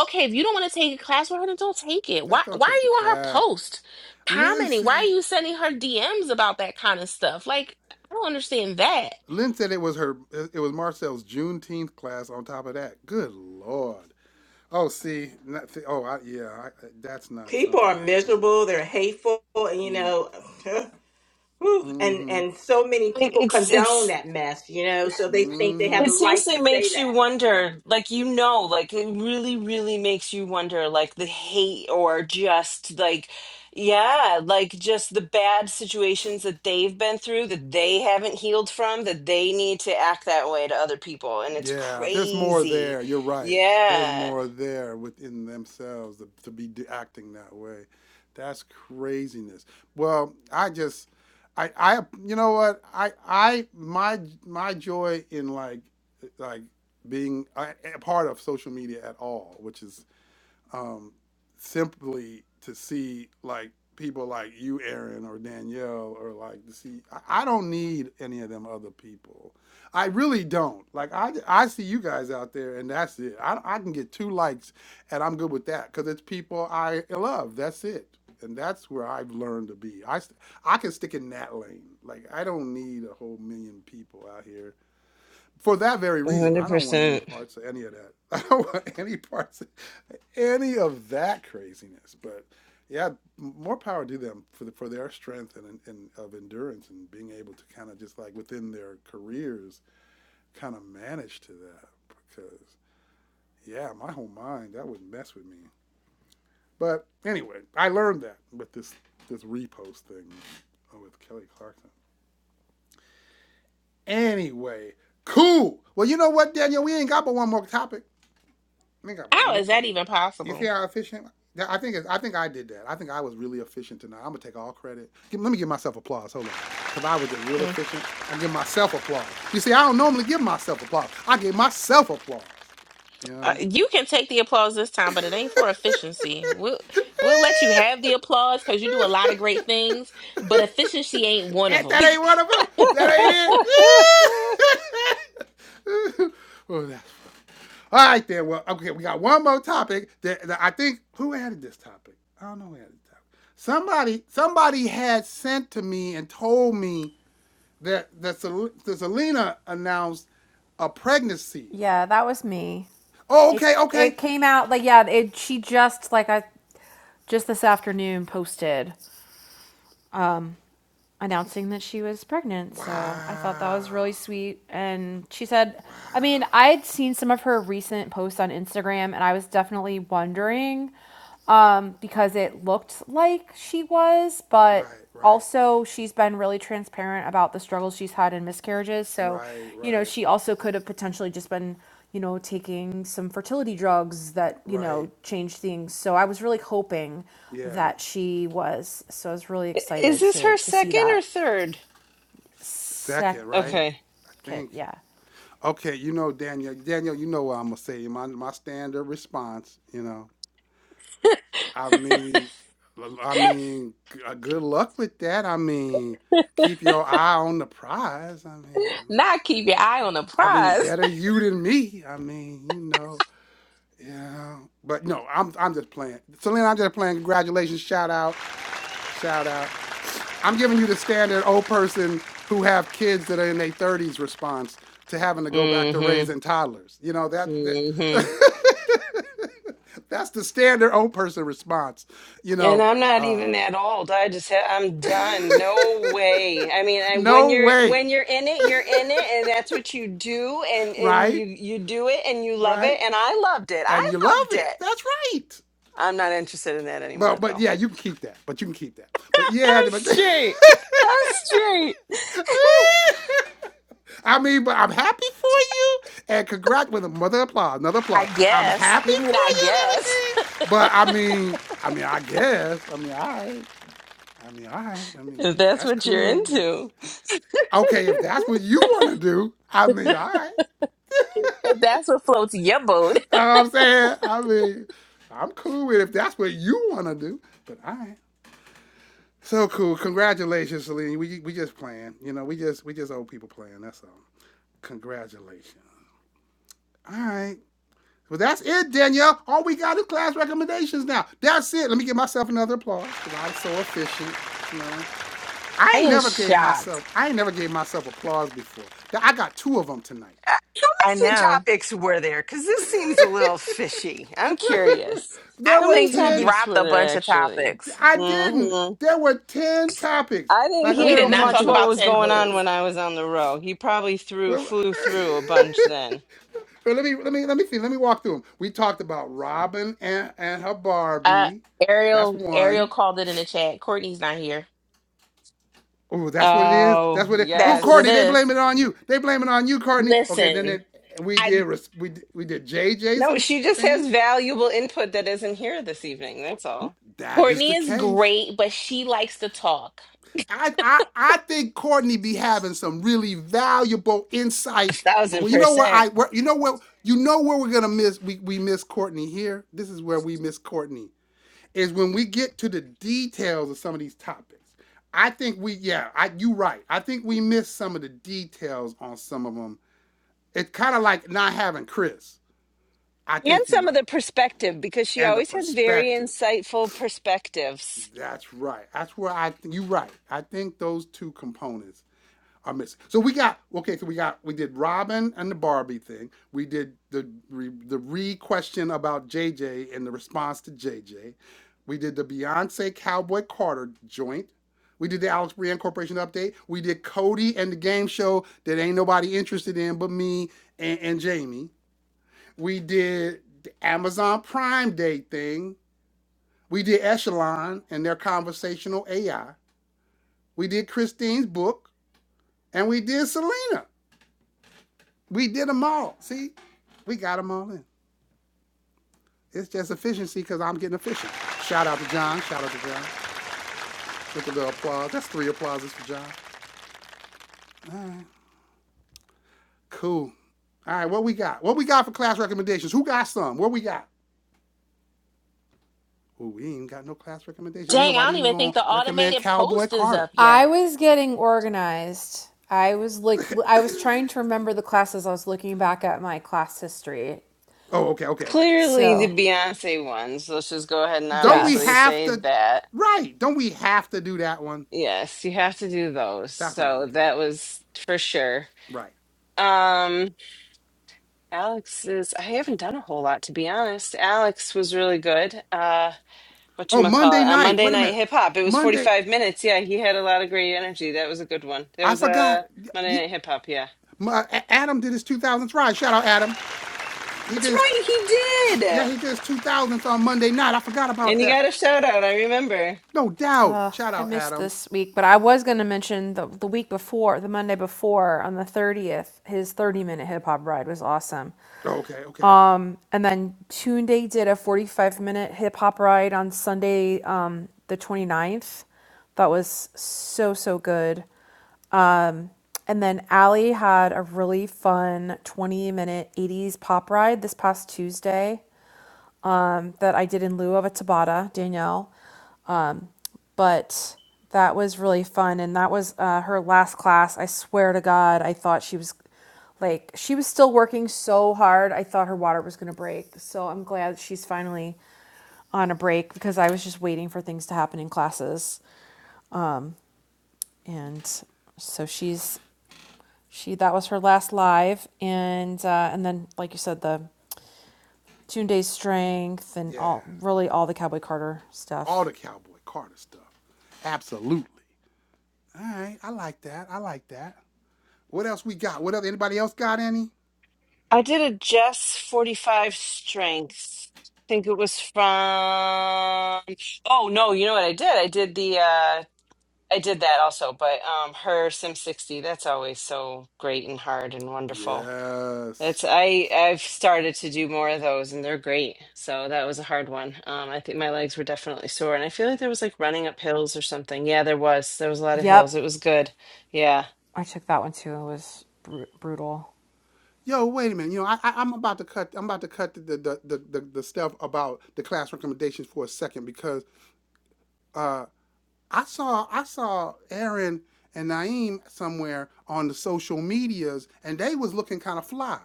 Speaker 3: Okay, if you don't want to take a class with her, then don't take it. Why
Speaker 1: Just don't
Speaker 3: why
Speaker 1: take
Speaker 3: are
Speaker 1: the
Speaker 3: you on her
Speaker 1: class.
Speaker 3: post commenting?
Speaker 1: Lindsay.
Speaker 3: Why are you sending her DMs about that kind of stuff? Like, I don't understand that.
Speaker 1: Lynn said it was her. It was Marcel's Juneteenth class. On top of that, good lord. Oh, see, not, see oh, I, yeah, I, that's not
Speaker 5: People
Speaker 1: something
Speaker 5: are
Speaker 1: I can handle.
Speaker 5: miserable. They're hateful. and, You
Speaker 1: Mm,
Speaker 5: know, whew, and
Speaker 1: mm-hmm,
Speaker 5: and so many
Speaker 2: It,
Speaker 5: people
Speaker 2: it's
Speaker 5: condone
Speaker 2: it's
Speaker 5: that mess. You know, so they think they have
Speaker 2: it
Speaker 5: the
Speaker 1: mm-hmm.
Speaker 5: right to
Speaker 2: seriously
Speaker 5: say
Speaker 2: makes you
Speaker 5: that.
Speaker 2: wonder, like you know, like it really, really makes you wonder, like the hate or just like yeah, like just the bad situations that they've been through that they haven't healed from, that they need to act that way to other people, and it's
Speaker 1: Yeah, there's more
Speaker 2: crazy.
Speaker 1: there. You're right. There's
Speaker 2: Yeah,
Speaker 1: more there within themselves to, to be d- acting that way. That's craziness. Well, I just, I, I, you know what? I, I, my, my joy in like, like being a, a part of social media at all, which is um, simply to see like people like you, Aaron, or Danielle, or like to see. I, I don't need any of them other people. I really don't. Like I, I see you guys out there, and that's it. I, I can get two likes, and I'm good with that because it's people I love. That's it, and that's where I've learned to be. I, I can stick in that lane. Like I don't need a whole million people out here for that very
Speaker 2: a
Speaker 1: reason.
Speaker 2: hundred
Speaker 1: I don't want any
Speaker 2: percent.
Speaker 1: parts of any of that. I don't want any parts. of any of that craziness. But yeah, more power to them for the, for their strength and, and of endurance and being able to kind of just like within their careers kind of manage to that because yeah, my whole mind that would mess with me. But anyway, I learned that with this this repost thing uh, with Kelly Clarkson. Anyway, cool. Well, you know what, Daniel, we ain't got but one more topic. I think I one
Speaker 3: How
Speaker 1: more
Speaker 3: is
Speaker 1: time.
Speaker 3: that even
Speaker 1: You see
Speaker 3: possible?
Speaker 1: how efficient? I think it's, I think I did that. I think I was really efficient tonight. I'm gonna take all credit. Give, let me give myself applause. Hold on, because I was just real
Speaker 3: Mm.
Speaker 1: efficient. I give myself applause. You see, I don't normally give myself applause. I give myself applause.
Speaker 3: Uh,
Speaker 1: Yeah.
Speaker 3: you can take the applause this time, but it ain't for efficiency. We'll we'll let you have the applause because you do a lot of great things, but efficiency ain't one of
Speaker 1: and
Speaker 3: them.
Speaker 1: that ain't one of them. That ain't it. oh, that's All right then. Well, okay, we got one more topic that, that I think who added this topic? I don't know who added the topic. Somebody somebody had sent to me and told me that that, that Selena announced a pregnancy.
Speaker 4: Yeah, that was me.
Speaker 1: Oh,
Speaker 4: It
Speaker 1: okay, okay.
Speaker 4: it came out like yeah. It she just like I just this afternoon posted announcing that she was pregnant. So I thought that
Speaker 1: Wow.
Speaker 4: was really sweet. And she said,
Speaker 1: Wow.
Speaker 4: I mean, I had seen some of her recent posts on Instagram and I was definitely wondering um, because it looked like she was, but
Speaker 1: Right, right,
Speaker 4: also she's been really transparent about the struggles she's had in miscarriages. So,
Speaker 1: right,
Speaker 4: you know,
Speaker 1: right,
Speaker 4: she also could have potentially just been. You know, taking some fertility drugs that, you
Speaker 1: right.
Speaker 4: know, change things. So I was really hoping
Speaker 1: Yeah.
Speaker 4: that she was. So I was really
Speaker 2: Is
Speaker 4: excited
Speaker 2: this
Speaker 4: to
Speaker 2: her
Speaker 4: to see
Speaker 2: second or
Speaker 4: that
Speaker 2: third?
Speaker 1: S- second, right?
Speaker 4: second
Speaker 2: Okay.
Speaker 1: I
Speaker 4: kit.
Speaker 1: think.
Speaker 4: Yeah.
Speaker 1: Okay, you know, Daniel, Daniel, you know what I'm gonna say. My my standard response, you know. I mean, I mean, g- uh, good luck with that. I mean, keep your eye on the prize. I mean, I mean,
Speaker 3: Not keep your eye on the
Speaker 1: I mean,
Speaker 3: prize.
Speaker 1: better you than me. I mean, you know, yeah. But no, I'm I'm just playing. Selena, I'm just playing. Congratulations, shout out, shout out. I'm giving you the standard old person who have kids that are in their 30s response to having to go back to
Speaker 2: Mm-hmm.
Speaker 1: raising toddlers. You know that. that that's the standard old person response. You
Speaker 2: And
Speaker 1: know,
Speaker 2: I'm not
Speaker 1: uh,
Speaker 2: even that old. I just said I'm done. No way. I mean, I, when
Speaker 1: No
Speaker 2: you're
Speaker 1: way.
Speaker 2: when you're in it, you're in it, and that's what you do, and and
Speaker 1: Right?
Speaker 2: you you do it, and you love it,
Speaker 1: Right?
Speaker 2: and I loved it.
Speaker 1: And
Speaker 2: I
Speaker 1: you love
Speaker 2: loved
Speaker 1: it.
Speaker 2: it.
Speaker 1: That's right.
Speaker 2: I'm not interested in that anymore,
Speaker 1: But but
Speaker 2: though.
Speaker 1: yeah, you can keep that. But you can keep that. But yeah,
Speaker 2: I'm
Speaker 1: but
Speaker 2: straight. I'm straight.
Speaker 1: I mean, but I'm happy for you and congrats with another applause, another
Speaker 3: I
Speaker 1: applause. I'm
Speaker 3: guess.
Speaker 1: happy
Speaker 3: You mean
Speaker 1: for
Speaker 3: I
Speaker 1: you and
Speaker 3: guess?
Speaker 1: everything. But I mean, I mean, I guess. I mean, all right. I mean, all right. I mean,
Speaker 2: if that's
Speaker 1: that's
Speaker 2: what you're
Speaker 1: cool. If,
Speaker 2: into,
Speaker 1: okay, if that's what you want to do, I mean, all right.
Speaker 3: If that's what floats your boat.
Speaker 1: You know what I'm saying? I mean, I'm cool with it if that's what you want to do, but I ain't. So cool. Congratulations, Celine. We, we just playing. You know, we just we just old people playing. That's all. Congratulations. All right. Well, that's it, Danielle. All we got is class recommendations now. That's it. Let me give myself another applause because I'm so efficient. You know, I
Speaker 3: I
Speaker 1: ain't
Speaker 3: am
Speaker 1: never gave
Speaker 3: shocked.
Speaker 1: myself I ain't never gave myself applause before. I got two of them tonight.
Speaker 2: Uh, how
Speaker 3: I
Speaker 2: many
Speaker 3: know.
Speaker 2: topics were there? Because this seems a little fishy. I'm curious.
Speaker 3: I
Speaker 1: there
Speaker 2: How
Speaker 1: were
Speaker 2: many
Speaker 3: think he
Speaker 1: ten
Speaker 2: topics
Speaker 3: dropped
Speaker 2: were
Speaker 3: a
Speaker 2: there
Speaker 3: bunch of
Speaker 2: actually?
Speaker 3: topics.
Speaker 1: I didn't. There were 10 topics.
Speaker 2: I didn't
Speaker 1: Like, I
Speaker 3: We
Speaker 1: mean,
Speaker 2: hear
Speaker 3: did
Speaker 1: I'm
Speaker 3: not
Speaker 1: looking
Speaker 2: much
Speaker 3: talk
Speaker 1: through them.
Speaker 2: what
Speaker 3: about
Speaker 2: was
Speaker 3: ten
Speaker 1: I'm
Speaker 2: going
Speaker 1: looking
Speaker 2: on
Speaker 1: through.
Speaker 3: things.
Speaker 2: when I was on the row. He probably threw
Speaker 1: Well,
Speaker 2: flew through a bunch then.
Speaker 1: let me let me let me see. Let me walk through them. We talked about Robin and, and her
Speaker 3: Uh,
Speaker 1: Barbie. That's
Speaker 3: Ariel, Ariel
Speaker 1: one.
Speaker 3: called it in the chat. Courtney's not here.
Speaker 1: Oh, that's what it is.
Speaker 2: Oh,
Speaker 1: That's what it. Oh,
Speaker 3: That's what it
Speaker 1: Courtney,
Speaker 2: yes.
Speaker 1: they
Speaker 3: is.
Speaker 1: blame it on you. They blame it on you, Courtney. Okay, then
Speaker 3: Listen,
Speaker 1: it, we
Speaker 3: I
Speaker 1: did we we did Jay
Speaker 2: No,
Speaker 1: Jason
Speaker 2: she just
Speaker 1: thing.
Speaker 2: has valuable input that isn't here this evening. That's all.
Speaker 1: That is
Speaker 3: Courtney
Speaker 1: the
Speaker 3: is
Speaker 1: case.
Speaker 3: great, but she likes to talk.
Speaker 1: I, I I think Courtney be having some really valuable
Speaker 2: A
Speaker 1: insight. But
Speaker 2: thousand
Speaker 1: well, you know where
Speaker 2: percent.
Speaker 1: I where, you know where you know where we're gonna miss we, we miss Courtney here. This is where we miss Courtney is when we get to the details of some of these topics. I think we yeah I you right. I think we miss some of the details on some of them. It's kind of like not having Chris. I
Speaker 2: And
Speaker 1: think you're
Speaker 2: some of the
Speaker 1: right
Speaker 2: perspective, because she
Speaker 1: and the
Speaker 2: always has very
Speaker 1: perspective.
Speaker 2: insightful perspectives.
Speaker 1: That's right. That's where I think you're right. I think those two components. i missing. So we got okay. So we got we did Robin and the Barbie thing. We did the the re question about JJ and the response to JJ. We did the Beyonce Cowboy Carter joint. We did the Alex Brand Corporation update. We did Cody and the game show that ain't nobody interested in but me and, and Jamie. We did the Amazon Prime Day thing. We did Echelon and their conversational AI. We did Christine's book, and we did Selena. We did them all. See, we got them all in. It's just efficiency because I'm getting efficient. Shout out to John. Shout out to John with a little applause. That's three applauses for John. Cool. All right, what we got? What we got for class recommendations? Who got some? What we got? Oh, we ain't got no class recommendation. Ain't
Speaker 3: Dang, I
Speaker 1: nobody
Speaker 3: don't
Speaker 1: even
Speaker 3: even think
Speaker 1: gonna
Speaker 3: the
Speaker 1: recommend
Speaker 3: automated
Speaker 1: Cowboy
Speaker 3: post is
Speaker 1: Carter.
Speaker 3: up
Speaker 4: I
Speaker 3: yet.
Speaker 4: was getting organized. I was like I was trying to remember the classes. I was looking back at my class history.
Speaker 1: Oh, okay, okay.
Speaker 2: Clearly the
Speaker 4: So,
Speaker 2: Beyonce one, so let's just go ahead and
Speaker 1: Don't we
Speaker 2: obviously
Speaker 4: yes.
Speaker 1: have
Speaker 2: say
Speaker 1: to?
Speaker 2: that.
Speaker 1: Right. Don't we have to do that one?
Speaker 2: Yes, you have to do those.
Speaker 1: That's what I'm
Speaker 2: So
Speaker 1: thinking.
Speaker 2: that was for sure.
Speaker 1: Right.
Speaker 2: Um, Alex is, I haven't done a whole lot to be honest. Alex was really good. Uh,
Speaker 1: Oh, Monday
Speaker 2: whatchamacallit, on
Speaker 1: night.
Speaker 2: Monday
Speaker 1: Wait a
Speaker 2: Night
Speaker 1: minute.
Speaker 2: Hip Hop, it was
Speaker 1: Monday.
Speaker 2: 45 minutes. Yeah, he had a lot of great energy. That was a good one. That
Speaker 1: I
Speaker 2: was
Speaker 1: forgot.
Speaker 2: a
Speaker 1: Y-
Speaker 2: Monday Night Hip Hop, yeah.
Speaker 1: My, Adam did his 2000s ride. Shout out Adam. He
Speaker 2: That's
Speaker 1: did his,
Speaker 2: right, he
Speaker 1: yeah,
Speaker 2: did.
Speaker 1: he did his 2000s on Monday night. I forgot about
Speaker 2: And you
Speaker 1: that.
Speaker 2: got a shout out, I remember.
Speaker 1: No doubt.
Speaker 4: Uh,
Speaker 1: Shout
Speaker 4: I
Speaker 1: out
Speaker 4: missed
Speaker 1: Adam.
Speaker 4: this week, but I was going to mention the the week before, the Monday before on the 30th, his 30-minute hip hop ride was awesome.
Speaker 1: Oh, Okay, okay.
Speaker 4: Um, And then Toon Day did a 45 minute hip hop ride on Sunday, um, the ninth That was so, so good. Um, And then Allie had a really fun 20 minute 80s pop ride this past Tuesday um, that I did in lieu of a Tabata, Danielle but that was really fun and that was uh, her last class i swear to god i thought she was like she was still working so hard i thought her water was going to break so i'm glad she's finally on a break because i was just waiting for things to happen in classes and so she's she that was her last live and uh, and then like you said the tune day strength and
Speaker 1: Yeah.
Speaker 4: all really all the cowboy carter
Speaker 1: All
Speaker 4: stuff
Speaker 1: the Cowboy Carter stuff. Absolutely. All right. I like that. I like that. What else we got? What else? Anybody else got any?
Speaker 2: I did a Jess 45 strength. I think it was from, oh no, you know what I did? I did the, uh, I did that also, but um her Sim 60, that's always so great and hard and wonderful. That's
Speaker 1: Yes.
Speaker 2: I I've started to do more of those and they're great. So that was a hard one. Um I think my legs were definitely sore and I feel like there was like running up hills or something. Yeah, there was. There was a lot of hills.
Speaker 4: yep
Speaker 2: It was good. Yeah.
Speaker 4: i took that one too it was br- brutal
Speaker 1: Yo, wait a minute. You know, I, I I'm about to cut. I'm about to cut the, the the the the stuff about the class recommendations for a second because uh I saw I saw Aaron and Naeem somewhere on the social medias, and they was looking kind of fly.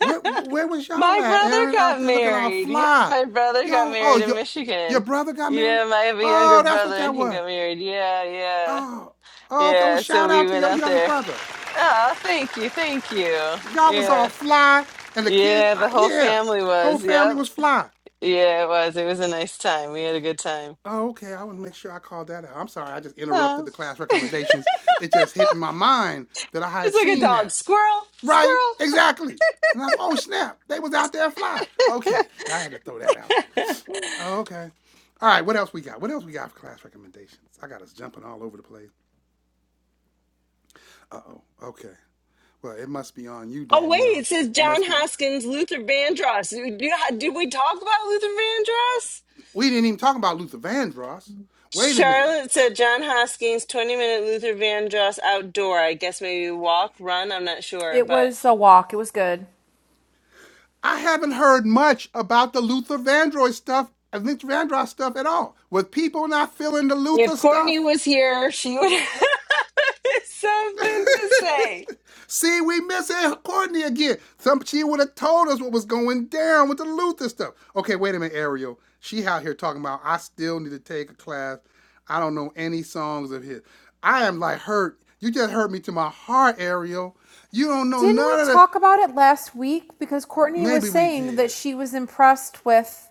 Speaker 1: Where where was y'all
Speaker 2: My
Speaker 1: at,
Speaker 2: brother
Speaker 1: Aaron? Out
Speaker 2: got
Speaker 1: there looking all
Speaker 2: married. Yeah,
Speaker 1: fly.
Speaker 2: my brother got
Speaker 1: Y'all, oh
Speaker 2: married in
Speaker 1: your your
Speaker 2: Michigan.
Speaker 1: brother got married.
Speaker 2: Yeah, I have a younger
Speaker 1: Oh, that's
Speaker 2: brother
Speaker 1: what that
Speaker 2: and he
Speaker 1: was.
Speaker 2: got married. Yeah, yeah.
Speaker 1: Oh, oh okay. Well,
Speaker 2: Yeah, so
Speaker 1: shout
Speaker 2: we
Speaker 1: out to
Speaker 2: went
Speaker 1: your
Speaker 2: out
Speaker 1: younger
Speaker 2: there.
Speaker 1: brother.
Speaker 2: Oh, thank you, thank you.
Speaker 1: Y'all was all
Speaker 2: Yeah.
Speaker 1: fly, and the kids,
Speaker 2: Yeah,
Speaker 1: uh,
Speaker 2: the whole
Speaker 1: yeah,
Speaker 2: family
Speaker 1: whole
Speaker 2: was.
Speaker 1: family
Speaker 2: Yep.
Speaker 1: was fly.
Speaker 2: Yeah, it was. It was a nice time. We had a good time.
Speaker 1: Oh, okay. I want to make sure I called that out. I'm sorry. I just interrupted
Speaker 2: Oh.
Speaker 1: the class recommendations. It just hit in my mind that I
Speaker 2: It's
Speaker 1: had
Speaker 2: like a
Speaker 1: seen
Speaker 2: dog.
Speaker 1: that.
Speaker 2: Squirrel,
Speaker 1: Right?
Speaker 2: squirrel.
Speaker 1: Exactly. And I thought, oh snap, they was out there fly. Okay, I had to throw that out there. Oh, okay. All right, what else we got? What else we got for class recommendations? I got us jumping all over the place. Uh oh. Okay. Well, it must be on you,
Speaker 2: Oh wait,
Speaker 1: Danielle.
Speaker 2: it says
Speaker 1: It
Speaker 2: John
Speaker 1: must be on.
Speaker 2: Hoskins, Luther Vandross. Did, you- did we talk about Luther Vandross?
Speaker 1: We didn't even talk about Luther Vandross. Wait a minute.
Speaker 2: Charlotte said John Hoskins, 20 minute Luther Vandross outdoor. I guess maybe walk, run, I'm not sure,
Speaker 4: It
Speaker 2: but
Speaker 4: was a walk. It was good.
Speaker 1: I haven't heard much about the Luther Vandross stuff, Luther Vandross stuff at all. With people not feeling the
Speaker 2: If
Speaker 1: Luther
Speaker 2: Courtney
Speaker 1: stuff,
Speaker 2: was here, she would have something to say.
Speaker 1: See, we missing Courtney again. Some she would have told us what was going down with the Luther stuff. Okay, wait a minute, Ariel. She out here talking about I still need to take a class. I don't know any songs of his. I am like hurt. You just hurt me to my heart, Ariel. You don't know
Speaker 4: Didn't we
Speaker 1: none of the.
Speaker 4: talk about it last week? Because Courtney was
Speaker 1: Maybe we
Speaker 4: saying that
Speaker 1: did.
Speaker 4: she was impressed with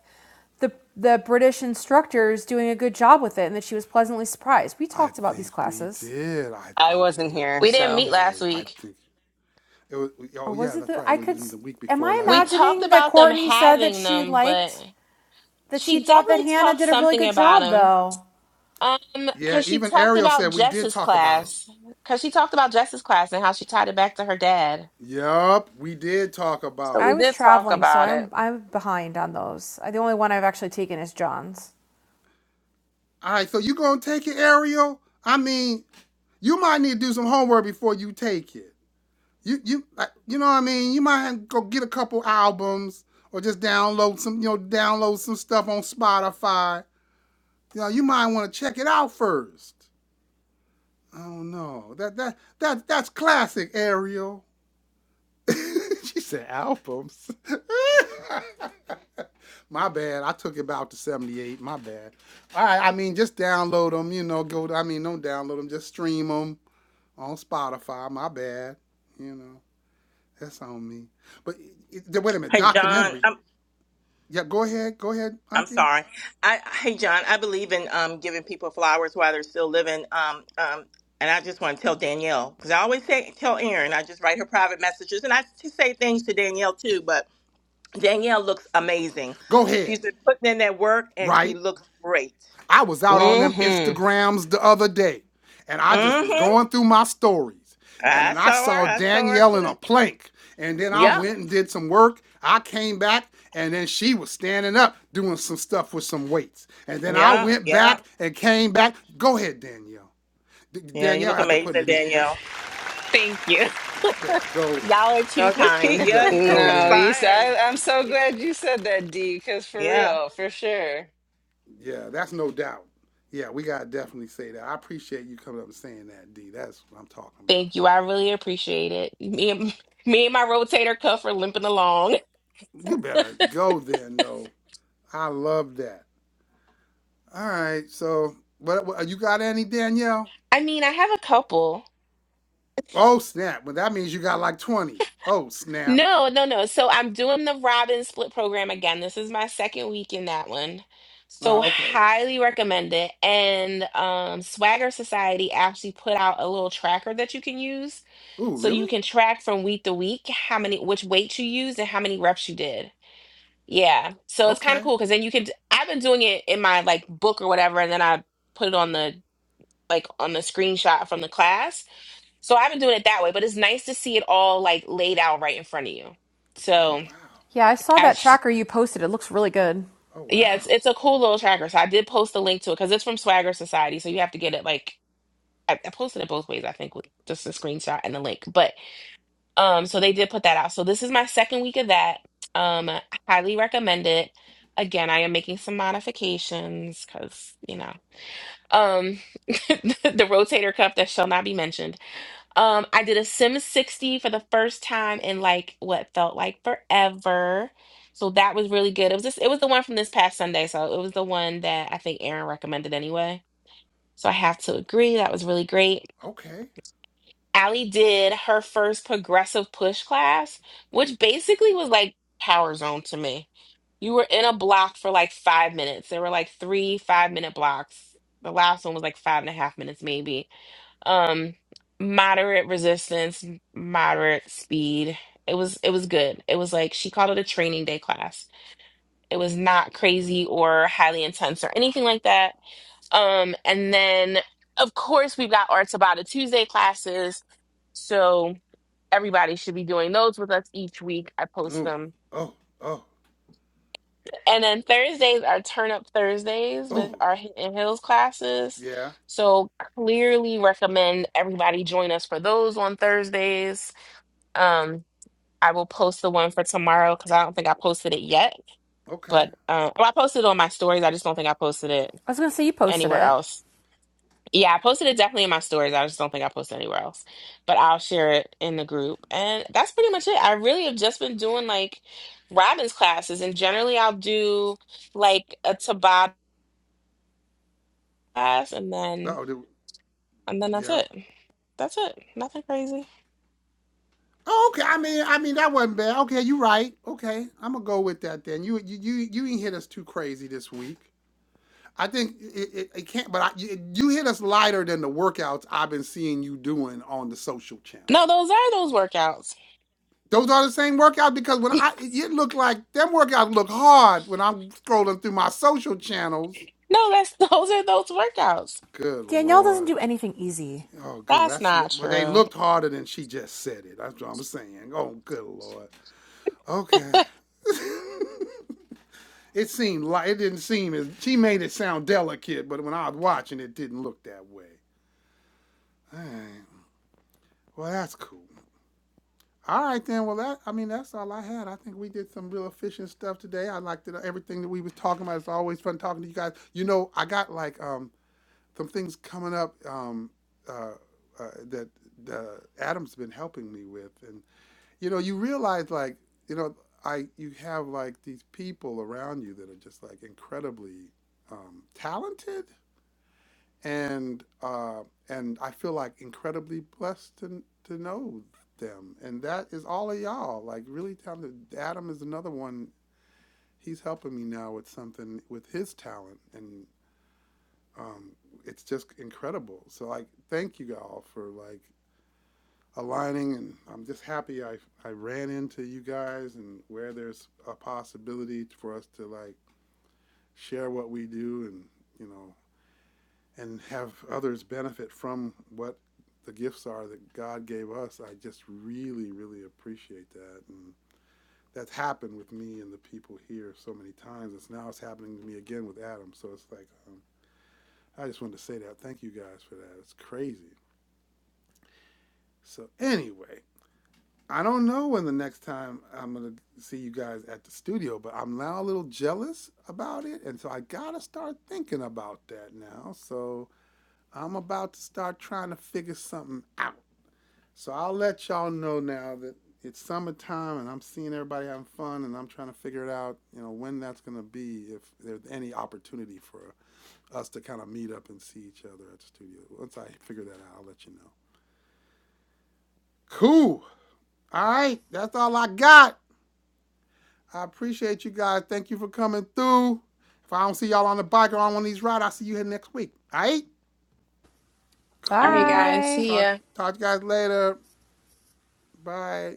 Speaker 4: the the British instructors doing a good job with it, and that she was pleasantly surprised. We
Speaker 1: I
Speaker 4: talked about these
Speaker 1: think we
Speaker 4: classes,
Speaker 1: did. I
Speaker 2: I
Speaker 1: think
Speaker 2: wasn't
Speaker 1: we
Speaker 2: here,
Speaker 3: We didn't
Speaker 2: so.
Speaker 3: meet last
Speaker 1: did. I
Speaker 3: week.
Speaker 1: think it was.
Speaker 4: or
Speaker 1: Oh
Speaker 4: was
Speaker 1: yeah,
Speaker 4: it
Speaker 1: that's
Speaker 4: the
Speaker 1: right. It
Speaker 4: I
Speaker 1: was
Speaker 4: could?
Speaker 1: the week
Speaker 4: Am
Speaker 1: before
Speaker 4: I
Speaker 3: We
Speaker 1: last.
Speaker 3: talked
Speaker 4: imagining that
Speaker 3: about them
Speaker 4: Courtney said that
Speaker 3: having
Speaker 4: she
Speaker 3: them, but
Speaker 4: liked that she
Speaker 3: she
Speaker 4: thought that
Speaker 3: definitely
Speaker 4: Hannah
Speaker 3: talked
Speaker 4: did a really
Speaker 3: something
Speaker 4: good
Speaker 3: about
Speaker 4: job
Speaker 3: them.
Speaker 4: though?
Speaker 3: Um,
Speaker 1: Yeah,
Speaker 3: because she
Speaker 1: even
Speaker 3: talked
Speaker 1: Ariel
Speaker 3: about
Speaker 1: said we did
Speaker 3: Jess's
Speaker 1: talk about him.
Speaker 3: class. Because she talked about Jess's class and how she tied it back to her dad.
Speaker 1: Yup, we did talk
Speaker 3: So
Speaker 1: about
Speaker 4: I
Speaker 3: we
Speaker 1: it.
Speaker 4: was
Speaker 3: did talk
Speaker 4: traveling, so
Speaker 3: about
Speaker 4: I'm
Speaker 3: it.
Speaker 4: I'm behind on those. the only one I've actually taken is John's.
Speaker 1: All right, so you gonna take it, Ariel? I mean, you might need to do some homework before you take it. You you like, you know what I mean? You might have to go get a couple albums or just download some you know download some stuff on Spotify. You know, you might want to check it out first. I don't know. That that that that's classic, Ariel. she said albums. My bad. I took it about to 78. My bad. All right. I mean, just download them, you know. Go, I mean, don't download them. Just stream them on Spotify. My bad. You know, that's on me. But it, it- wait a minute.
Speaker 5: Hey John,
Speaker 1: Documentary.
Speaker 5: I'm
Speaker 1: Yeah, go ahead. Go ahead,
Speaker 5: I'm
Speaker 1: Auntie.
Speaker 5: sorry. I hey John, I believe in um giving people flowers while they're still living. Um um, and I just want to tell Danielle because I always say tell Erin. I just write her private messages and I just say things to Danielle too. Danielle looks amazing.
Speaker 1: Go ahead.
Speaker 5: She's been putting in that work and she
Speaker 1: Right?
Speaker 5: looks great.
Speaker 1: I was out on them
Speaker 2: hmm
Speaker 1: Instagrams the other day and I just was
Speaker 5: Mm-hmm.
Speaker 1: going through my stories and
Speaker 5: I
Speaker 1: then I
Speaker 5: saw her.
Speaker 1: saw
Speaker 5: I saw her
Speaker 1: Danielle in
Speaker 5: too.
Speaker 1: a plank and then I
Speaker 5: Yep.
Speaker 1: went and did some work. I came back and then she was standing up doing some stuff with some weights. And then I
Speaker 5: Yep.
Speaker 1: went back
Speaker 5: Yep.
Speaker 1: and came back. Go ahead, Danielle. D-
Speaker 5: Yeah, you
Speaker 1: Danielle,
Speaker 5: look
Speaker 1: after putting
Speaker 5: amazing,
Speaker 1: it in, let me
Speaker 5: Danielle.
Speaker 3: Thank you.
Speaker 1: yeah, go.
Speaker 3: Y'all are too
Speaker 5: No, just keep
Speaker 1: You
Speaker 3: kind.
Speaker 5: yeah,
Speaker 1: better
Speaker 5: you keep
Speaker 1: go
Speaker 2: No,
Speaker 1: then.
Speaker 2: you said.
Speaker 5: inspiring.
Speaker 2: I, I'm so glad you said that, D. Because for
Speaker 5: Yeah.
Speaker 2: real, for sure.
Speaker 1: Yeah, that's no doubt. Yeah, we gotta definitely say that. I appreciate you coming up and saying that, D. That's what I'm talking about.
Speaker 3: Thank you. I really appreciate it. Me and me and my rotator cuff are limping along.
Speaker 1: You better go then, though. I love that. All right, so what, what you got any, Danielle?
Speaker 3: I mean, I have a couple.
Speaker 1: Oh snap! Well, that means you got like twenty. Oh snap!
Speaker 3: No, no, no. So I'm doing the Robin Split program again. This is my second week in that one. So
Speaker 1: Uh, okay.
Speaker 3: highly recommend it. And um, Swagger Society actually put out a little tracker that you can use.
Speaker 1: Ooh,
Speaker 3: So you
Speaker 1: really?
Speaker 3: can track from week to week how many, which weight you used and how many reps you did. Yeah. So it's kind of
Speaker 1: Okay.
Speaker 3: cool because then you can, I've been doing it in my like book or whatever, and then I put it on the, like on the screenshot from the class so I've been doing it that way, but it's nice to see it all like laid out right in front of you.
Speaker 1: Oh
Speaker 3: So
Speaker 1: wow.
Speaker 4: Yeah, I saw
Speaker 3: I,
Speaker 4: that
Speaker 3: sh-
Speaker 4: tracker you posted. It looks really good.
Speaker 1: Oh
Speaker 3: yeah, it's
Speaker 1: wow.
Speaker 3: it's a cool little tracker. So I did post the link to it because it's from Swagger Society, so you have to get it like I, I posted it both ways. I think with just a screenshot and the link, but um, so they did put that out. So this is my second week of that. Um, I highly recommend it. Again, I am making some modifications because you know, um, the rotator cuff that shall not be mentioned Um, I did a Sim 60 for the first time in like what felt like forever. So that was really good. It was just it was the one from this past Sunday, so it was the one that I think Aaron recommended anyway. So I have to agree, that was really great.
Speaker 1: Okay.
Speaker 3: Allie did her first progressive push class, which basically was like power zone to me. You were in a block for like five minutes. There were like three five minute blocks. The last one was like five and a half minutes, maybe um, moderate resistance, moderate speed. It was it was good. It was like she called it a training day class. It was not crazy or highly intense or anything like that. Um, and then of course we've got Arts About It Tuesday classes. So everybody should be doing those with us each week. I post
Speaker 1: Ooh.
Speaker 3: them.
Speaker 1: Oh. Oh.
Speaker 3: And then Thursdays are Turn Up Thursdays with
Speaker 1: Ooh.
Speaker 3: our Hidden Hills classes.
Speaker 1: Yeah.
Speaker 3: So clearly recommend everybody join us for those on Thursdays. Um, I will post the one for tomorrow because I don't think I posted it yet.
Speaker 1: Okay.
Speaker 3: But uh, well, I posted it on my stories. I just don't think I posted it
Speaker 4: I was going to say you posted
Speaker 3: anywhere
Speaker 4: it.
Speaker 3: else. Yeah, I posted it definitely in my stories. I just don't think I posted anywhere else. But I'll share it in the group. And that's pretty much it. I really have just been doing like Robin's classes, and generally I'll do like a Tabata class, and then
Speaker 1: Oh. do-
Speaker 3: and then that's
Speaker 1: Yeah.
Speaker 3: it. That's it. Nothing crazy.
Speaker 1: Oh, okay. I mean, I mean that wasn't bad. Okay, you right. Okay, I'm gonna go with that then. You you you you didn't hit us too crazy this week. I think it, it, it can't, but I, you, you hit us lighter than the workouts I've been seeing you doing on the social channels.
Speaker 3: No, those are those workouts.
Speaker 1: Those are the same workouts because when I, it, it looked like them workouts look hard when I'm scrolling through my social channels.
Speaker 3: No, that's those are those workouts.
Speaker 1: Good
Speaker 4: Danielle doesn't
Speaker 1: Lord.
Speaker 4: do anything easy.
Speaker 1: Oh, good.
Speaker 3: That's
Speaker 1: That's,
Speaker 3: not
Speaker 1: well, they
Speaker 3: true.
Speaker 1: looked harder than she just said it. That's what I'm saying. Oh, good Lord. Okay.
Speaker 3: All
Speaker 1: it seemed like, it didn't seem as, she made it sound delicate, but when I was watching, it didn't look that way. All right. Well, that's cool. All right then. Well, that I mean that's all I had. I think we did some real efficient stuff today. I liked it. Everything that we was talking about. It's always fun talking to you guys. You know, I got like um some things coming up um uh, uh that uh, Adam's been helping me with, and you know, you realize like you know I you have like these people around you that are just like incredibly um talented and uh, and I feel like incredibly blessed to to know them. And that is all of y'all. Like really talented. Adam is another one. He's helping me now with something with his talent, and um, it's just incredible. So like, thank you all for like aligning, and I'm just happy I I ran into you guys, and where there's a possibility for us to like share what we do, and you know and have others benefit from what the gifts are that God gave us, I just really, really appreciate that. And that's happened with me and the people here so many times. It's now it's happening to me again with Adam. So it's like, um, I just wanted to say that. Thank you guys for that. It's crazy. So anyway, I don't know when the next time I'm gonna see you guys at the studio, but I'm now a little jealous about it, and so I gotta start thinking about that now. So I'm about to start trying to figure something out. So I'll let y'all know now that it's summertime and I'm seeing everybody having fun and I'm trying to figure it out, you know, when that's going to be, if there's any opportunity for us to kind of meet up and see each other at the studio. Once I figure that out, I'll let you know. Cool. All right. That's all I got. I appreciate you guys. Thank you for coming through. If I don't see y'all on the bike or on one of these rides, I'll see you here next week. All right?
Speaker 3: right,
Speaker 1: Cool.
Speaker 3: guys.
Speaker 4: Bye.
Speaker 3: See
Speaker 1: Talk,
Speaker 3: ya.
Speaker 1: talk to you guys later. Bye.